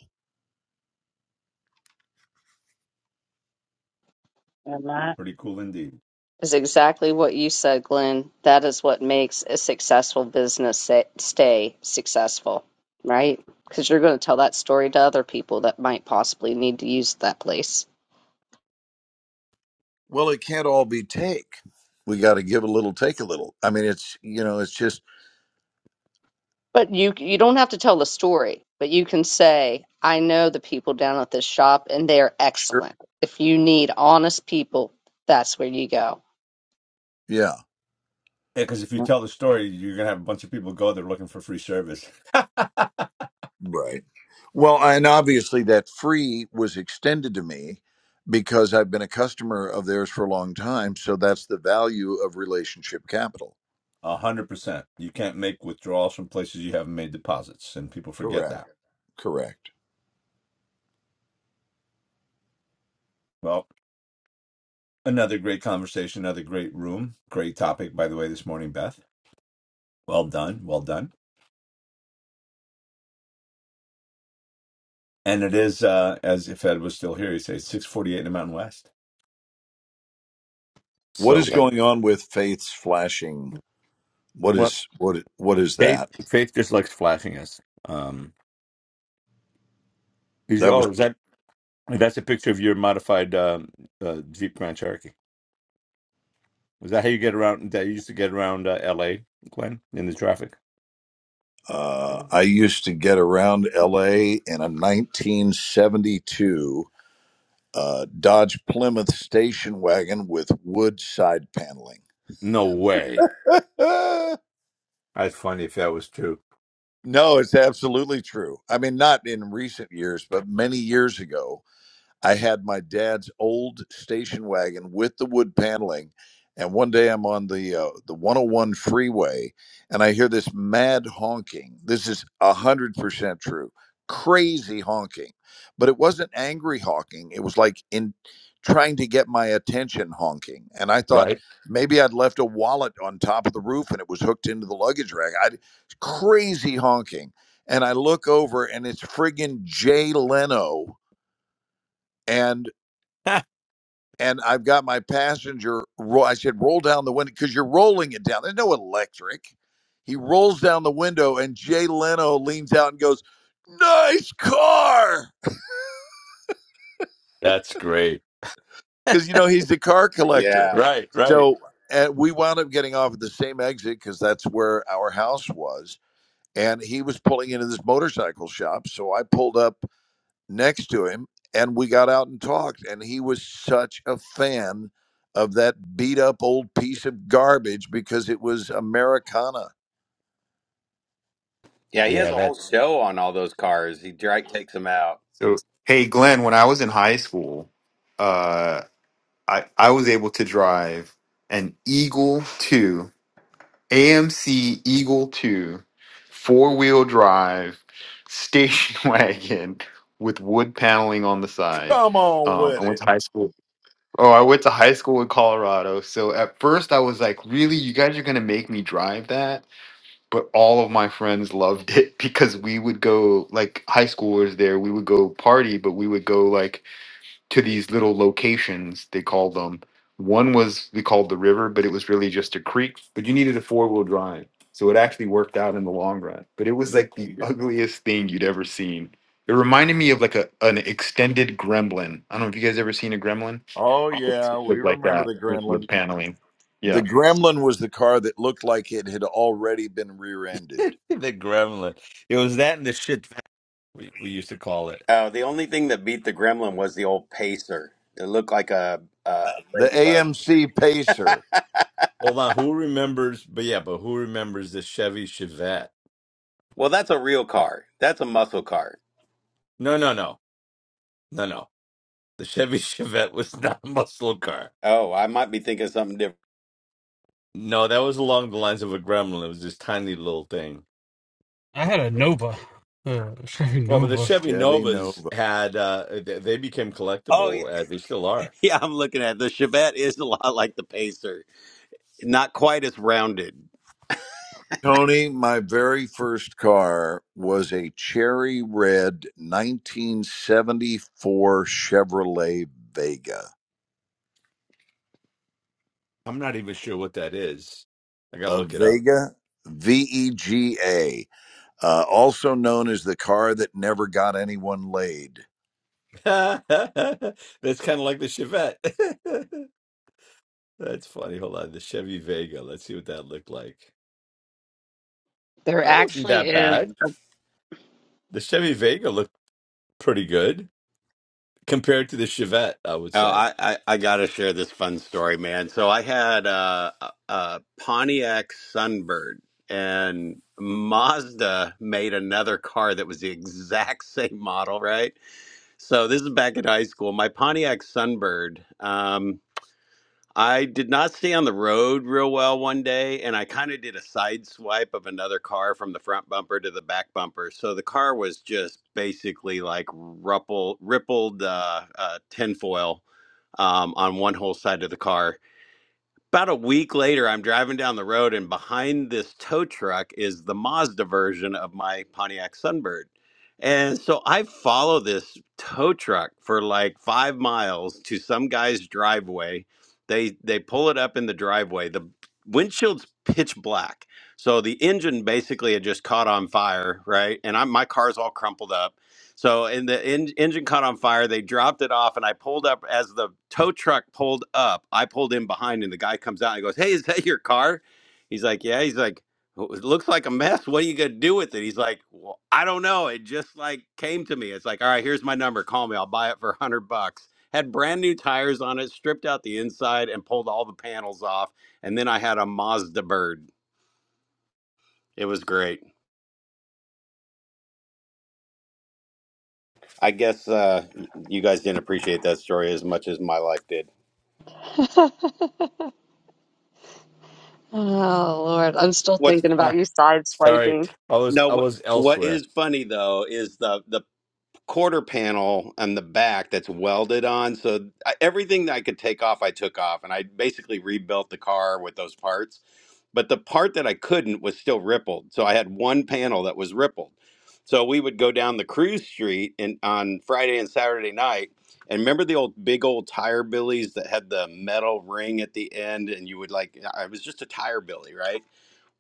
Speaker 1: And that,
Speaker 3: Pretty cool indeed.
Speaker 1: Is exactly what you said, Glenn. That is what makes a successful business sa- stay successful, right? Because you're going to tell that story to other people that might possibly need to use that place.
Speaker 5: Well, it can't all be take. We got to give a little, take a little. I mean, it's, you know, it's just,
Speaker 1: But you you don't have to tell the story, but you can say, I know the people down at this shop and they're
Speaker 5: sure.
Speaker 1: excellent. If you need honest people, that's where you go.
Speaker 5: Yeah.
Speaker 3: Yeah, because if you tell the story, you're gonna have a bunch of people go there looking for free service.
Speaker 5: Right. Well, and obviously that free was extended to me because I've been a customer of theirs for a long time. So that's the value of relationship capital.
Speaker 3: A hundred percent. You can't make withdrawals from places you haven't made deposits, and people forget
Speaker 5: Correct.
Speaker 3: that.
Speaker 5: Correct.
Speaker 3: Well, another great conversation, another great room, great topic, by the way, this morning, Beth. Well done, well done. And it is uh, as if Ed was still here, he'd say six forty eight in the Mountain West.
Speaker 5: What
Speaker 3: So,
Speaker 5: is
Speaker 3: uh,
Speaker 5: going on with Faith's flashing? What
Speaker 3: well,
Speaker 5: is what what is
Speaker 3: faith,
Speaker 5: that?
Speaker 3: faith just likes flashing us. Is-
Speaker 5: That was
Speaker 3: oh, is that that's a picture of your modified um, uh, Jeep Grand Cherokee? Was that how you get around? That you used to get around uh, L.A. Glenn in the traffic?
Speaker 5: uh, I used to get around L.A. in a 1972 uh, Dodge Plymouth station wagon with wood side paneling.
Speaker 3: No way, That's funny if that was true.
Speaker 5: [laughs] no, it's absolutely true. I mean, not in recent years, but many years ago, I had my dad's old station wagon with the wood paneling, and one day I'm on the uh, the 101 freeway, and I hear this mad honking. This is a hundred percent true, crazy honking, but it wasn't angry honking. It was like in trying to get my attention honking, and I thought
Speaker 3: right?
Speaker 5: maybe I'd left a wallet on top of the roof and it was hooked into the luggage rack. I crazy honking, and I look over and it's friggin' Jay Leno. And
Speaker 3: [laughs]
Speaker 5: and I've got my passenger. Ro- I said, roll down the window because you're rolling it down. There's no electric. He rolls down the window, and Jay Leno leans out and goes, "Nice car,"
Speaker 3: that's great.
Speaker 5: because you know he's the car collector.
Speaker 4: Yeah.
Speaker 3: Right, right.
Speaker 5: So and we wound up getting off at the same exit because that's where our house was. And he was pulling into this motorcycle shop, so I pulled up next to him and we got out and talked and he was such a fan of that beat up old piece of garbage because it was americana
Speaker 4: Yeah, he has
Speaker 3: Yeah,
Speaker 4: a whole
Speaker 3: that
Speaker 4: show on all those cars. He Drake takes them out.
Speaker 7: So, hey, Glenn, when I was in high school, uh, I, I was able to drive an Eagle 2, AMC Eagle 2, four wheel drive station [laughs] wagon with wood paneling on the side.
Speaker 5: Come on
Speaker 7: Um, I
Speaker 5: with
Speaker 7: went
Speaker 5: it.
Speaker 7: to high school. Oh, I went to high school in Colorado. So at first I was like, really, you guys are going to make me drive that? but all of my friends loved it [laughs] because we would go like high schoolers there we would go party but we would go like to these little locations they called them one was we called the river but it was really just a creek but you needed a four-wheel drive so it actually worked out in the long run but it was
Speaker 5: Yeah.
Speaker 7: like the ugliest thing you'd ever seen it reminded me of like a an extended gremlin i don't know if you guys ever seen a gremlin
Speaker 5: Oh
Speaker 7: It
Speaker 5: yeah, we
Speaker 7: looked like
Speaker 5: remember
Speaker 7: that
Speaker 5: the
Speaker 7: with wood
Speaker 5: Gremlin.
Speaker 7: paneling
Speaker 5: the
Speaker 7: Yeah.
Speaker 5: gremlin was the car that looked like it had already been
Speaker 3: [laughs]
Speaker 5: rear-ended
Speaker 3: the gremlin. It was that and the shit vac we, we used to call it.
Speaker 4: Oh, the only thing that beat the gremlin was the old pacer. It looked like a, a
Speaker 5: The
Speaker 4: ladybug.
Speaker 5: AMC Pacer.
Speaker 3: Hold on, who remembers? But yeah, but who remembers the Chevy Chevette?
Speaker 4: Well, that's a real car. That's a muscle car.
Speaker 3: No, no, no, no, no. The Chevy [laughs] Chevette was not a muscle car.
Speaker 4: Oh, I might be thinking something different.
Speaker 3: No, that was along the lines of a Gremlin. It was this tiny little thing.
Speaker 6: I had a Nova. Uh, [laughs] Chevy
Speaker 3: Well, but the
Speaker 6: Nova.
Speaker 3: Chevy
Speaker 5: Chevy Nova.
Speaker 3: Novas had uh they they became
Speaker 4: Oh, yeah.
Speaker 3: collectible.
Speaker 4: [laughs]
Speaker 3: Uh, they still are.
Speaker 4: Yeah, I'm looking at it. the Chevette is a lot like the pacer, not quite as rounded.
Speaker 5: Tony, my very first car was a cherry red 1974 Chevrolet Vega.
Speaker 3: I'm not even sure what that is. I gotta
Speaker 5: A
Speaker 3: look it up.
Speaker 5: Vega, V E G A, uh, also known as the car that never got anyone laid.
Speaker 3: [laughs] That's kind of like the Chevette. [laughs] That's funny. Hold on, the Chevy Vega. Let's see what that looked like.
Speaker 1: There
Speaker 3: Oh, that wasn't
Speaker 1: actually
Speaker 3: that
Speaker 1: is.
Speaker 3: bad.
Speaker 1: a-
Speaker 3: The Chevy Vega looked pretty good compared to the Chevette, I would
Speaker 4: Oh,
Speaker 3: say.
Speaker 4: I, I, I got to share this fun story, man. So I had uh, a, a Pontiac Sunbird, and Mazda made another car that was the [laughs] exact same model, right? So this is back at high school. My Pontiac Sunbird. Um, I did not stay on the road real well one day, and I kind of did a side swipe of another car from the front bumper to the back bumper. So the car was just basically like ripple, rippled uh, uh, tinfoil um, on one whole side of the car about a week later, I'm driving down the road, and behind this tow truck is the Mazda version of my Pontiac Sunbird. And so I follow this tow truck for like five miles to some guy's driveway. They they pull it up in the driveway. The windshield's pitch black, so the engine basically had just caught on fire, right? And I'm, my car's all crumpled up so, and the en- engine caught on fire. They dropped it off, and I pulled up as the tow truck pulled up. I pulled in behind, and the guy comes out and goes, "Hey, is that your car?" He's like, "Yeah." He's like, "Well, "It looks like a mess. What are you gonna do with it?" He's like, well, "I don't know. It just like came to me. It's like, all right, here's my number. Call me. I'll buy it for a hundred bucks." Had brand new tires on it, stripped out the inside, and pulled all the panels off. And then I had a Mazda Bird. It was great. I guess uh, you guys didn't appreciate that story as much as my life did.
Speaker 1: Oh Lord, I'm still
Speaker 4: What's
Speaker 1: thinking about
Speaker 3: [laughs]
Speaker 1: you
Speaker 3: Sorry,
Speaker 1: sideswiping.
Speaker 3: I was
Speaker 4: No,
Speaker 3: I
Speaker 4: what
Speaker 3: was
Speaker 4: what
Speaker 3: elsewhere.
Speaker 4: is funny though is the the quarter panel on the back that's welded on. So I, everything that I could take off, I took off, and I basically rebuilt the car with those parts. But the part that I couldn't was still rippled, so I had one panel that was rippled. So we would go down the cruise street and on Friday and Saturday night. And remember the old big old tire billies that had the metal ring at the end, and you would like I was just a tire billy, right?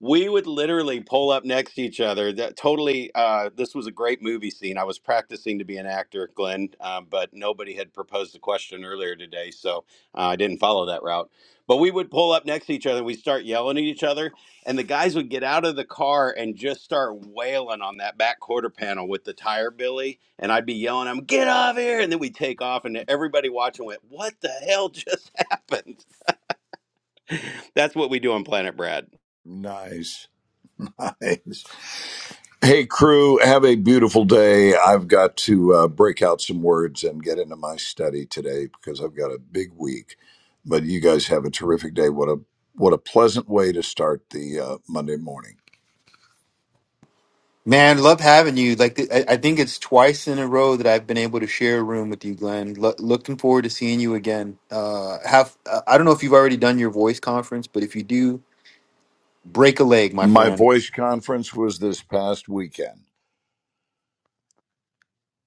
Speaker 4: We would literally pull up next to each other. That totally. Uh, this was a great movie scene. I was practicing to be an actor, Glenn, um, but nobody had proposed the question earlier today, so uh, I didn't follow that route. But we would pull up next to each other. We start yelling at each other, and the guys would get out of the car and just start wailing on that back quarter panel with the tire billy. And I'd be yelling, "I'm get off here!" And then we take off, and everybody watching went, "What the hell just [laughs] happened?" [laughs] That's what we do on Planet Brad.
Speaker 5: Nice. [laughs] Nice. Hey, crew, have a beautiful day. I've got to uh, break out some words and get into my study today because I've got a big week. But you guys have a terrific day. What a what a pleasant way to start the uh, Monday morning.
Speaker 7: Man, love having you. Like I, I think it's twice in a row that I've been able to share a room with you, Glenn. Lo- looking forward to seeing you again. Uh, have uh, I don't know if you've already done your voice conference, but if you do, break a leg, my
Speaker 5: My
Speaker 7: friend.
Speaker 5: voice conference was this past weekend.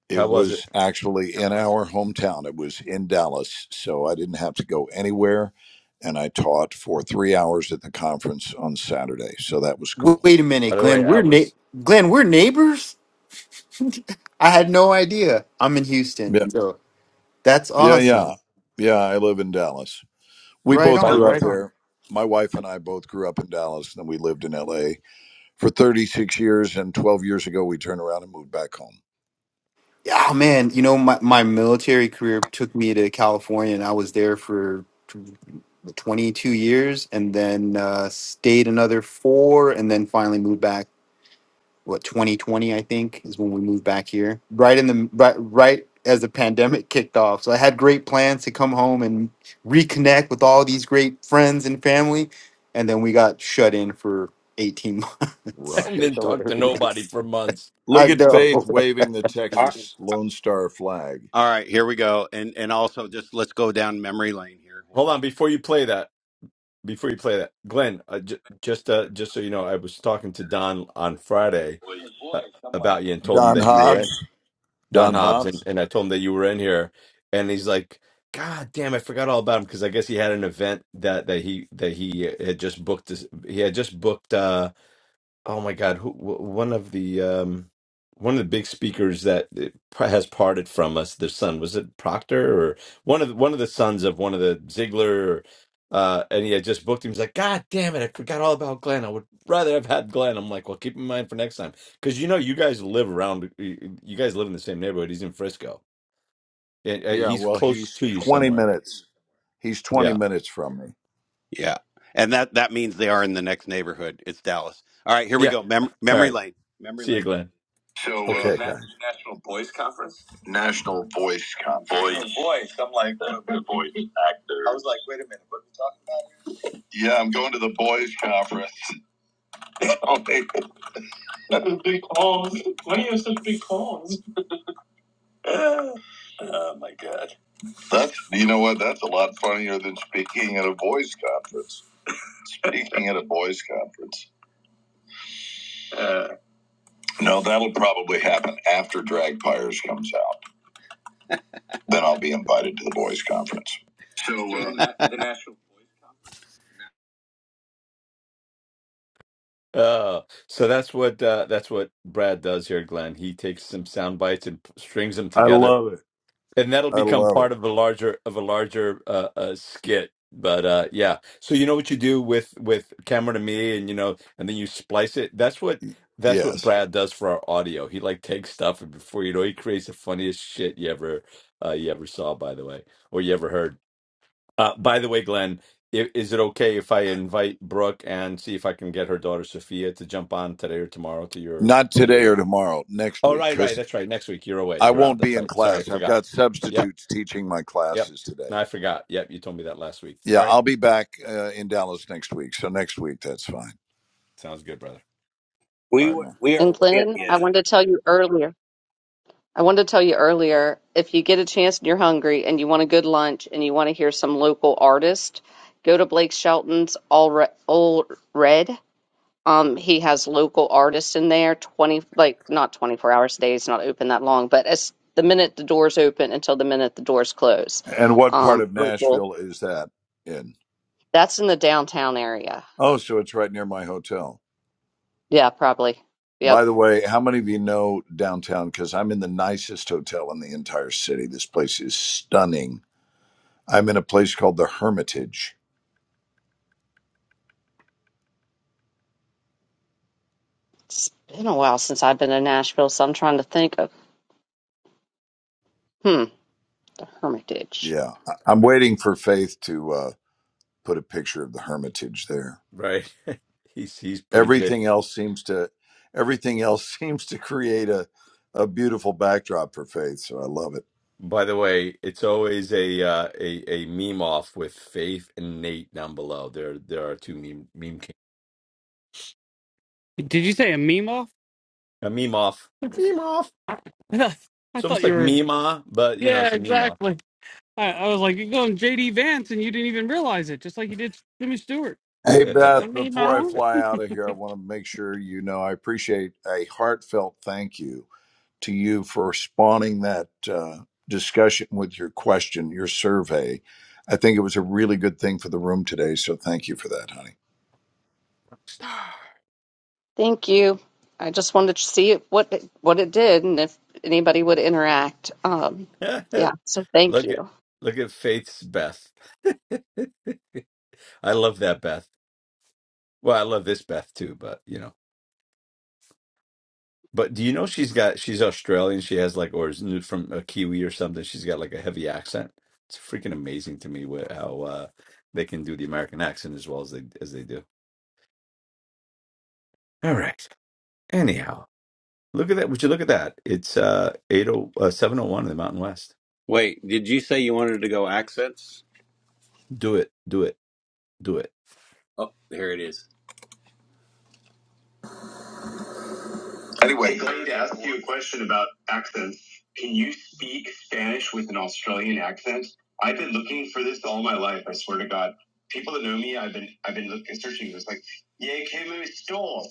Speaker 5: It
Speaker 3: How was
Speaker 5: was
Speaker 3: it?
Speaker 5: actually in our hometown. It was in Dallas, so I didn't have to go anywhere, and I taught for three hours at the conference on Saturday. So that was
Speaker 7: W-
Speaker 5: cool.
Speaker 7: Wait a
Speaker 3: By
Speaker 7: minute,
Speaker 3: the
Speaker 7: Glenn.
Speaker 3: way, I
Speaker 7: We're na-
Speaker 3: was.
Speaker 7: Glenn. We're neighbors. [laughs] I had no idea. I'm in
Speaker 5: Yeah,
Speaker 7: Houston, so that's
Speaker 5: yeah, yeah,
Speaker 7: awesome.
Speaker 5: yeah. I live in Dallas. We
Speaker 3: b-
Speaker 7: Right
Speaker 5: both
Speaker 4: So
Speaker 3: By
Speaker 7: on,
Speaker 3: the
Speaker 5: grew up
Speaker 3: way,
Speaker 7: right on.
Speaker 5: there. My wife and I both grew up in Dallas, and then we lived in LA for 36 years. And 12 years ago, we turned around and moved back home.
Speaker 7: Yeah, man. You know, my my military career took me to California, and I was there for. 22 years and then uh, stayed another four and then finally moved back what 2020 i think is when we moved back here right in the right, right as the pandemic kicked off so i had great plans to come home and reconnect with all these great friends and family and then we got shut in for 18
Speaker 3: [laughs]
Speaker 7: months
Speaker 3: and
Speaker 7: [laughs]
Speaker 3: then
Speaker 5: Right,
Speaker 3: talk to
Speaker 5: right.
Speaker 3: nobody
Speaker 7: hilarious
Speaker 3: for months.
Speaker 7: i
Speaker 5: Look at
Speaker 7: know
Speaker 5: Faith waving the Texas Lone Star flag.
Speaker 4: All right, here we go. And and also just let's go down memory lane here. Hold
Speaker 3: Hold
Speaker 4: on.
Speaker 3: on, before you play that, before you play that, Glenn, uh, j- just uh, just so you know, I was talking to Don on Friday uh, about you and told him
Speaker 5: Don
Speaker 3: that you were
Speaker 5: Hobbs.
Speaker 3: in Don
Speaker 5: Don
Speaker 3: Hobbs, and,
Speaker 5: Hobbs.
Speaker 3: and I told him that you were in here, and he's like, "God damn, I forgot all about him," because I guess he had an event that that he that he had just booked. This, he had just booked. uh, oh my God, who, w- one of the um, one of the big speakers that uh, pr- has parted from us, their son was it Proctor or one of the, one of the sons of one of the Ziegler, uh, and he had just booked him. He's like, God damn it, I forgot all about Glenn. I would rather have had Glenn. I'm like, well, keep in mind for next time because you know you guys live around, you you guys live in the same neighborhood. He's in Frisco. Yeah, uh,
Speaker 5: Yeah,
Speaker 3: He's
Speaker 5: well,
Speaker 3: close
Speaker 5: he's
Speaker 3: to you
Speaker 5: 20
Speaker 3: somewhere.
Speaker 5: minutes. He's 20
Speaker 3: Yeah,
Speaker 5: minutes from me.
Speaker 4: Yeah. And that that means they are in the next neighborhood. It's Dallas. All right, here we
Speaker 3: yeah.
Speaker 4: go. Mem-
Speaker 3: All
Speaker 4: memory
Speaker 3: right.
Speaker 4: lane. Memory
Speaker 3: See you,
Speaker 4: lane.
Speaker 3: Glenn.
Speaker 4: So uh,
Speaker 5: Okay,
Speaker 4: Na-
Speaker 5: guys.
Speaker 4: National Boys Conference? National Boys Conference. Boys. Boys. I'm like the, the boys. I was like, wait a minute. Yeah, I'm going to the boys conference. [laughs] Okay. That's you know what? That's a lot funnier than speaking at a boys conference. Speaking at a boys conference. No, that'll probably happen after Drag Pyres comes out. Then I'll be invited to the boys' conference. So uh, [laughs] the national.
Speaker 3: Uh, so that's what uh, that's what Brad does here, Glenn. He takes some sound bites and p- strings them
Speaker 5: I
Speaker 3: together,
Speaker 5: love it.
Speaker 3: and that'll
Speaker 5: I
Speaker 3: become
Speaker 5: love it.
Speaker 3: part of a larger of a larger uh, uh, skit. But uh, yeah, so you know what you do with with Cameron and me, and you know, and then you splice it. That's what that's what
Speaker 5: Yes.
Speaker 3: Brad does for our audio. He like takes stuff, and before you know, he creates the funniest shit you ever uh, you ever saw, by the way, or you ever heard. Uh, by the way, Glenn, i- is it okay if I invite Brooke and see if I can get her daughter Sophia to jump on today or tomorrow to your
Speaker 5: Not
Speaker 3: to
Speaker 5: today or
Speaker 3: your?
Speaker 5: tomorrow, next
Speaker 3: Oh,
Speaker 5: week,
Speaker 3: right, right.
Speaker 5: because
Speaker 3: That's right. Next week you're away.
Speaker 5: I
Speaker 3: You're out.
Speaker 5: won't be
Speaker 3: That's
Speaker 5: in
Speaker 3: right. Sorry, I
Speaker 5: class. I've
Speaker 3: forgot.
Speaker 5: got
Speaker 3: Yep,
Speaker 5: substitutes teaching my
Speaker 3: yep.
Speaker 5: classes today.
Speaker 3: No, I forgot. Yep, you told me that last week. All
Speaker 5: Yeah,
Speaker 3: right,
Speaker 5: I'll be back uh, in Dallas next week. So next week, that's fine.
Speaker 3: sounds good, brother.
Speaker 5: All
Speaker 4: We
Speaker 5: right,
Speaker 4: were,
Speaker 5: man.
Speaker 4: we are
Speaker 1: And
Speaker 4: way in
Speaker 1: Glenn,
Speaker 4: the
Speaker 1: I
Speaker 4: ish.
Speaker 1: wanted to tell you earlier. I wanted to tell you earlier, if you get a chance and you're hungry and you want a good lunch and you want to hear some local artist, go to Blake Shelton's All Re- Old Red Um, he has local artists in there, 20, like not 24 hours a day. It's not open that long, but as the minute the doors open until the minute the doors close.
Speaker 5: And what part
Speaker 1: Um,
Speaker 5: of
Speaker 1: local.
Speaker 5: Nashville is that in?
Speaker 1: That's in the downtown area.
Speaker 5: Oh, so it's right near my hotel.
Speaker 1: Yeah, probably.
Speaker 5: By
Speaker 1: Yep.
Speaker 5: the way, how many of you know downtown? Because I'm in the nicest hotel in the entire city. This place is stunning. I'm in a place called the Hermitage.
Speaker 1: It's been a while since I've been to Nashville, so I'm trying to think of, hmm, the Hermitage.
Speaker 5: Yeah, I- I'm waiting for Faith to. uh, put a picture of the hermitage there.
Speaker 3: Right. [laughs] He's he's pretty good.
Speaker 5: Everything else seems to everything else [laughs] seems to create a a beautiful backdrop for faith, so I love it.
Speaker 3: By the way, it's always a uh, a a meme off with Faith and Nate down below. There there are two meme meme king-
Speaker 6: Did you say a meme off?
Speaker 3: a meme off
Speaker 6: [laughs]
Speaker 3: meme off.
Speaker 6: I I
Speaker 3: It's
Speaker 6: thought
Speaker 3: almost
Speaker 6: you
Speaker 3: like
Speaker 6: were.
Speaker 3: meme but you know
Speaker 6: Yeah,
Speaker 3: it's a meme off.
Speaker 6: exactly. I, I was like, you're going JD Vance, and you didn't even realize it, just like you did Jimmy Stewart.
Speaker 5: Hey
Speaker 3: Yeah.
Speaker 6: I
Speaker 5: Beth,
Speaker 6: made my
Speaker 5: before I
Speaker 6: own.
Speaker 5: fly out of here, I want to make sure you know I appreciate a heartfelt thank you to you for spawning that uh, discussion with your question, your survey. I think it was a really good thing for the room today, so thank you for that, honey.
Speaker 1: Thank you. I just wanted to see what it, what it did and if anybody would interact. Um,
Speaker 3: [laughs]
Speaker 1: yeah, so thank
Speaker 3: look at
Speaker 1: you.
Speaker 3: look at Faith's Beth. I love that Beth. Well, I love this Beth too, but you know. But do you know she's got she's Australian. She has like or is new from a Kiwi or something. She's got like a heavy accent. It's freaking amazing to me wh- how uh, they can do the American accent as well as they as they do. All right. Anyhow, look at that. Would you look at that? It's uh eight oh uh, seven oh one in the Mountain West.
Speaker 4: Wait, did you say you wanted to go accents?
Speaker 3: Do it. Do it. Do
Speaker 4: Oh, here it is. Anyway, I'm going to ask you a question about this. Can you speak? I yeah, came a store.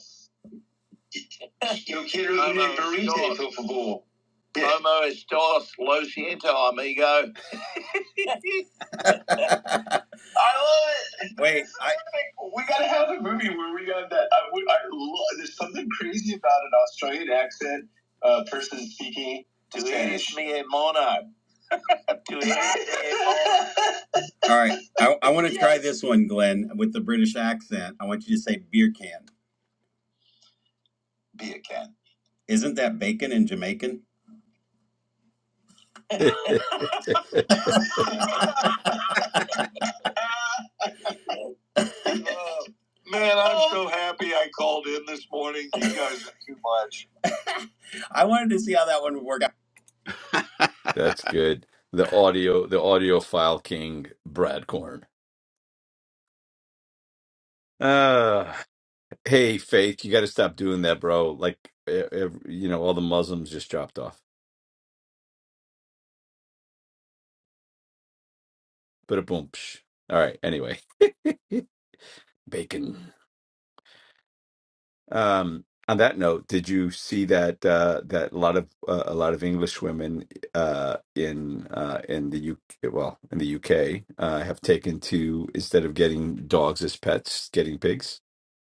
Speaker 4: Yo quiero ir a burrito, por favor. Como estás, lo siento, amigo. Wait, uh, to Spanish. me up. to ease me up. [laughs] All right. I, I want to [laughs] try this one, Glenn, with the British accent. I want you to say beer can. Beer can. Isn't that bacon in Jamaican?
Speaker 3: it. [laughs]
Speaker 4: Oh, man, I'm so happy I called in this morning. You guys are too much. I wanted to see how that one would work out.
Speaker 3: That's good. The audio, the audiophile king, Brad Corn. Uh, hey, Faith, you got to stop doing that, bro. Like, e- ev you know, all the Muslims just dropped off. But a boom. psh. All right. Anyway, [laughs] bacon. Um, on that note, did you see that uh, that a lot of uh, a lot of English women uh, in uh, in the UK, well, in the UK, uh, have taken to instead of getting dogs as pets, getting pigs?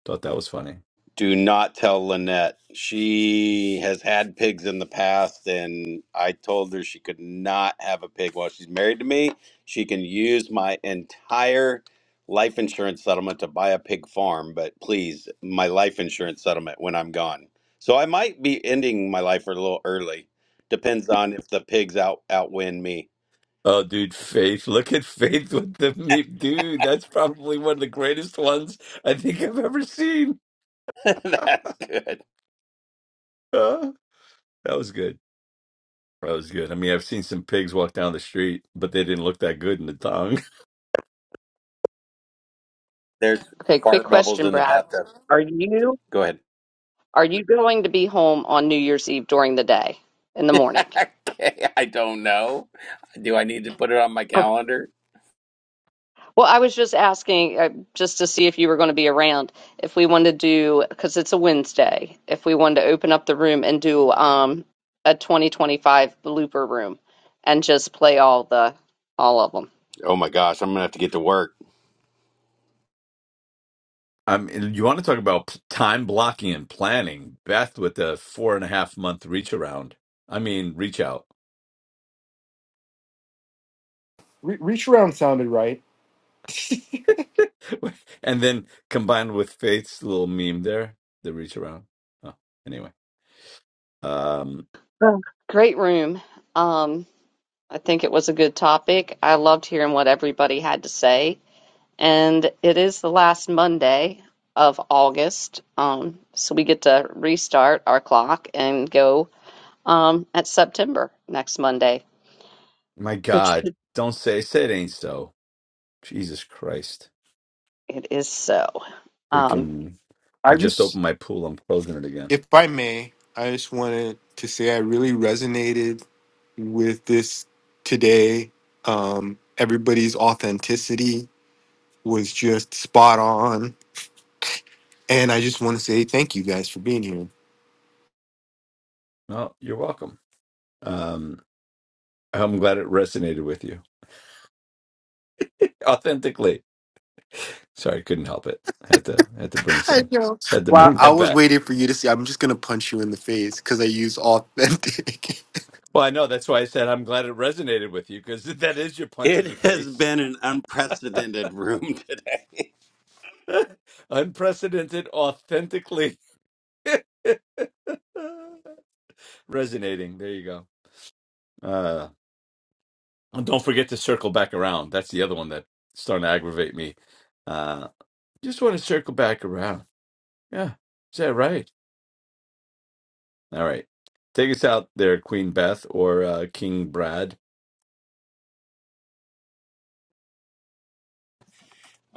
Speaker 3: Thought that was funny.
Speaker 4: Do not tell Lynette. She has had pigs in the past, and I told her she could not have a pig while she's married to me. She can use my entire life insurance settlement to buy a pig farm, but please, my life insurance settlement when I'm gone. So I might be ending my life a little early. Depends on if the pigs out outwin me.
Speaker 3: Oh, dude, Faith. Look at Faith with the me. Dude, that's probably one of the greatest ones I think I've ever seen.
Speaker 4: [laughs] That's good.
Speaker 3: Huh? that was good. That was good. I mean, I've seen some pigs walk down the street, but they didn't look that good in the tongue.
Speaker 4: There's
Speaker 1: Okay, quick
Speaker 4: fart bubbles
Speaker 1: question,
Speaker 4: in the
Speaker 1: Brad.
Speaker 4: bathtub.
Speaker 1: Are you?
Speaker 4: Go ahead.
Speaker 1: Are you going to be home on New Year's Eve during the day in the morning?
Speaker 4: [laughs] okay, I don't know. Do I need to put it on my
Speaker 1: Oh,
Speaker 4: calendar?
Speaker 1: well, I was just asking uh, just to see if you were going to be around, if we wanted to do, because it's a Wednesday, if we wanted to open up the room and do um a 2025 blooper room and just play all the all of
Speaker 4: Oh my gosh, I'm gonna have to get to work.
Speaker 3: [laughs] I mean, you want to talk about p- time blocking and planning? Beth with the four and a half month reach around. I mean, reach out.
Speaker 7: Re- reach around sounded right. [laughs]
Speaker 3: [laughs] And then combined with Faith's little meme there, the reach around. Oh, anyway. Um,
Speaker 1: them. Great room. Um, I think it was a good topic. I loved hearing what everybody had to say. and it is the last Monday of August. Um, so we get to restart our clock and go um, at September next Monday,
Speaker 3: my
Speaker 1: which
Speaker 3: God, don't say, say it ain't so. Jesus Christ.
Speaker 1: it is so. Um,
Speaker 3: Freaking I
Speaker 7: i
Speaker 3: just
Speaker 7: just
Speaker 3: opened my pool. I'm closing it again.
Speaker 7: If I may, I just wanted to say I really resonated with this today. Um, everybody's authenticity was just spot on. And I just want to say thank you guys for being here.
Speaker 3: No, you're welcome. Um I'm glad it resonated with you. Authentically. Sorry, couldn't help it. Had to had to bring
Speaker 7: I
Speaker 3: some
Speaker 7: know.
Speaker 3: had to
Speaker 7: Well,
Speaker 3: bring [laughs]
Speaker 7: I
Speaker 3: that
Speaker 7: was
Speaker 3: back.
Speaker 7: waiting for you to see. I'm just going to punch you in the face because I use authentic. [laughs]
Speaker 3: Well, I know that's why I said I'm glad it resonated with you because [laughs] that is your punch in
Speaker 4: It
Speaker 3: the
Speaker 4: [laughs] has
Speaker 3: face.
Speaker 4: been an unprecedented room [laughs] today.
Speaker 3: [laughs] Unprecedented, authentically [laughs] resonating. There you go. Uh and don't forget to circle back around. That's the other one that's starting to aggravate me Uh, Just want to circle back around. Yeah. Is that right? All right. Take us out there, Queen Beth or uh, King Brad.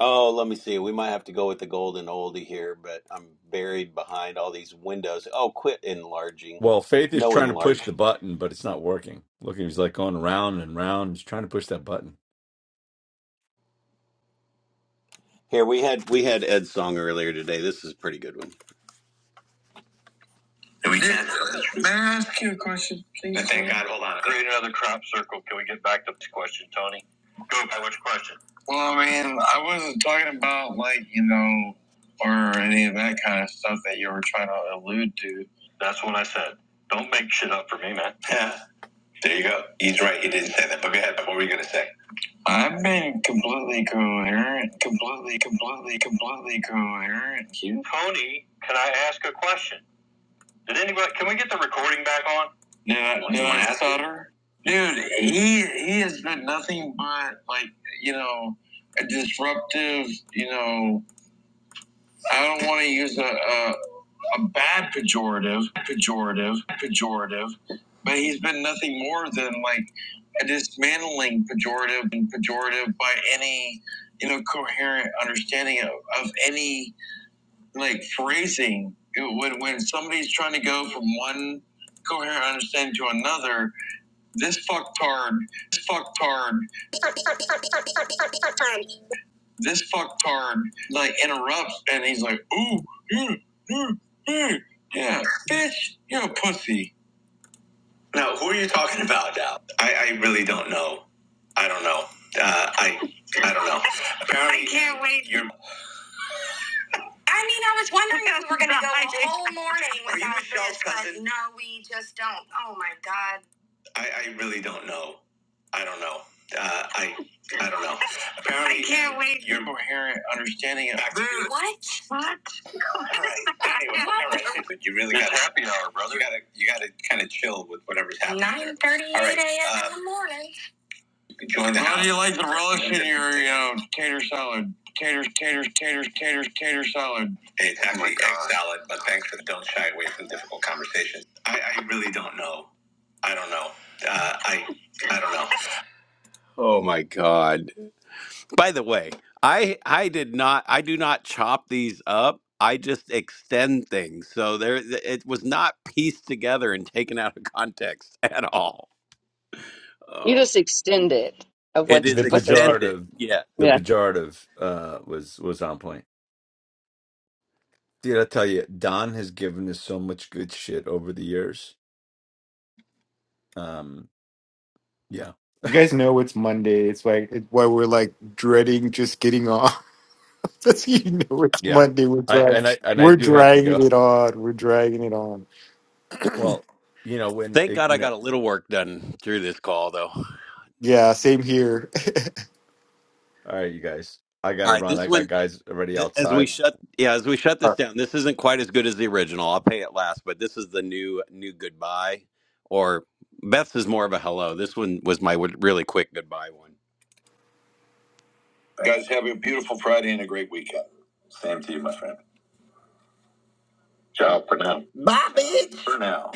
Speaker 4: Oh, let me see. We might have to go with the golden oldie here, but I'm buried behind all these windows. Oh, quit enlarging.
Speaker 3: Well, Faith is
Speaker 4: No
Speaker 3: trying to push
Speaker 4: enlarge.
Speaker 3: the button, but it's not working. Look, he's like going round and round. He's trying to push that button.
Speaker 4: Here we had we had Ed's song earlier today. This is a pretty good one. we did. And thank God, hold on. Create another crop circle. Can we get back to this question, Tony? Go by which question? Well, I mean, I wasn't talking about like you know, or any of that kind of stuff that you were trying to allude to. That's what I said. Don't make shit up for me, man. [laughs] Yeah, there you go. He's right. He didn't say that. But go ahead. But what were you gonna say? I've been completely coherent, completely, completely, completely coherent. You? Tony, can I ask a question? Did anybody? Can we get the recording back on? Yeah, Like, dude, Sutter, dude, he he has been nothing but like you know a disruptive. You know, I don't want to use a, a a bad pejorative, pejorative, pejorative, but he's been nothing more than like a dismantling pejorative and pejorative by any you know coherent understanding of, of any like phrasing it- when when somebody's trying to go from one coherent understanding to another this fucktard this fucktard this fucktard like interrupts and he's like ooh ooh, ooh, ooh, yeah bitch you're a pussy now who are you talking about now i, I really don't know i don't know uh, i i don't know apparently I can't wait. You're I mean, I was wondering if we were going to go [laughs] the whole morning [laughs] without Are you without Michelle's this, but cousin? no, we just don't. Oh my god. I, I really don't know. I don't know. Uh, I I don't know. [laughs] Apparently, I can't wait. You're coherent, understanding it. Back to you. What? What? All right. Anyway, [laughs] all right. But you really got to happy hour, brother. You got to you got to kind of chill with whatever's happening. Nine thirty-eight a.m. in the morning. You can Join the house. Listen, your you know, tater salad, taters, taters, taters, taters, tater salad. It's actually egg salad, but thanks for the don't shy away from difficult conversations. I, I really don't know. I don't know. Uh, I I don't know. Oh my god! By the way, I I did not. I do not chop these up. I just extend things. So there, it was not pieced together and taken out of context at all.
Speaker 1: you
Speaker 4: Oh,
Speaker 1: just extend it of
Speaker 4: it
Speaker 1: what's
Speaker 4: is
Speaker 3: The
Speaker 1: what they're saying.
Speaker 4: extended.
Speaker 3: pejorative,
Speaker 4: Yes.
Speaker 3: the
Speaker 1: Yeah,
Speaker 3: pejorative uh, was was on point. Did I tell you? Don has given us so much good shit over the years. Um, yeah,
Speaker 7: you guys know it's Monday. It's like, it's why we're like dreading just getting off. [laughs] Because you know it's
Speaker 3: yeah.
Speaker 7: Monday. We're,
Speaker 3: I
Speaker 7: drag-
Speaker 3: and I and I
Speaker 7: we're
Speaker 3: do have to
Speaker 7: dragging
Speaker 3: go.
Speaker 7: it on. We're dragging it on.
Speaker 3: Well, you know when
Speaker 4: Thank God
Speaker 3: you
Speaker 4: I
Speaker 3: know.
Speaker 4: got a little work done through this call, though. All
Speaker 7: Yeah, same here.
Speaker 3: All right, you guys. I gotta
Speaker 4: right,
Speaker 3: run.
Speaker 4: this
Speaker 3: I got
Speaker 4: one,
Speaker 3: guys already
Speaker 4: th- as we
Speaker 3: outside.
Speaker 4: shut, yeah, as we shut
Speaker 7: [laughs]
Speaker 4: this down, this isn't quite as good as the original. I'll pay it last, but this is the new, new goodbye, or Beth's is more of a hello. This one was my w- really quick goodbye one. Guys, have a beautiful Friday and a great weekend. Same to you, my friend. Ciao for now. Bye, bitch. For now.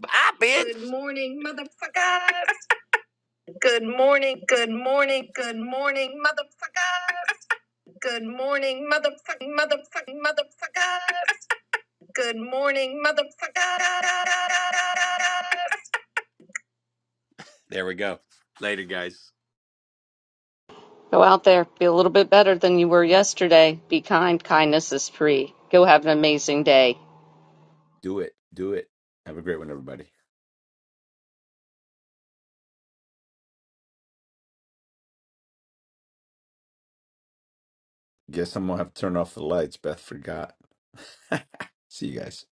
Speaker 4: Bye, bitch. Good morning. There we go. Later, guys.
Speaker 1: go out there, be a little bit better than you were yesterday. Be kind. Kindness is free. Go have an amazing day.
Speaker 3: Do it. Do it. Have a great one, everybody. Guess I'm gonna have to turn off the lights. Beth forgot. [laughs] See you guys.